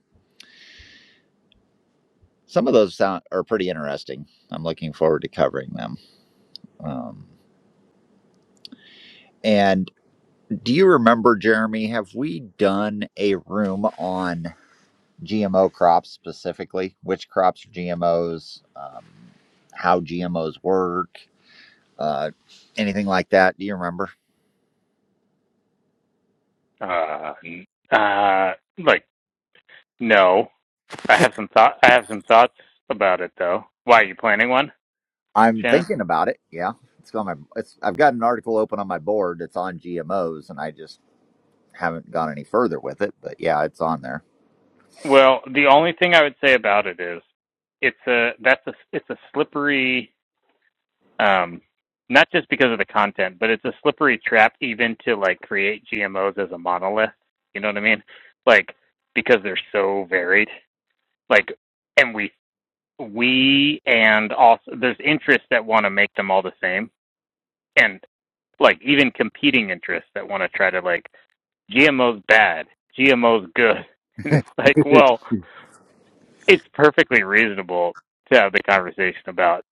Speaker 1: some of those sound, are pretty interesting. I'm looking forward to covering them. Um, And do you remember, Jeremy, have we done a room on GMO crops specifically? Which crops are GMOs? Um, how GMOs work? Uh, anything like that? Do you remember?
Speaker 12: Uh, uh, like no. I have some thought. I have some thoughts about it though. Why are you planning one,
Speaker 1: I'm
Speaker 12: Shannon?
Speaker 1: thinking about it. Yeah, it's on my. It's, I've got an article open on my board. that's on GMOs, and I just haven't gone any further with it. But yeah, it's on there.
Speaker 12: Well, the only thing I would say about it is it's a that's a it's a slippery um not just because of the content, but it's a slippery trap even to like create GMOs as a monolith. You know what I mean? Like because they're so varied. Like and we we and also there's interests that want to make them all the same and like even competing interests that want to try to like GMO's bad, GMO's good, and it's like, well, it's perfectly reasonable to have the conversation about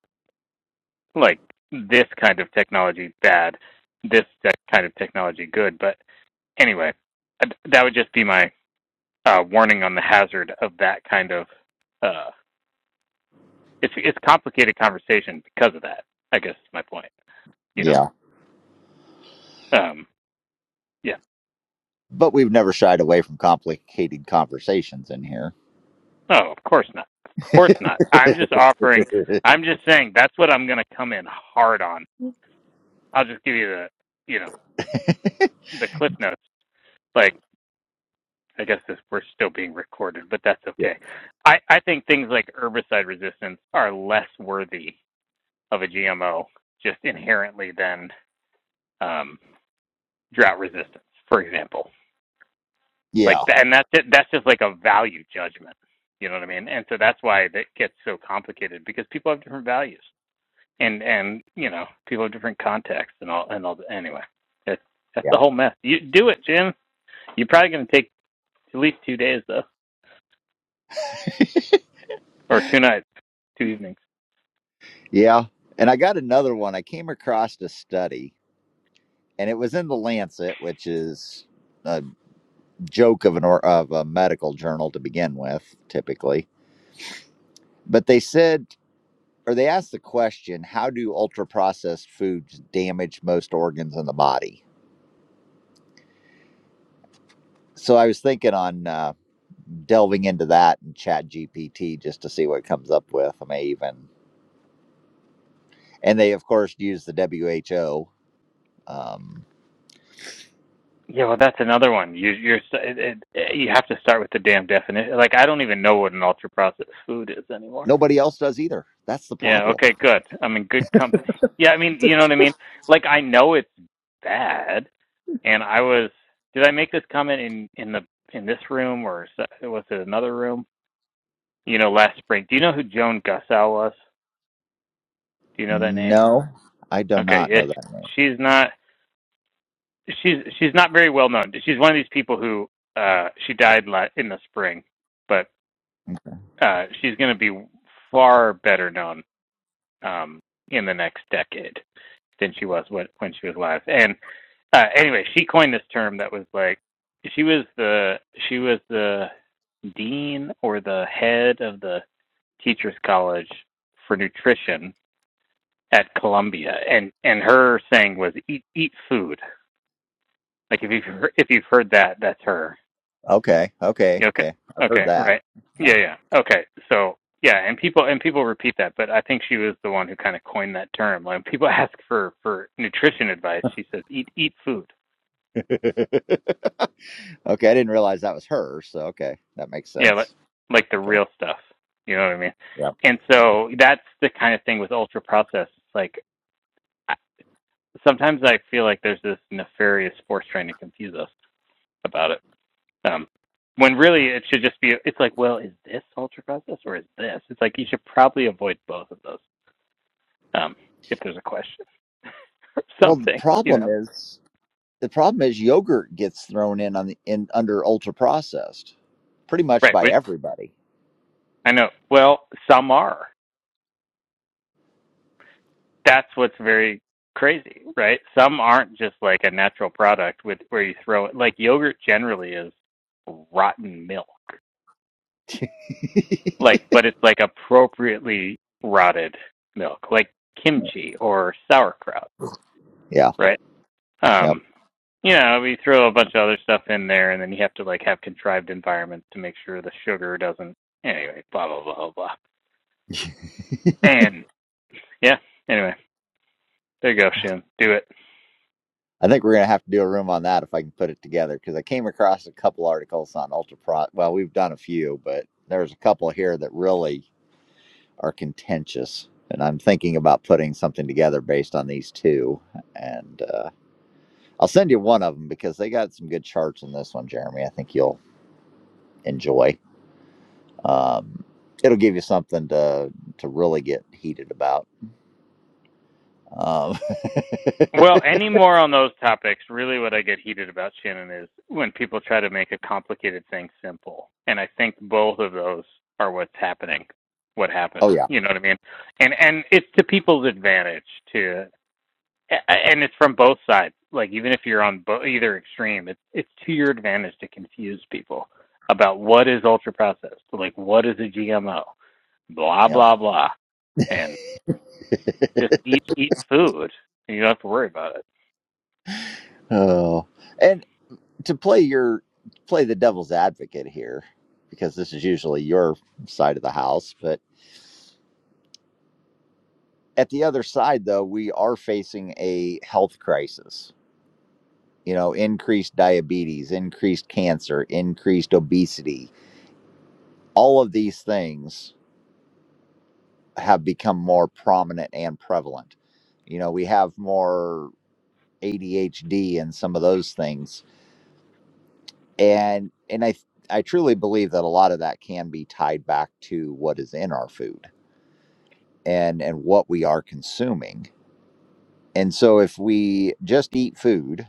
Speaker 12: like this kind of technology bad, this kind of technology good. But anyway, uh, that would just be my uh, warning on the hazard of that kind of. Uh, it's it's complicated conversation because of that. I guess is my point. You know.
Speaker 1: Yeah,
Speaker 12: Um, yeah.
Speaker 1: but we've never shied away from complicated conversations in here.
Speaker 12: No, of course not. Of course not. I'm just offering. I'm just saying that's what I'm going to come in hard on. I'll just give you the, you know, the cliff notes. Like I guess this, we're still being recorded, but that's okay. I I think things like herbicide resistance are less worthy of a GMO just inherently than um, drought resistance, for example. Like
Speaker 1: Yeah.
Speaker 12: that, and that's it. That's just like a value judgment. You know what I mean? And so that's why it gets so complicated because people have different values. and and you know people have different contexts and all and all. The, anyway, that's that's
Speaker 1: Yeah.
Speaker 12: the whole mess. You do it, Jim. You're probably going to take at least two days though, or two nights, two evenings.
Speaker 1: Yeah. And I got another one. I came across a study, and it was in the Lancet, which is a joke of an or of a medical journal to begin with, typically. But they said, or they asked the question, how do ultra processed foods damage most organs in the body? So I was thinking on uh, delving into that and Chat GPT just to see what it comes up with. I may even, and they of course use the WHO. Um,
Speaker 12: Yeah, well, that's another one. You you're it, it, you have to start with the damn definition. Like I don't even know what an ultra processed food is anymore.
Speaker 1: nobody else does either. That's the
Speaker 12: Yeah.
Speaker 1: problem
Speaker 12: Okay. Good. I'm in good company. Yeah. I mean, you know what I mean. Like I know it's bad, and I was. Did I make this comment in in the in this room or was it another room? you know, last spring. Do you know who Joan Gussow was? Do you know that name?
Speaker 1: No, I do
Speaker 12: Okay,
Speaker 1: not
Speaker 12: yeah,
Speaker 1: know that name.
Speaker 12: she's not she's she's not very well known. She's one of these people who uh, she died in the spring, but uh, she's going to be far better known um, in the next decade than she was when when she was alive. And uh, anyway, she coined this term that was like she was the she was the dean or the head of the teachers college for nutrition at Columbia, and and her saying was eat eat food. Like if you've heard, if you've heard that, that's her.
Speaker 1: Okay, okay,
Speaker 12: You okay?
Speaker 1: okay. I've heard
Speaker 12: Okay,
Speaker 1: that.
Speaker 12: right?
Speaker 1: Yeah.
Speaker 12: Yeah, yeah. Okay, so yeah, and people and people repeat that, but I think she was the one who kind of coined that term. Like when people ask for for nutrition advice, she says eat eat food.
Speaker 1: okay, I didn't realize that was her. So okay, that makes
Speaker 12: Yeah, like
Speaker 1: sense.
Speaker 12: like the
Speaker 1: Okay.
Speaker 12: real stuff. You know what I mean?
Speaker 1: Yeah.
Speaker 12: And
Speaker 1: yeah.
Speaker 12: so that's the kind of thing with ultra processed. Like sometimes I feel like there's this nefarious force trying to confuse us about it. Um, when really it should just be, it's like, well, is this ultra process or is this? It's like you should probably avoid both of those um, if there's a question or
Speaker 1: Well, the
Speaker 12: something, you
Speaker 1: problem
Speaker 12: know?
Speaker 1: is the problem is yogurt gets thrown in on the in under ultra processed, pretty much
Speaker 12: Right.
Speaker 1: by
Speaker 12: Which
Speaker 1: everybody.
Speaker 12: I know. Well, some are. That's what's very crazy, right? Some aren't just like a natural product with where you throw it. Like yogurt generally is rotten milk, like, but it's like appropriately rotted milk, like kimchi or sauerkraut,
Speaker 1: Yeah.
Speaker 12: right?
Speaker 1: Yep.
Speaker 12: Um, You know, we throw a bunch of other stuff in there, and then you have to like have contrived environments to make sure the sugar doesn't. Anyway, blah blah blah blah blah. And yeah, anyway, there you go, Shannon. Do it.
Speaker 1: I think we're going to have to do a room on that if I can put it together because I came across a couple articles on ultra pro. Well, we've done a few, but there's a couple here that really are contentious. And I'm thinking about putting something together based on these two. And uh, I'll send you one of them because they got some good charts on this one, Jeremy. I think you'll enjoy. Um, it'll give you something to to really get heated about. Um,
Speaker 12: Well, any more on those topics? Really, what I get heated about, Shannon, is when people try to make a complicated thing simple. And I think both of those are what's happening. What
Speaker 1: oh
Speaker 12: happened?
Speaker 1: yeah,
Speaker 12: You know what I mean? And and it's to people's advantage to and it's from both sides. Like even if you're on bo- either extreme, it's it's to your advantage to confuse people about what is ultra processed, like what is a GMO, blah
Speaker 1: yeah.
Speaker 12: blah blah, and just eat eat food and you don't have to worry about it.
Speaker 1: oh. and. to play your play the devil's advocate here because this is usually your side of the house but at the other side though we are facing a health crisis you know increased diabetes increased cancer increased obesity all of these things have become more prominent and prevalent you know we have more ADHD and some of those things and and I I truly believe that a lot of that can be tied back to what is in our food and and what we are consuming. And so if we just eat food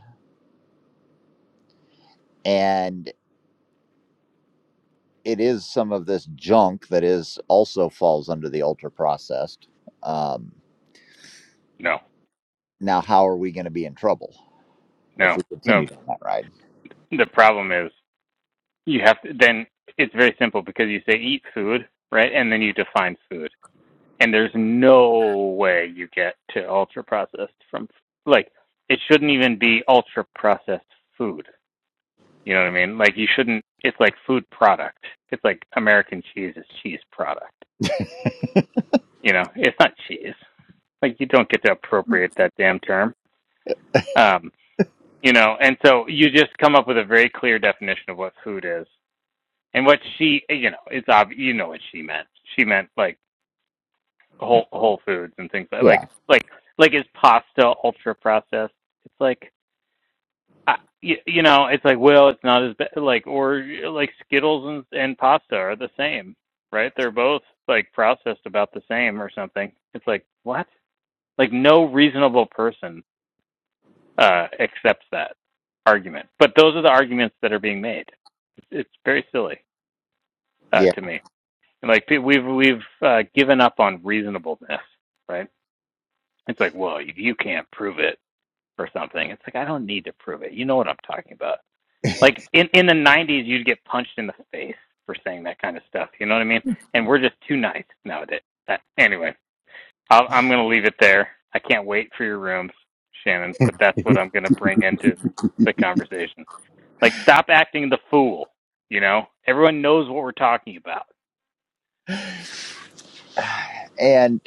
Speaker 1: and it is some of this junk that is also falls under the ultra processed. Um,
Speaker 12: No,
Speaker 1: now, how are we going to be in trouble
Speaker 12: no,
Speaker 1: if we
Speaker 12: no.
Speaker 1: continue down that ride?
Speaker 12: The problem is you have to then it's very simple because you say eat food, right, and then you define food. and there's no way you get to ultra processed from like it shouldn't even be ultra processed food. You know what I mean? Like you shouldn't. It's like food product. It's like American cheese is cheese product. You know, it's not cheese. Like you don't get to appropriate that damn term. Um, you know, and so you just come up with a very clear definition of what food is. And what she, you know, it's obvious. You know what she meant. She meant like whole whole foods and things like
Speaker 1: Yeah,
Speaker 12: like like like is pasta ultra processed it's like I, you, you know it's like well it's not as bad like or like skittles and and pasta are the same right they're both like processed about the same or something it's like what like no reasonable person uh accepts that argument but those are the arguments that are being made it's, it's very silly uh
Speaker 1: yeah,
Speaker 12: to me And like we've we've uh, given up on reasonableness right It's like, well, you can't prove it or something. It's like I don't need to prove it. You know what I'm talking about. Like in in the 90s, you'd get punched in the face for saying that kind of stuff. You know what I mean? And we're just too nice nowadays. That, anyway, I'll, I'm going to leave it there. I can't wait for your rooms, Shannon. But that's what I'm going to bring into the conversation. Like, stop acting the fool. You know, everyone knows what we're talking about.
Speaker 1: and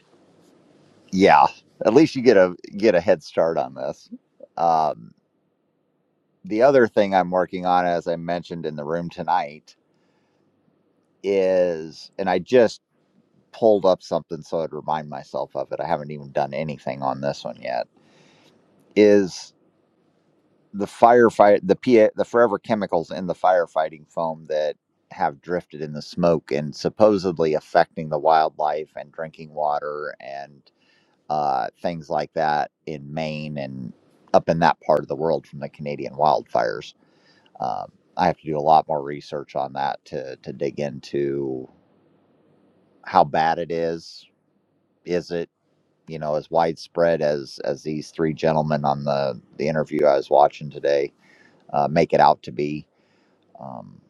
Speaker 1: yeah. At least you get a get a head start on this. Um, the other thing I'm working on, as I mentioned in the room tonight, is, and I just pulled up something so I'd remind myself of it. I haven't even done anything on this one yet. Is the firefight the PA the forever chemicals in the firefighting foam that have drifted in the smoke and supposedly affecting the wildlife and drinking water and uh, things like that in Maine and up in that part of the world from the Canadian wildfires. Um, I have to do a lot more research on that to to dig into how bad it is. Is it you know as widespread as as these three gentlemen on the the interview I was watching today uh, make it out to be um,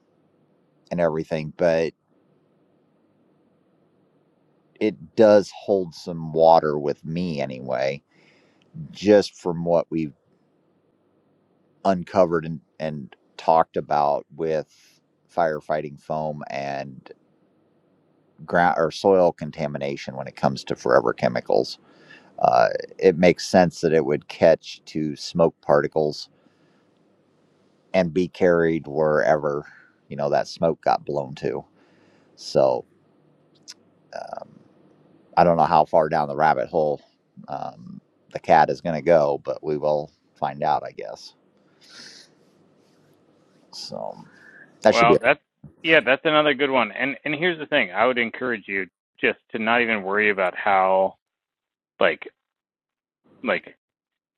Speaker 1: and everything, but it does hold some water with me anyway, just from what we've uncovered and and talked about with firefighting foam and ground or soil contamination when it comes to forever chemicals. Uh, it makes sense that it would catch to smoke particles and be carried wherever you know that smoke got blown to. So um, I don't know how far down the rabbit hole um, the cat is going to go, but we will find out, I guess. So that should be
Speaker 12: Well,
Speaker 1: it.
Speaker 12: that's yeah, that's another good one. And and here's the thing, I would encourage you just to not even worry about how like like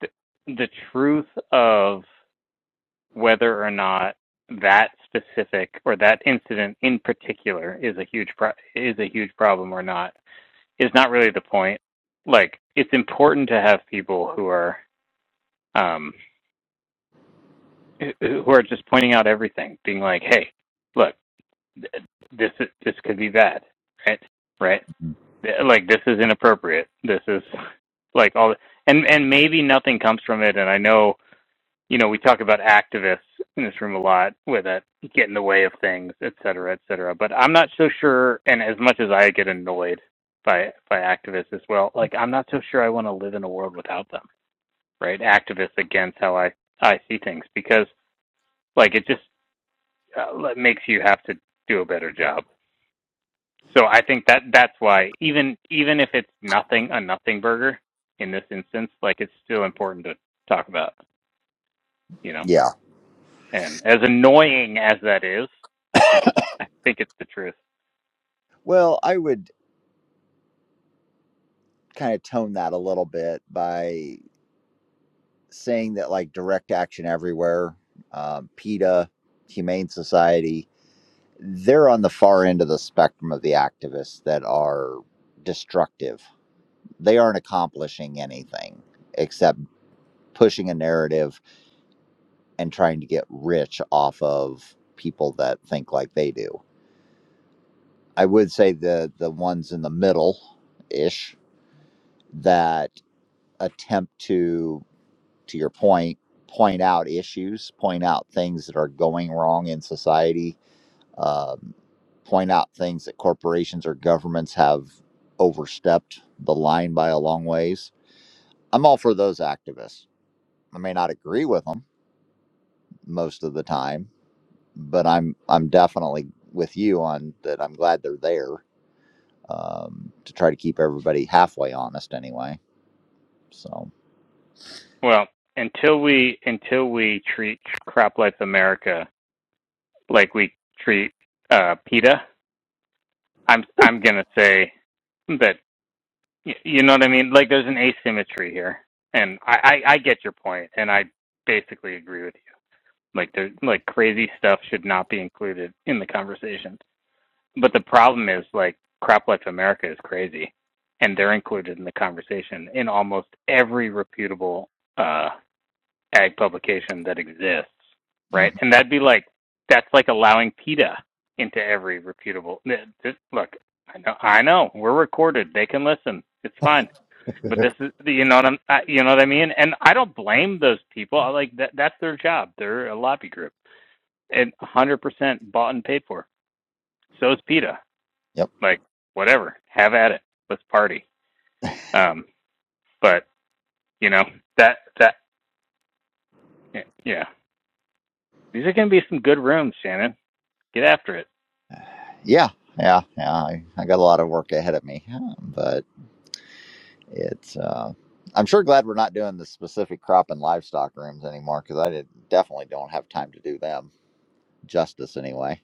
Speaker 12: the, the truth of whether or not that specific or that incident in particular is a huge pro- is a huge problem or not is not really the point. Like it's important to have people who are um who who are just pointing out everything, being like, "Hey, look, th- this this could be bad." Right? Right?
Speaker 1: Mm-hmm.
Speaker 12: like this is inappropriate this is like all and and maybe nothing comes from it and i know you know we talk about activists in this room a lot with it get in the way of things et cetera et cetera but i'm not so sure and as much as i get annoyed by by activists as well like i'm not so sure i want to live in a world without them right activists against how i i see things because like it just uh, makes you have to do a better job so I think that that's why even even if it's nothing a nothing burger in this instance, like it's still important to talk about, you know.
Speaker 1: Yeah.
Speaker 12: And as annoying as that is, I think it's I think it's the truth.
Speaker 1: Well, I would kind of tone that a little bit by saying that like direct action everywhere, um, PETA, Humane Society, they're on the far end of the spectrum of the activists that are destructive They aren't accomplishing anything except pushing a narrative and trying to get rich off of people that think like they do. I would say the the ones in the middle ish that attempt to to your point point out issues, point out things that are going wrong in society, um, point out things that corporations or governments have overstepped the line by a long ways. I'm all for those activists. I may not agree with them most of the time. But I'm I'm definitely with you on that. I'm glad they're there um, to try to keep everybody halfway honest, anyway. So,
Speaker 12: Well, until we until we treat Crop Life America like we treat uh, PETA, I'm I'm gonna say that y- you know what I mean. Like there's an asymmetry here, and I I, I get your point, and I basically agree with you Like there's like crazy stuff should not be included in the conversation. But the problem is like Crop Life America is crazy and they're included in the conversation in almost every reputable uh ag publication that exists. Right?
Speaker 1: mhm.
Speaker 12: And that'd be like that's like allowing PETA into every reputable uh, th- look, I know I know, we're recorded. They can listen. It's fine but this is you know what I'm you know what I mean and I don't blame those people I like that that's their job they're a lobby group and 100% bought and paid for. So is PETA.
Speaker 1: yep,
Speaker 12: Like, whatever, have at it. Let's party. Um, but you know that that yeah, these are going to be some good rooms, Shannon. Get after it.
Speaker 1: yeah, yeah, yeah. I, I got a lot of work ahead of me, but it's. Uh, I'm sure glad we're not doing the specific crop and livestock rooms anymore because I did, definitely don't have time to do them justice anyway.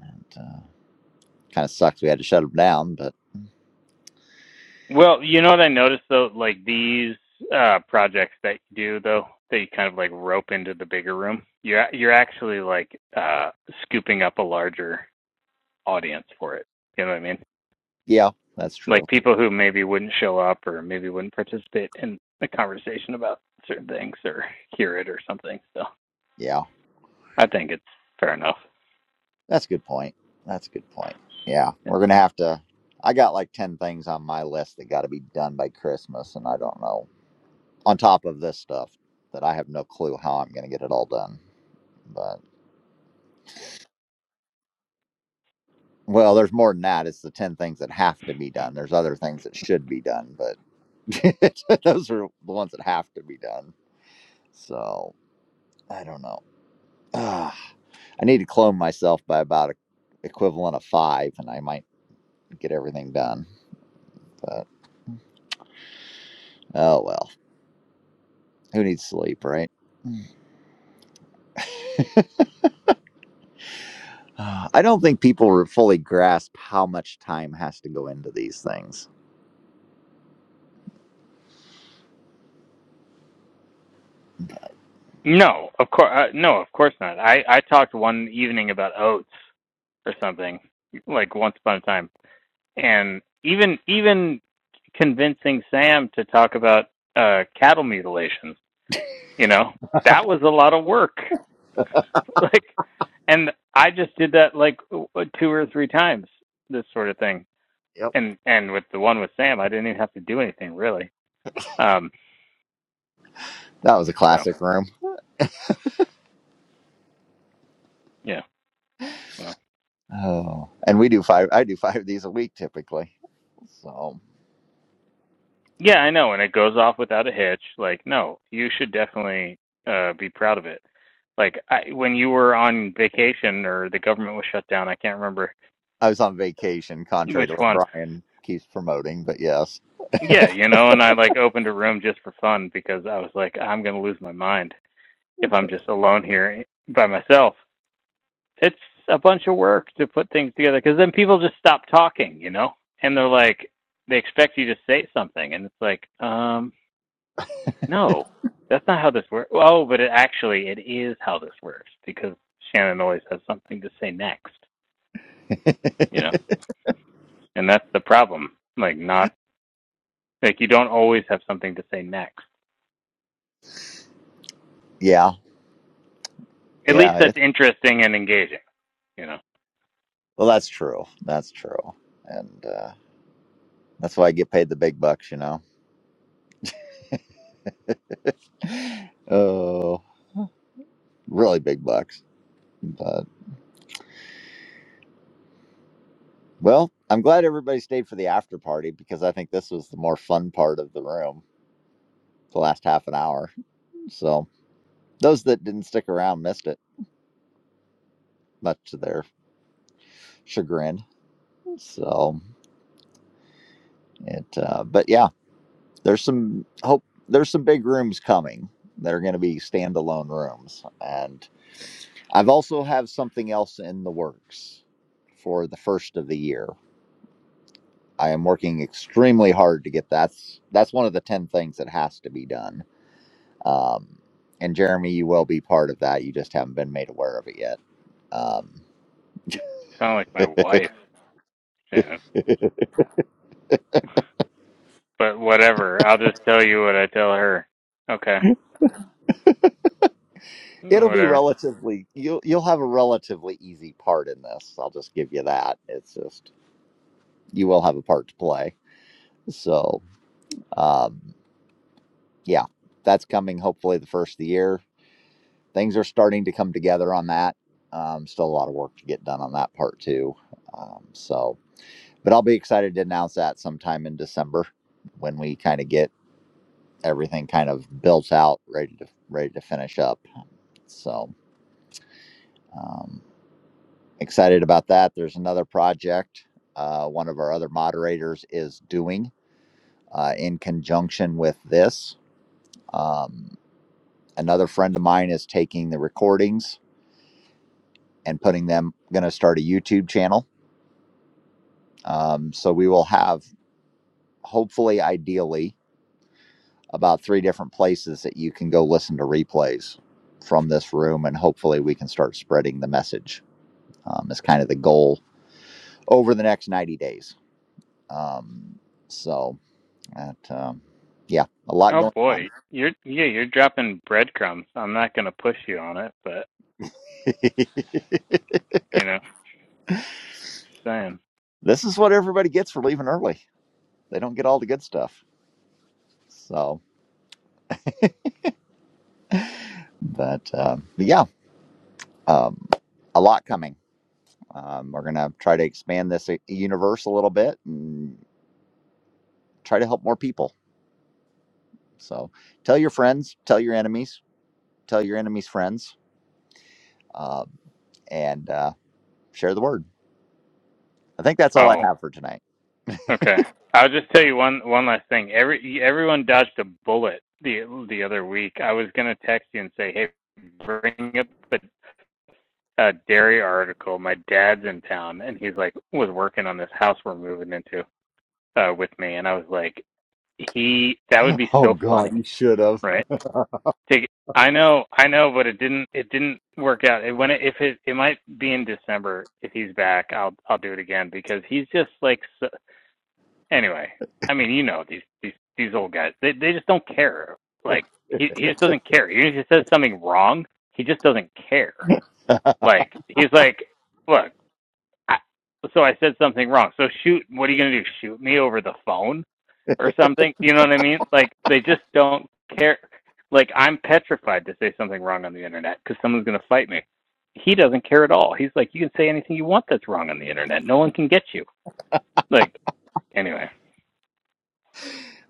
Speaker 1: And uh, kind of sucks we had to shut them down, but
Speaker 12: Well, you know what I noticed though, like these uh, projects that you do though, that you kind of like rope into the bigger room. You're you're actually like uh, scooping up a larger audience for it. You know what I mean?
Speaker 1: yeah, that's
Speaker 12: like
Speaker 1: true.
Speaker 12: people who maybe wouldn't show up or maybe wouldn't participate in the conversation about certain things or hear it or something. So
Speaker 1: Yeah.
Speaker 12: I think it's fair enough.
Speaker 1: That's a good point. That's a good point. Yeah, we're gonna have to. I got like ten things on my list that got to be done by Christmas, and I don't know. On top of this stuff, that I have no clue how I'm gonna get it all done. But well, there's more than that. It's the ten things that have to be done. There's other things that should be done, but those are the ones that have to be done. So I don't know. Ah, I need to clone myself by about a equivalent of five, and I might get everything done. But oh well. Who needs sleep, right? I don't think people fully grasp how much time has to go into these things.
Speaker 12: No, of course, uh, no, of course not. I I talked one evening about oats or something like once upon a time, and even even convincing Sam to talk about uh, cattle mutilations, you know, that was a lot of work. like and i just did that like two or three times this sort of thing
Speaker 1: Yep.
Speaker 12: and and with the one with sam i didn't even have to do anything really um
Speaker 1: That was a
Speaker 12: so
Speaker 1: classic room.
Speaker 12: yeah well
Speaker 1: Oh, and we do five. I do five of these a week typically. So
Speaker 12: yeah i know and it goes off without a hitch like no you should definitely uh be proud of it like I, when you were on vacation or the government was shut down i can't remember
Speaker 1: I was on vacation, contrary
Speaker 12: which
Speaker 1: to what
Speaker 12: one
Speaker 1: Brian keeps promoting. But yes,
Speaker 12: yeah you know and i like opened a room just for fun because i was like i'm going to lose my mind if i'm just alone here by myself it's a bunch of work to put things together because then people just stop talking, you know, and they're like, they expect you to say something, and it's like, um, no, that's not how this works. Oh, but it actually it is how this works because Shannon always has something to say next, you know, and that's the problem. Like not like you don't always have something to say next.
Speaker 1: yeah,
Speaker 12: At least
Speaker 1: yeah.
Speaker 12: that's
Speaker 1: It,
Speaker 12: interesting and engaging, you know.
Speaker 1: well, that's true. That's true, and uh, that's why I get paid the big bucks. You know, oh, really big bucks. but. Well, I'm glad everybody stayed for the after party because I think this was the more fun part of the room, the last half an hour. So those that didn't stick around missed it, much to their chagrin. So it, uh, but yeah, there's some hope. There's some big rooms coming that are going to be standalone rooms, and I've also have something else in the works for the first of the year. I am working extremely hard to get that's that's one of the ten things that has to be done Um, and Jeremy, you will be part of that. You just haven't been made aware of it yet. Um,
Speaker 12: You sound like my wife, Shannon. But whatever, I'll just tell you what I tell her. Okay. Oh,
Speaker 1: it'll be
Speaker 12: Whatever.
Speaker 1: relatively. You'll you'll have a relatively easy part in this. I'll just give you that. It's just you will have a part to play. So um, yeah, that's coming. Hopefully, the first of the year, things are starting to come together on that. Um, still a lot of work to get done on that part too. Um, so, but I'll be excited to announce that sometime in December when we kind of get everything kind of built out, ready to ready to finish up. So um, excited about that. There's another project uh, one of our other moderators is doing uh, in conjunction with this. Um, another friend of mine is taking the recordings and putting them. Going to start a YouTube channel. Um, so we will have hopefully, ideally, about three different places that you can go listen to replays from this room, and hopefully we can start spreading the message um, is kind of the goal over the next 90 days. Um, so, that, um, yeah, a lot
Speaker 12: Oh
Speaker 1: going on.
Speaker 12: boy, you're yeah, you're dropping breadcrumbs. I'm not gonna push you on it, but you know, just saying.
Speaker 1: this is what everybody gets for leaving early. They don't get all the good stuff. So, but um, yeah, um, a lot coming. Um, we're going to try to expand this uh, universe a little bit and try to help more people. So, tell your friends, tell your enemies, tell your enemies' friends, uh, and uh, share the word. I think that's all I
Speaker 12: Oh,
Speaker 1: have for tonight.
Speaker 12: okay. I'll just tell you one one last thing. Every everyone dodged a bullet the the other week. I was gonna text you and say, hey, bring up a uh, dairy article. My dad's in town, and he's like was working on this house we're moving into uh, with me, and I was like, he that would be
Speaker 1: Oh,
Speaker 12: so
Speaker 1: God.
Speaker 12: funny,
Speaker 1: That was
Speaker 12: right? Take, I know, I know, but it didn't. It didn't work out. It, when it, if it, it might be in December if he's back. I'll, I'll do it again because he's just like. So, anyway, I mean, you know these, these, these old guys. They, they just don't care. Like he, he just doesn't care. Even if he says something wrong, he just doesn't care. Like he's like, look, I, so I said something wrong. So shoot, what are you gonna do? Shoot me over the phone? or something. You know what I mean? Like they just don't care. Like I'm petrified to say something wrong on the internet because someone's going to fight me. He doesn't care at all. He's like, you can say anything you want that's wrong on the internet. No one can get you. Like anyway,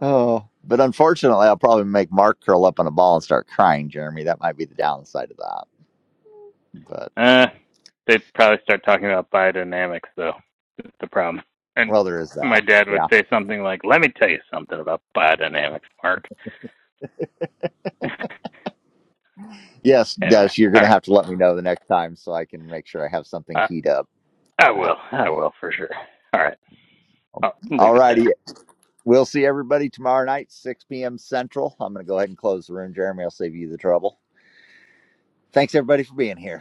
Speaker 1: Oh, but unfortunately, I'll probably make Mark curl up on a ball and start crying, Jeremy. That might be the downside of that. But,
Speaker 12: uh, they probably start talking about biodynamics though. It's the problem. And
Speaker 1: well, there is
Speaker 12: my
Speaker 1: that.
Speaker 12: dad would
Speaker 1: Yeah.
Speaker 12: say something like, "Let me tell you something about biodynamics, Mark."
Speaker 1: Yes, Des,
Speaker 12: anyway,
Speaker 1: you're going
Speaker 12: all
Speaker 1: to
Speaker 12: right.
Speaker 1: have to let me know the next time so I can make sure I have something
Speaker 12: I
Speaker 1: keyed up.
Speaker 12: I will. I will for sure. All right. I'll
Speaker 1: All
Speaker 12: leave it there.
Speaker 1: righty. We'll see everybody tomorrow night, 6 p.m. Central. I'm going to go ahead and close the room, Jeremy. I'll save you the trouble. Thanks, everybody, for being here.